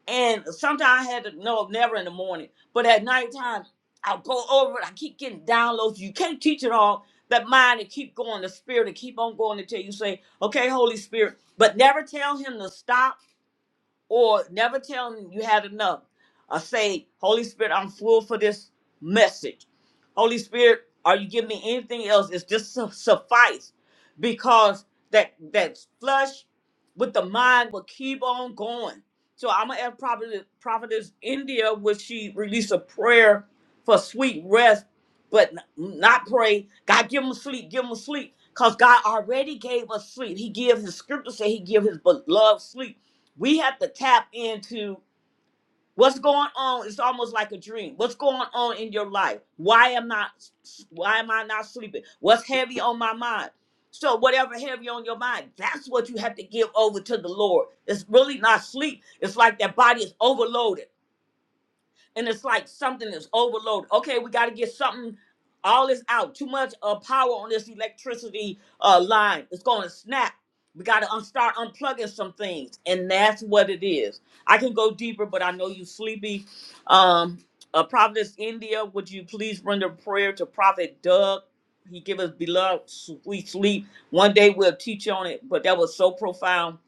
S1: And sometimes I had to no, never in the morning, but at nighttime I'll go over it. I keep getting downloads. You can't teach it all. That mind to keep going, the spirit to keep on going until you say, "Okay, Holy Spirit," but never tell him to stop or never tell them you had enough. Or say, Holy Spirit, I'm full for this message. Holy Spirit, are you giving me anything else? Is this su- suffice? Because that that flesh with the mind will keep on going. So I'm gonna ask Prophet Prophetess India, would she release a prayer for sweet rest, but n- not pray? God, give them sleep, give them sleep, cause God already gave us sleep. He gives His scripture say He give His beloved sleep we have to tap into what's going on it's almost like a dream what's going on in your life why am i why am i not sleeping what's heavy on my mind so whatever heavy on your mind that's what you have to give over to the lord it's really not sleep it's like that body is overloaded and it's like something is overloaded. Okay, we got to get something. All is out. Too much uh, power on this electricity uh, line. It's going to snap. We got to un- start unplugging some things, and that's what it is. I can go deeper, but I know you sleepy. Um, uh, Providence, India, would you please render prayer to Prophet Doug? He give us beloved sweet sleep. One day we'll teach on it, but that was so profound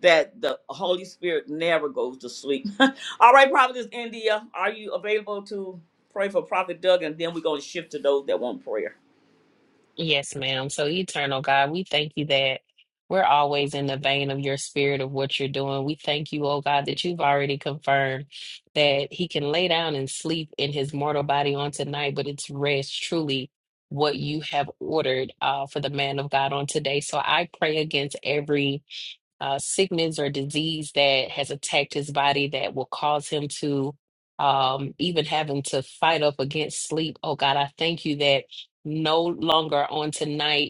S1: that the Holy Spirit never goes to sleep. All right, Prophetess India, are you available to pray for Prophet Doug? And then we're going to shift to those that want prayer.
S4: Yes, ma'am. So, eternal God, we thank you that we're always in the vein of your spirit of what you're doing. We thank you, oh God, that you've already confirmed that he can lay down and sleep in his mortal body on tonight, but it's rest truly what you have ordered uh, for the man of God on today. So, I pray against every uh, sickness or disease that has attacked his body that will cause him to um, even having to fight up against sleep. Oh God, I thank you that no longer on tonight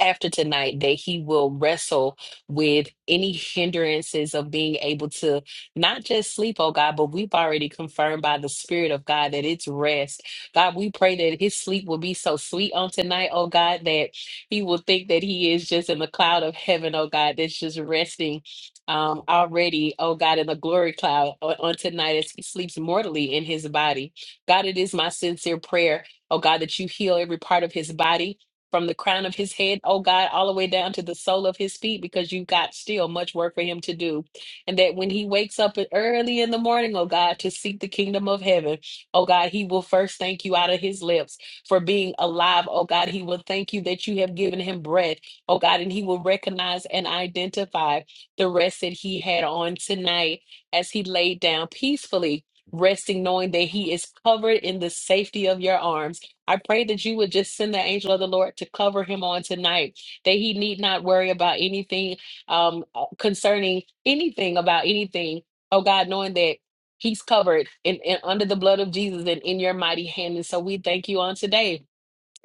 S4: after tonight that he will wrestle with any hindrances of being able to not just sleep, oh God, but we've already confirmed by the Spirit of God that it's rest. God, we pray that his sleep will be so sweet on tonight, oh God, that he will think that he is just in the cloud of heaven, oh God, that's just resting um, already, oh God, in the glory cloud on, on tonight as he sleeps mortally in his body. God, it is my sincere prayer, oh God, that you heal every part of his body from the crown of his head, oh God, all the way down to the sole of his feet, because you've got still much work for him to do. And that when he wakes up early in the morning, oh God, to seek the kingdom of heaven, oh God, he will first thank you out of his lips for being alive, oh God. He will thank you that you have given him breath, oh God, and he will recognize and identify the rest that he had on tonight as he laid down peacefully. Resting, knowing that he is covered in the safety of your arms I pray that you would just send the angel of the Lord to cover him on tonight, that he need not worry about anything um, uh, concerning anything about anything. Oh God, knowing that he's covered in, in- under the blood of Jesus and in your mighty hand. And so we thank you on today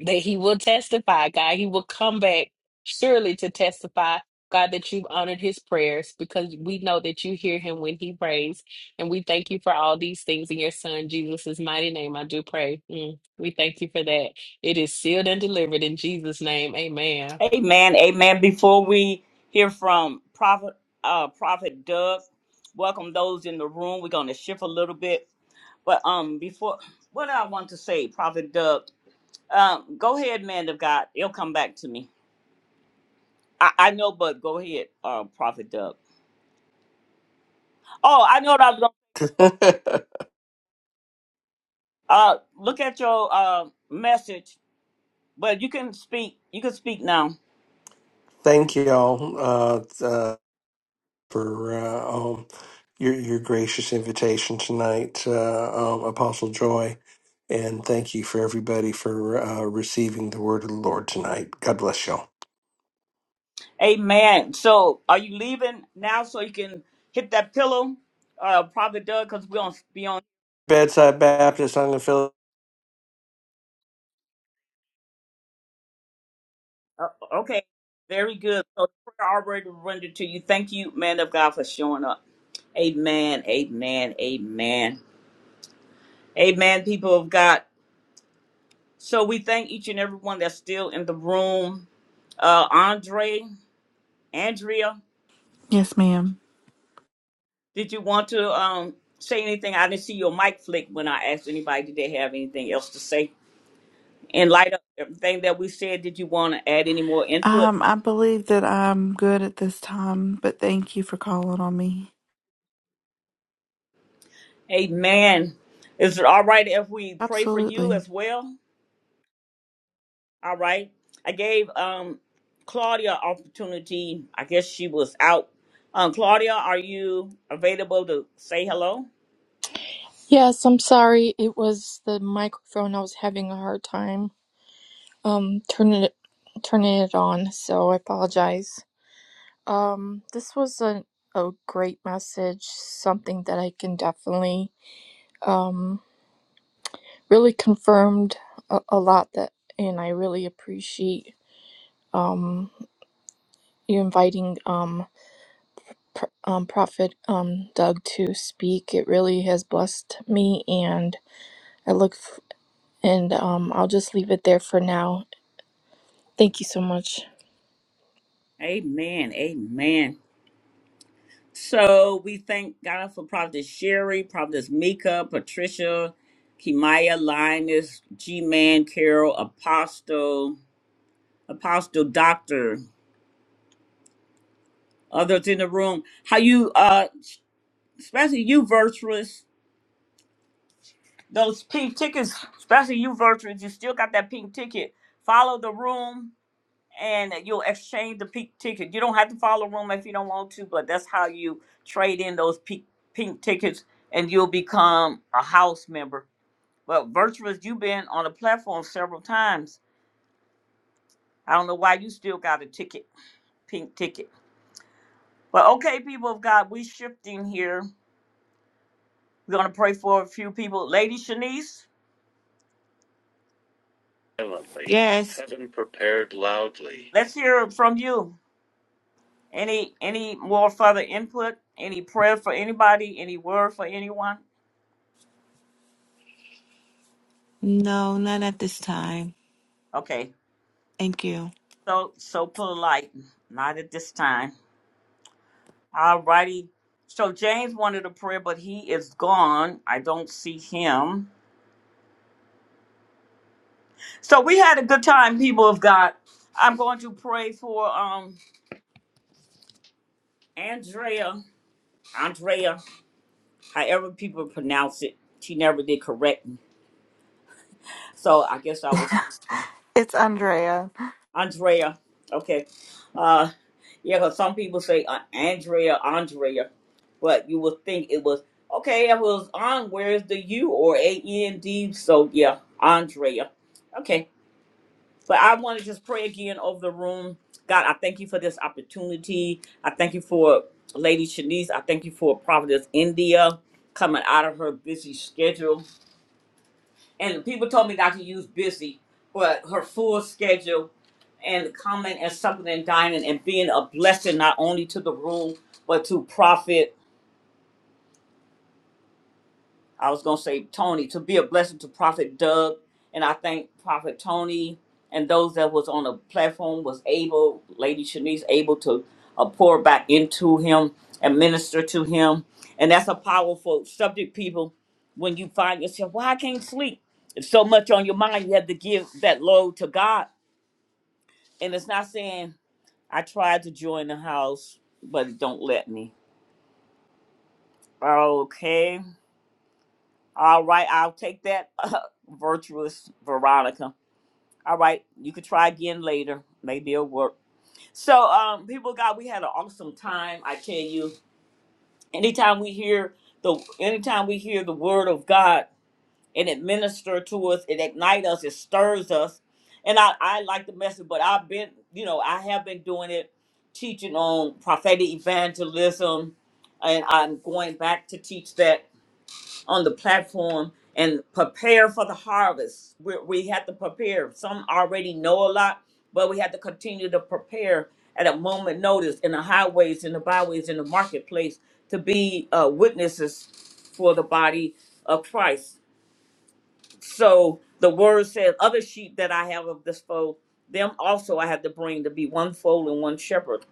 S4: that he will testify, God. He will come back surely to testify, God, that you've honored his prayers because we know that you hear him when he prays. And we thank you for all these things in your son, Jesus' mighty name. I do pray. Mm. We thank you for that. It is sealed and delivered in Jesus' name. Amen.
S1: Amen. Amen. Before we hear from Prophet uh Prophet Doug, welcome those in the room. We're gonna shift a little bit. But um before what I want to say, Prophet Doug, um, go ahead, man of God. It'll come back to me. I, I know, but go ahead, uh, Prophet Doug. Oh, I know what I was going to uh look at your uh message, but you can speak you can speak now.
S2: Thank you all uh, uh, for uh, um, your your gracious invitation tonight, uh, um, Apostle Joy, and thank you for everybody for uh, receiving the word of the Lord tonight. God bless y'all.
S1: Amen. So are you leaving now so you can hit that pillow, uh Prophet Doug, because we don't be on
S2: Bedside Baptist, I'm going to fill
S1: uh, okay. Very good. So prayer already rendered to you. Thank you, man of God, for showing up. Amen. Amen. Amen. Amen, people of God. So we thank each and every one that's still in the room. Uh Andre. Andrea,
S6: Yes, ma'am.
S1: did you want to um, say anything? I didn't see your mic flick when I asked anybody, did they have anything else to say? In light of everything that we said, did you want to add any more input?
S6: Um, I believe that I'm good at this time, but thank you for calling on me.
S1: Amen. Is it all right if we pray for
S6: Absolutely.
S1: you as well? All right. I gave um, Claudia opportunity. I guess she was out. Um, Claudia, are you available to say hello?
S7: Yes, I'm sorry. It was the microphone. I was having a hard time um turning it turning it on, so I apologize. Um, this was a a great message, something that I can definitely um really confirmed a, a lot that, and I really appreciate um you inviting um pr- um Prophet um Doug to speak. It really has blessed me, and I look f- and um I'll just leave it there for now Thank you so much.
S1: Amen. Amen. So we thank God for Prophetess Sherry, Prophetess Mika, Patricia, Kimaya, Linus, G Man, Carol, Apostle, Apostle Doctor, others in the room. How you uh especially you virtuous, those pink tickets, especially you virtuous, you still got that pink ticket. Follow the room and you'll exchange the pink ticket. You don't have to follow the room if you don't want to, but that's how you trade in those pink pink tickets and you'll become a house member Well, Virtuous, you've been on the platform several times. I don't know why you still got a ticket, pink ticket. But okay, people of God, we shifting here. We're gonna pray for a few people. Lady Shanice,
S3: silently. Yes. Heaven prepared loudly.
S1: let's hear from you. Any any more further input? Any prayer for anybody? Any word for anyone?
S3: No, not at this time.
S1: Okay.
S3: Thank you.
S1: So so polite. Not at this time. Alrighty. So James wanted a prayer, but he is gone. I don't see him. So we had a good time, people of God. I'm going to pray for um Andrea, Andrea, however people pronounce it. She never did correct me, so I guess I was
S6: it's Andrea.
S1: Andrea. Okay, uh, yeah, because some people say uh, Andrea, Andrea, but you would think it was okay. It was on. Where's the U or A N D? So yeah, Andrea. Okay. But I want to just pray again over the room. God, I thank you for this opportunity. I thank you for Lady Shanice. I thank you for Providence India coming out of her busy schedule. And people told me not to use busy, but her full schedule and coming and something and dining and being a blessing not only to the room, but to Prophet. I was gonna say Tony to be a blessing to Prophet Doug, and I thank Prophet Tony and those that was on the platform was able, Lady Shanice able to uh, pour back into him and minister to him, and that's a powerful subject. People, when you find yourself, well, I can't sleep. It's so much on your mind. You have to give that load to God, and it's not saying I tried to join the house, but it don't let me. Okay All right, I'll take that virtuous Veronica. All right, you could try again later. Maybe it'll work. So, um, people, of God, we had an awesome time. I tell you, anytime we hear the, anytime we hear the word of God and it minister to us, it ignite us, it stirs us. And I, I like the message, but I've been, you know, I have been doing it, teaching on prophetic evangelism, and I'm going back to teach that on the platform and prepare for the harvest. We, we have to prepare. Some already know a lot, but we have to continue to prepare at a moment notice in the highways, in the byways, in the marketplace to be uh, witnesses for the body of Christ. So the word says, Other sheep that I have of this fold, them also I have to bring to be one fold and one shepherd.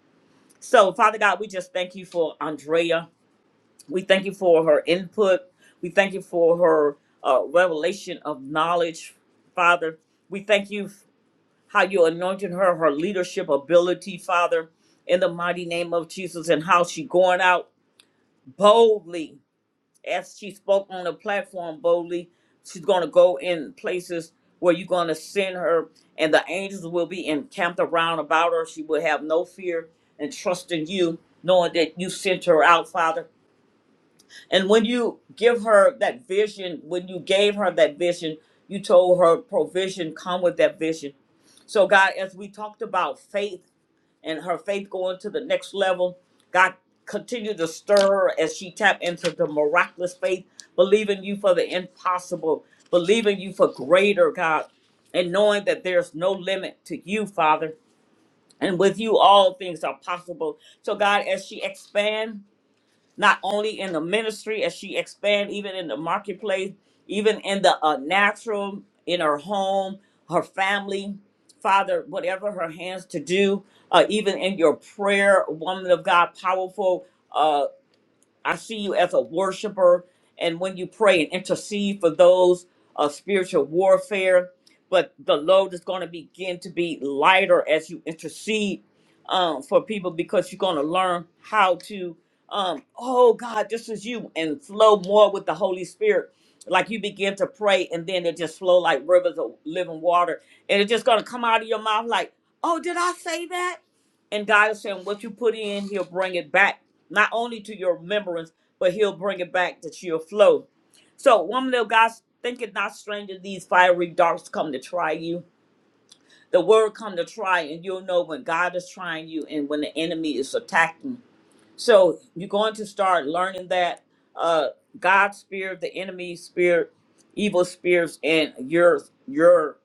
S1: So, Father God, we just thank you for Andrea. We thank you for her input. We thank you for her uh, revelation of knowledge, Father. We thank you f- how you anointed her, her leadership ability, Father, in the mighty name of Jesus, and how she going out boldly as she spoke on the platform boldly. She's going to go in places where you're going to send her, and the angels will be encamped around about her. She will have no fear and trust in you, knowing that you sent her out, Father. And when you give her that vision, when you gave her that vision, you told her provision come with that vision. So God, as we talked about faith and her faith going to the next level, God continue to stir her as she tap into the miraculous faith, believing you for the impossible, believing you for greater, God, and knowing that there's no limit to you, Father. And with you, all things are possible. So God, as she expands not only in the ministry as she expand, even in the marketplace, even in the uh, natural, in her home, her family, Father, whatever her hands to do, uh, even in your prayer, woman of God, powerful. uh, I see you as a worshiper, and when you pray and intercede for those of spiritual warfare, but the load is going to begin to be lighter as you intercede um, for people because you're going to learn how to, um, oh God, this is you, and flow more with the Holy Spirit. Like you begin to pray, and then it just flow like rivers of living water, and it's just going to come out of your mouth like, oh, did I say that? And God is saying, what you put in, He'll bring it back not only to your remembrance, but he'll bring it back that you'll flow. So, woman of God, think it not strange that these fiery darts come to try you. The word come to try, and you'll know when God is trying you and when the enemy is attacking. So, you're going to start learning that uh, God's spirit, the enemy's spirit, evil spirits, and your your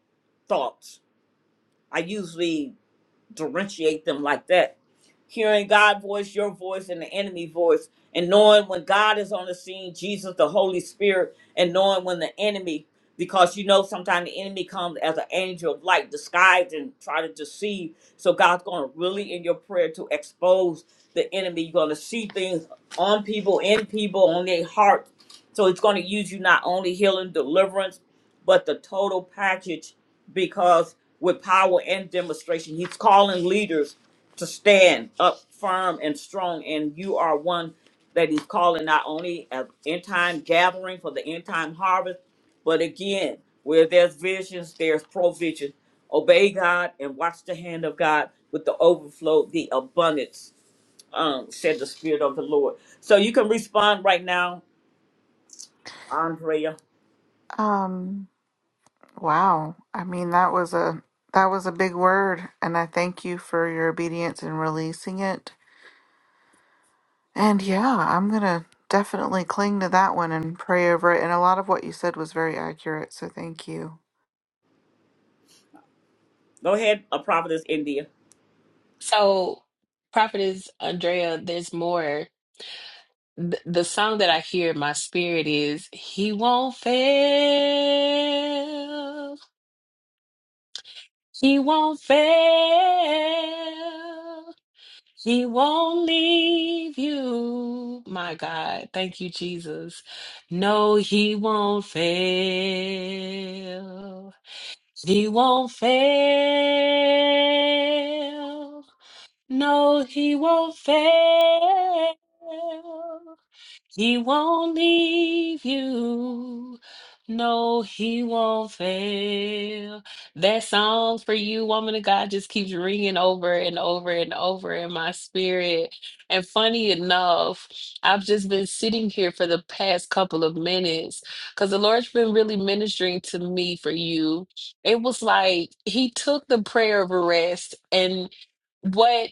S1: thoughts. I usually differentiate them like that. Hearing God's voice, your voice, and the enemy voice, and knowing when God is on the scene, Jesus, the Holy Spirit, and knowing when the enemy, because you know sometimes the enemy comes as an angel of light disguised and try to deceive. So God's going to really in your prayer to expose the enemy. You're going to see things on people, in people, on their heart. So it's going to use you not only healing, deliverance, but the total package because with power and demonstration, he's calling leaders to stand up firm and strong. And you are one that he's calling not only an end time gathering for the end time harvest, but again, where there's visions, there's provision. Obey God and watch the hand of God with the overflow, the abundance, um, said the Spirit of the Lord. So you can respond right now, Andrea.
S6: Um, Wow. I mean, that was a that was a big word, and I thank you for your obedience in releasing it. And yeah, I'm gonna definitely cling to that one and pray over it. And a lot of what you said was very accurate, so thank you.
S1: Go ahead, a prophetess, India.
S4: So, Prophetess Andrea, there's more. Th- The song that I hear in my spirit is He Won't Fail. He won't fail. He won't leave you. My God. Thank you, Jesus. No, he won't fail. He won't fail. No, he won't fail. He won't leave you. No, he won't fail. That song for you, woman of God, just keeps ringing over and over and over in my spirit. And funny enough, I've just been sitting here for the past couple of minutes because the Lord's been really ministering to me for you. It was like he took the prayer of arrest and what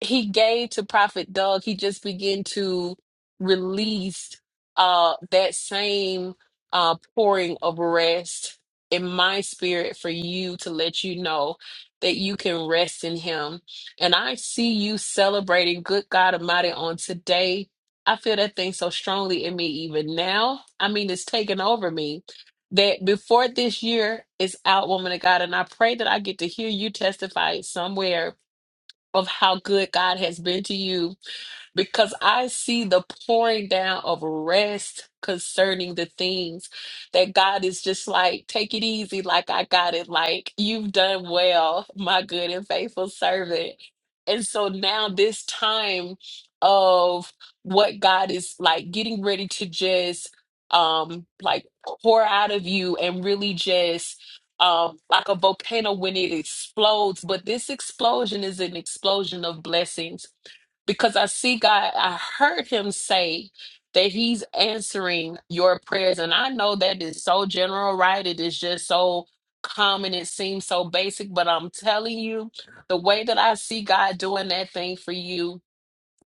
S4: he gave to Prophet Doug, he just began to release uh that same uh pouring of rest in my spirit for you to let you know that you can rest in him. And I see you celebrating good God Almighty on today. I feel that thing so strongly in me even now. I mean, it's taken over me that before this year is out, woman of God. And I pray that I get to hear you testify somewhere of how good God has been to you because I see the pouring down of rest concerning the things that God is just like, take it easy, like I got it, like you've done well, my good and faithful servant. And so now, this time of what God is like getting ready to just um like pour out of you and really just um like a volcano when it explodes but this explosion is an explosion of blessings because I see God, I heard him say that he's answering your prayers. And I know that is so general, right? It is just so common. It seems so basic, but I'm telling you, the way that I see God doing that thing for you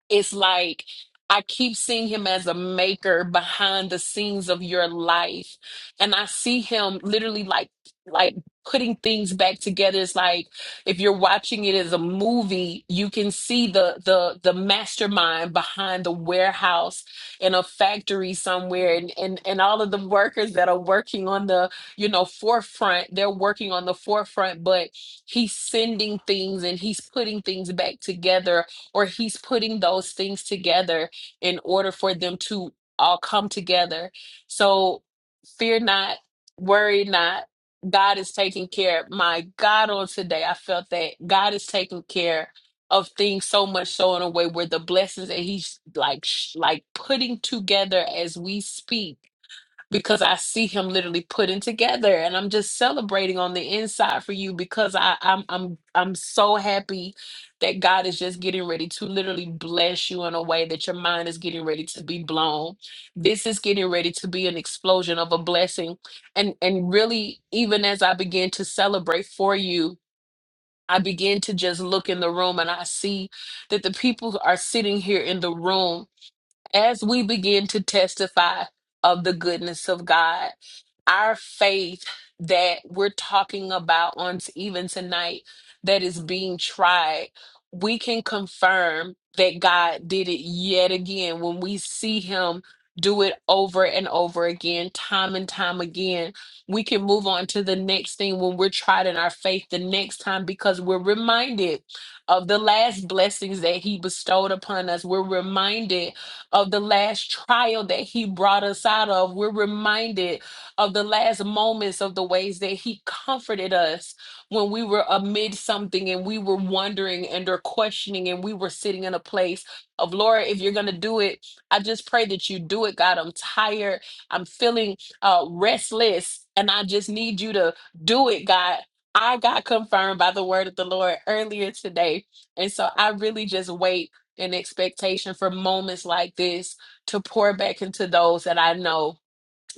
S4: it's like I keep seeing him as a maker behind the scenes of your life. And I see him literally like like putting things back together. It's like if you're watching it as a movie, you can see the the the mastermind behind the warehouse in a factory somewhere and and, and all of the workers that are working on the, you know, forefront, they're working on the forefront, but he's sending things and he's putting things back together or he's putting those things together in order for them to all come together. So fear not, worry not. God is taking care. My God, on today, I felt that God is taking care of things so much so in a way where the blessings that he's like sh- like putting together as we speak because I see him literally putting together and I'm just celebrating on the inside for you because I I'm I'm I'm so happy that God is just getting ready to literally bless you in a way that your mind is getting ready to be blown. This is getting ready to be an explosion of a blessing and and really even as I begin to celebrate for you I begin to just look in the room and I see that the people are sitting here in the room as we begin to testify of the goodness of God, our faith that we're talking about on t- even tonight that is being tried, we can confirm that God did it yet again when we see Him do it over and over again, time and time again. We can move on to the next thing when we're tried in our faith the next time because we're reminded of the last blessings that He bestowed upon us. We're reminded of the last trial that he brought us out of. We're reminded of the last moments of the ways that he comforted us when we were amid something and we were wondering and or questioning and we were sitting in a place of Lord, if you're gonna do it, I just pray that you do it, God. I'm tired. I'm feeling uh, restless, and I just need you to do it, God. I got confirmed by the word of the Lord earlier today. And so I really just wait and expectation for moments like this to pour back into those that I know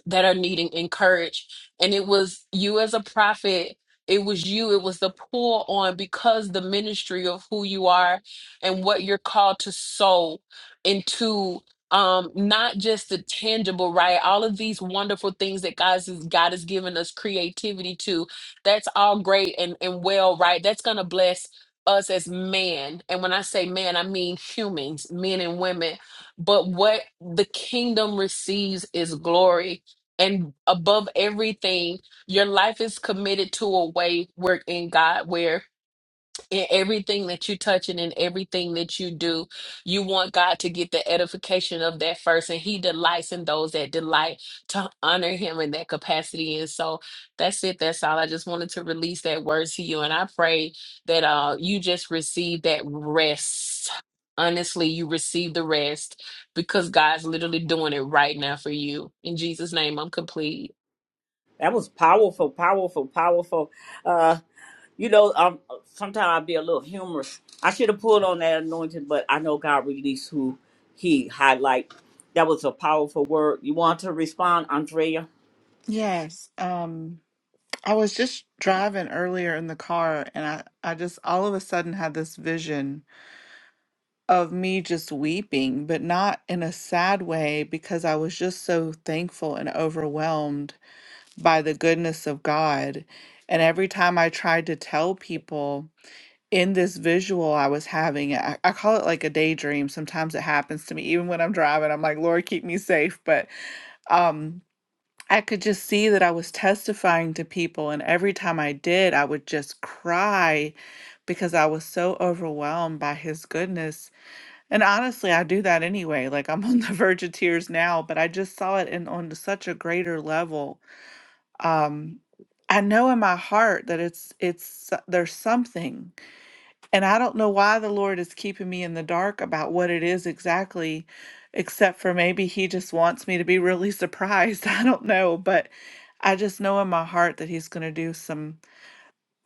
S4: that are needing encouraged. And it was you as a prophet, it was you, it was the pull on because the ministry of who you are and what you're called to sow into um not just the tangible right all of these wonderful things that god has god has given us creativity to that's all great and and well right that's gonna bless us as man and when i say man i mean humans men and women but what the kingdom receives is glory and above everything your life is committed to a way where in god where in everything that you touch and in everything that you do you want god to get the edification of that first and he delights in those that delight to honor him in that capacity and so that's it that's all i just wanted to release that word to you and i pray that uh you just receive that rest honestly you receive the rest because god's literally doing it right now for you in jesus name i'm complete
S1: That was powerful, powerful, powerful. Uh, you know, um, sometimes I'll be a little humorous. I should have pulled on that anointing, but I know God released who He highlight. That was a powerful word. You want to respond, Andrea?
S6: Yes. Um, I was just driving earlier in the car and I, I just all of a sudden had this vision of me just weeping, but not in a sad way because I was just so thankful and overwhelmed by the goodness of God. And every time I tried to tell people in this visual I was having, I, I call it like a daydream. Sometimes it happens to me, even when I'm driving. I'm like, Lord, keep me safe. But um, I could just see that I was testifying to people. And every time I did, I would just cry because I was so overwhelmed by his goodness. And honestly, I do that anyway. Like I'm on the verge of tears now, but I just saw it in on such a greater level um I know in my heart that it's it's so, there's something and I don't know why the Lord is keeping me in the dark about what it is exactly except for maybe he just wants me to be really surprised. I don't know, but I just know in my heart that he's going to do some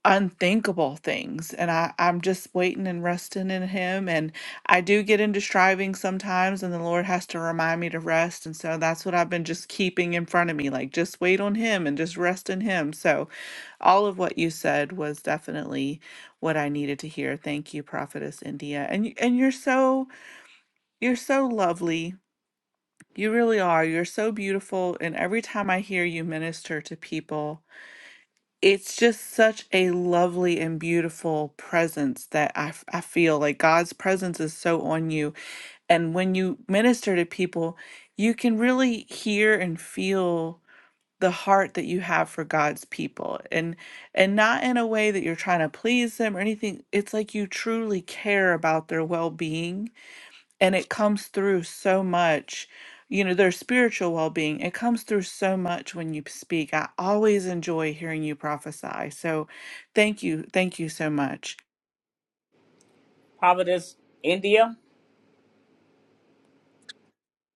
S6: unthinkable things and I, I'm just waiting and resting in him and I do get into striving sometimes and the Lord has to remind me to rest and so that's what I've been just keeping in front of me like just wait on him and just rest in him so all of what you said was definitely what I needed to hear thank you prophetess India and y- and you're so you're so lovely you really are you're so beautiful and every time I hear you minister to people it's just such a lovely and beautiful presence that I, f- I feel like God's presence is so on you. And when you minister to people, you can really hear and feel the heart that you have for God's people and and not in a way that you're trying to please them or anything it's like you truly care about their well-being and it comes through so much you know their spiritual well-being it comes through so much when you speak i always enjoy hearing you prophesy so thank you thank you so much
S1: Providence, India.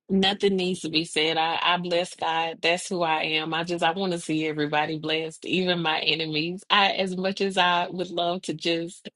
S4: Nothing needs to be said. I, I bless God. That's who I am. I just I want to see everybody blessed, even my enemies. I as much as I would love to just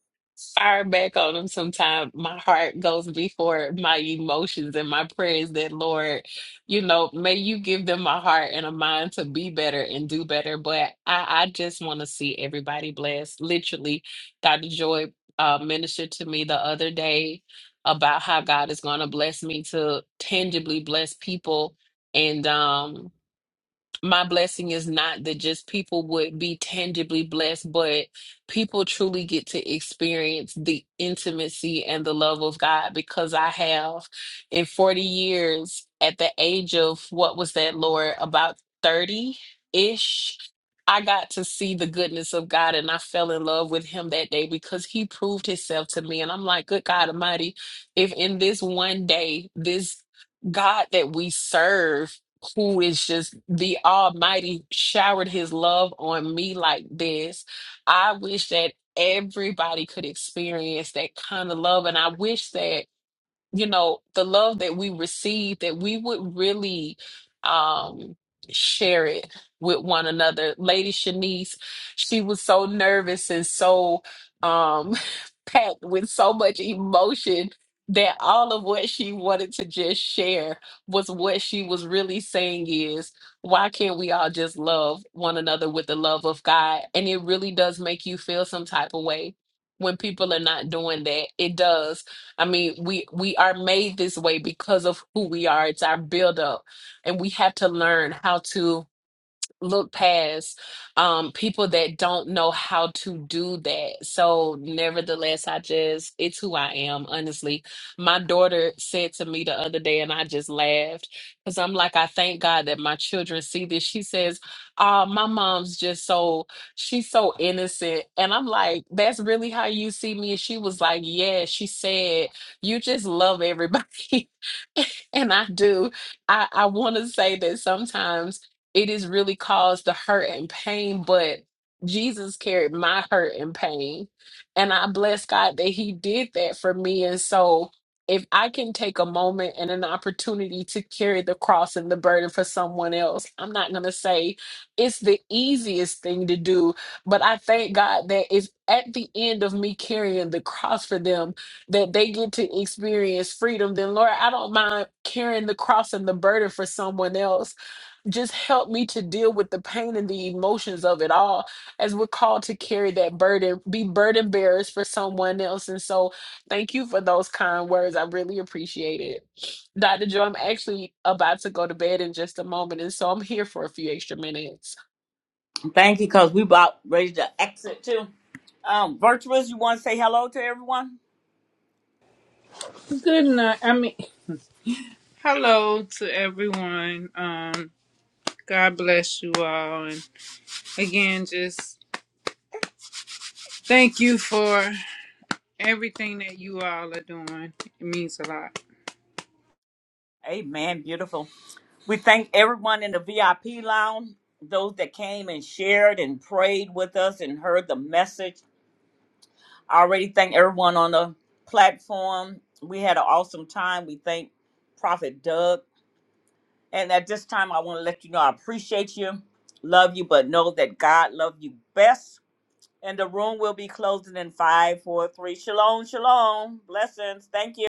S4: fire back on them sometime, my heart goes before my emotions and my prayers that Lord, you know, may you give them a heart and a mind to be better and do better. But I, I just want to see everybody blessed. Literally, Dr. Joy uh ministered to me the other day about how God is going to bless me to tangibly bless people. And um, my blessing is not that just people would be tangibly blessed, but people truly get to experience the intimacy and the love of God because I have in 40 years at the age of what was that, Lord, about 30 ish. I got to see the goodness of God and I fell in love with him that day because he proved himself to me. And I'm like, good God Almighty, if in this one day, this God that we serve who is just the Almighty showered his love on me like this. I wish that everybody could experience that kind of love. And I wish that you know, the love that we receive, that we would really um share it with one another. Lady Shanice, she was so nervous and so um packed with so much emotion that all of what she wanted to just share was what she was really saying is why can't we all just love one another with the love of God? And it really does make you feel some type of way when people are not doing that. It does I mean, we we are made this way because of who we are. It's our buildup, and we have to learn how to look past um people that don't know how to do that so nevertheless i just it's who i am honestly my daughter said to me the other day and i just laughed because i'm like i thank god that my children see this she says oh my mom's just so she's so innocent and i'm like that's really how you see me and she was like yeah she said you just love everybody and i do i i want to say that sometimes it has really caused the hurt and pain, but Jesus carried my hurt and pain. And I bless God that He did that for me. And so if I can take a moment and an opportunity to carry the cross and the burden for someone else, I'm not going to say it's the easiest thing to do, but I thank God that if at the end of me carrying the cross for them, that they get to experience freedom, then Lord, I don't mind carrying the cross and the burden for someone else just help me to deal with the pain and the emotions of it all as we're called to carry that burden be burden bearers for someone else and so thank you for those kind words i really appreciate it dr joe i'm actually about to go to bed in just a moment and so i'm here for a few extra minutes
S1: Thank you, cause we about ready to exit too. Um, virtuous, you want to say hello to everyone?
S8: Good night. I mean, hello to everyone. Um, God bless you all. And again, just thank you for everything that you all are doing. It means a lot.
S1: Amen. Beautiful. We thank everyone in the VIP lounge, those that came and shared and prayed with us and heard the message. I already thank everyone on the platform. We had an awesome time. We thank Prophet Doug. And at this time, I want to let you know I appreciate you, love you, but know that God loves you best. And the room will be closing in five, four, three. Shalom, shalom. Blessings. Thank you.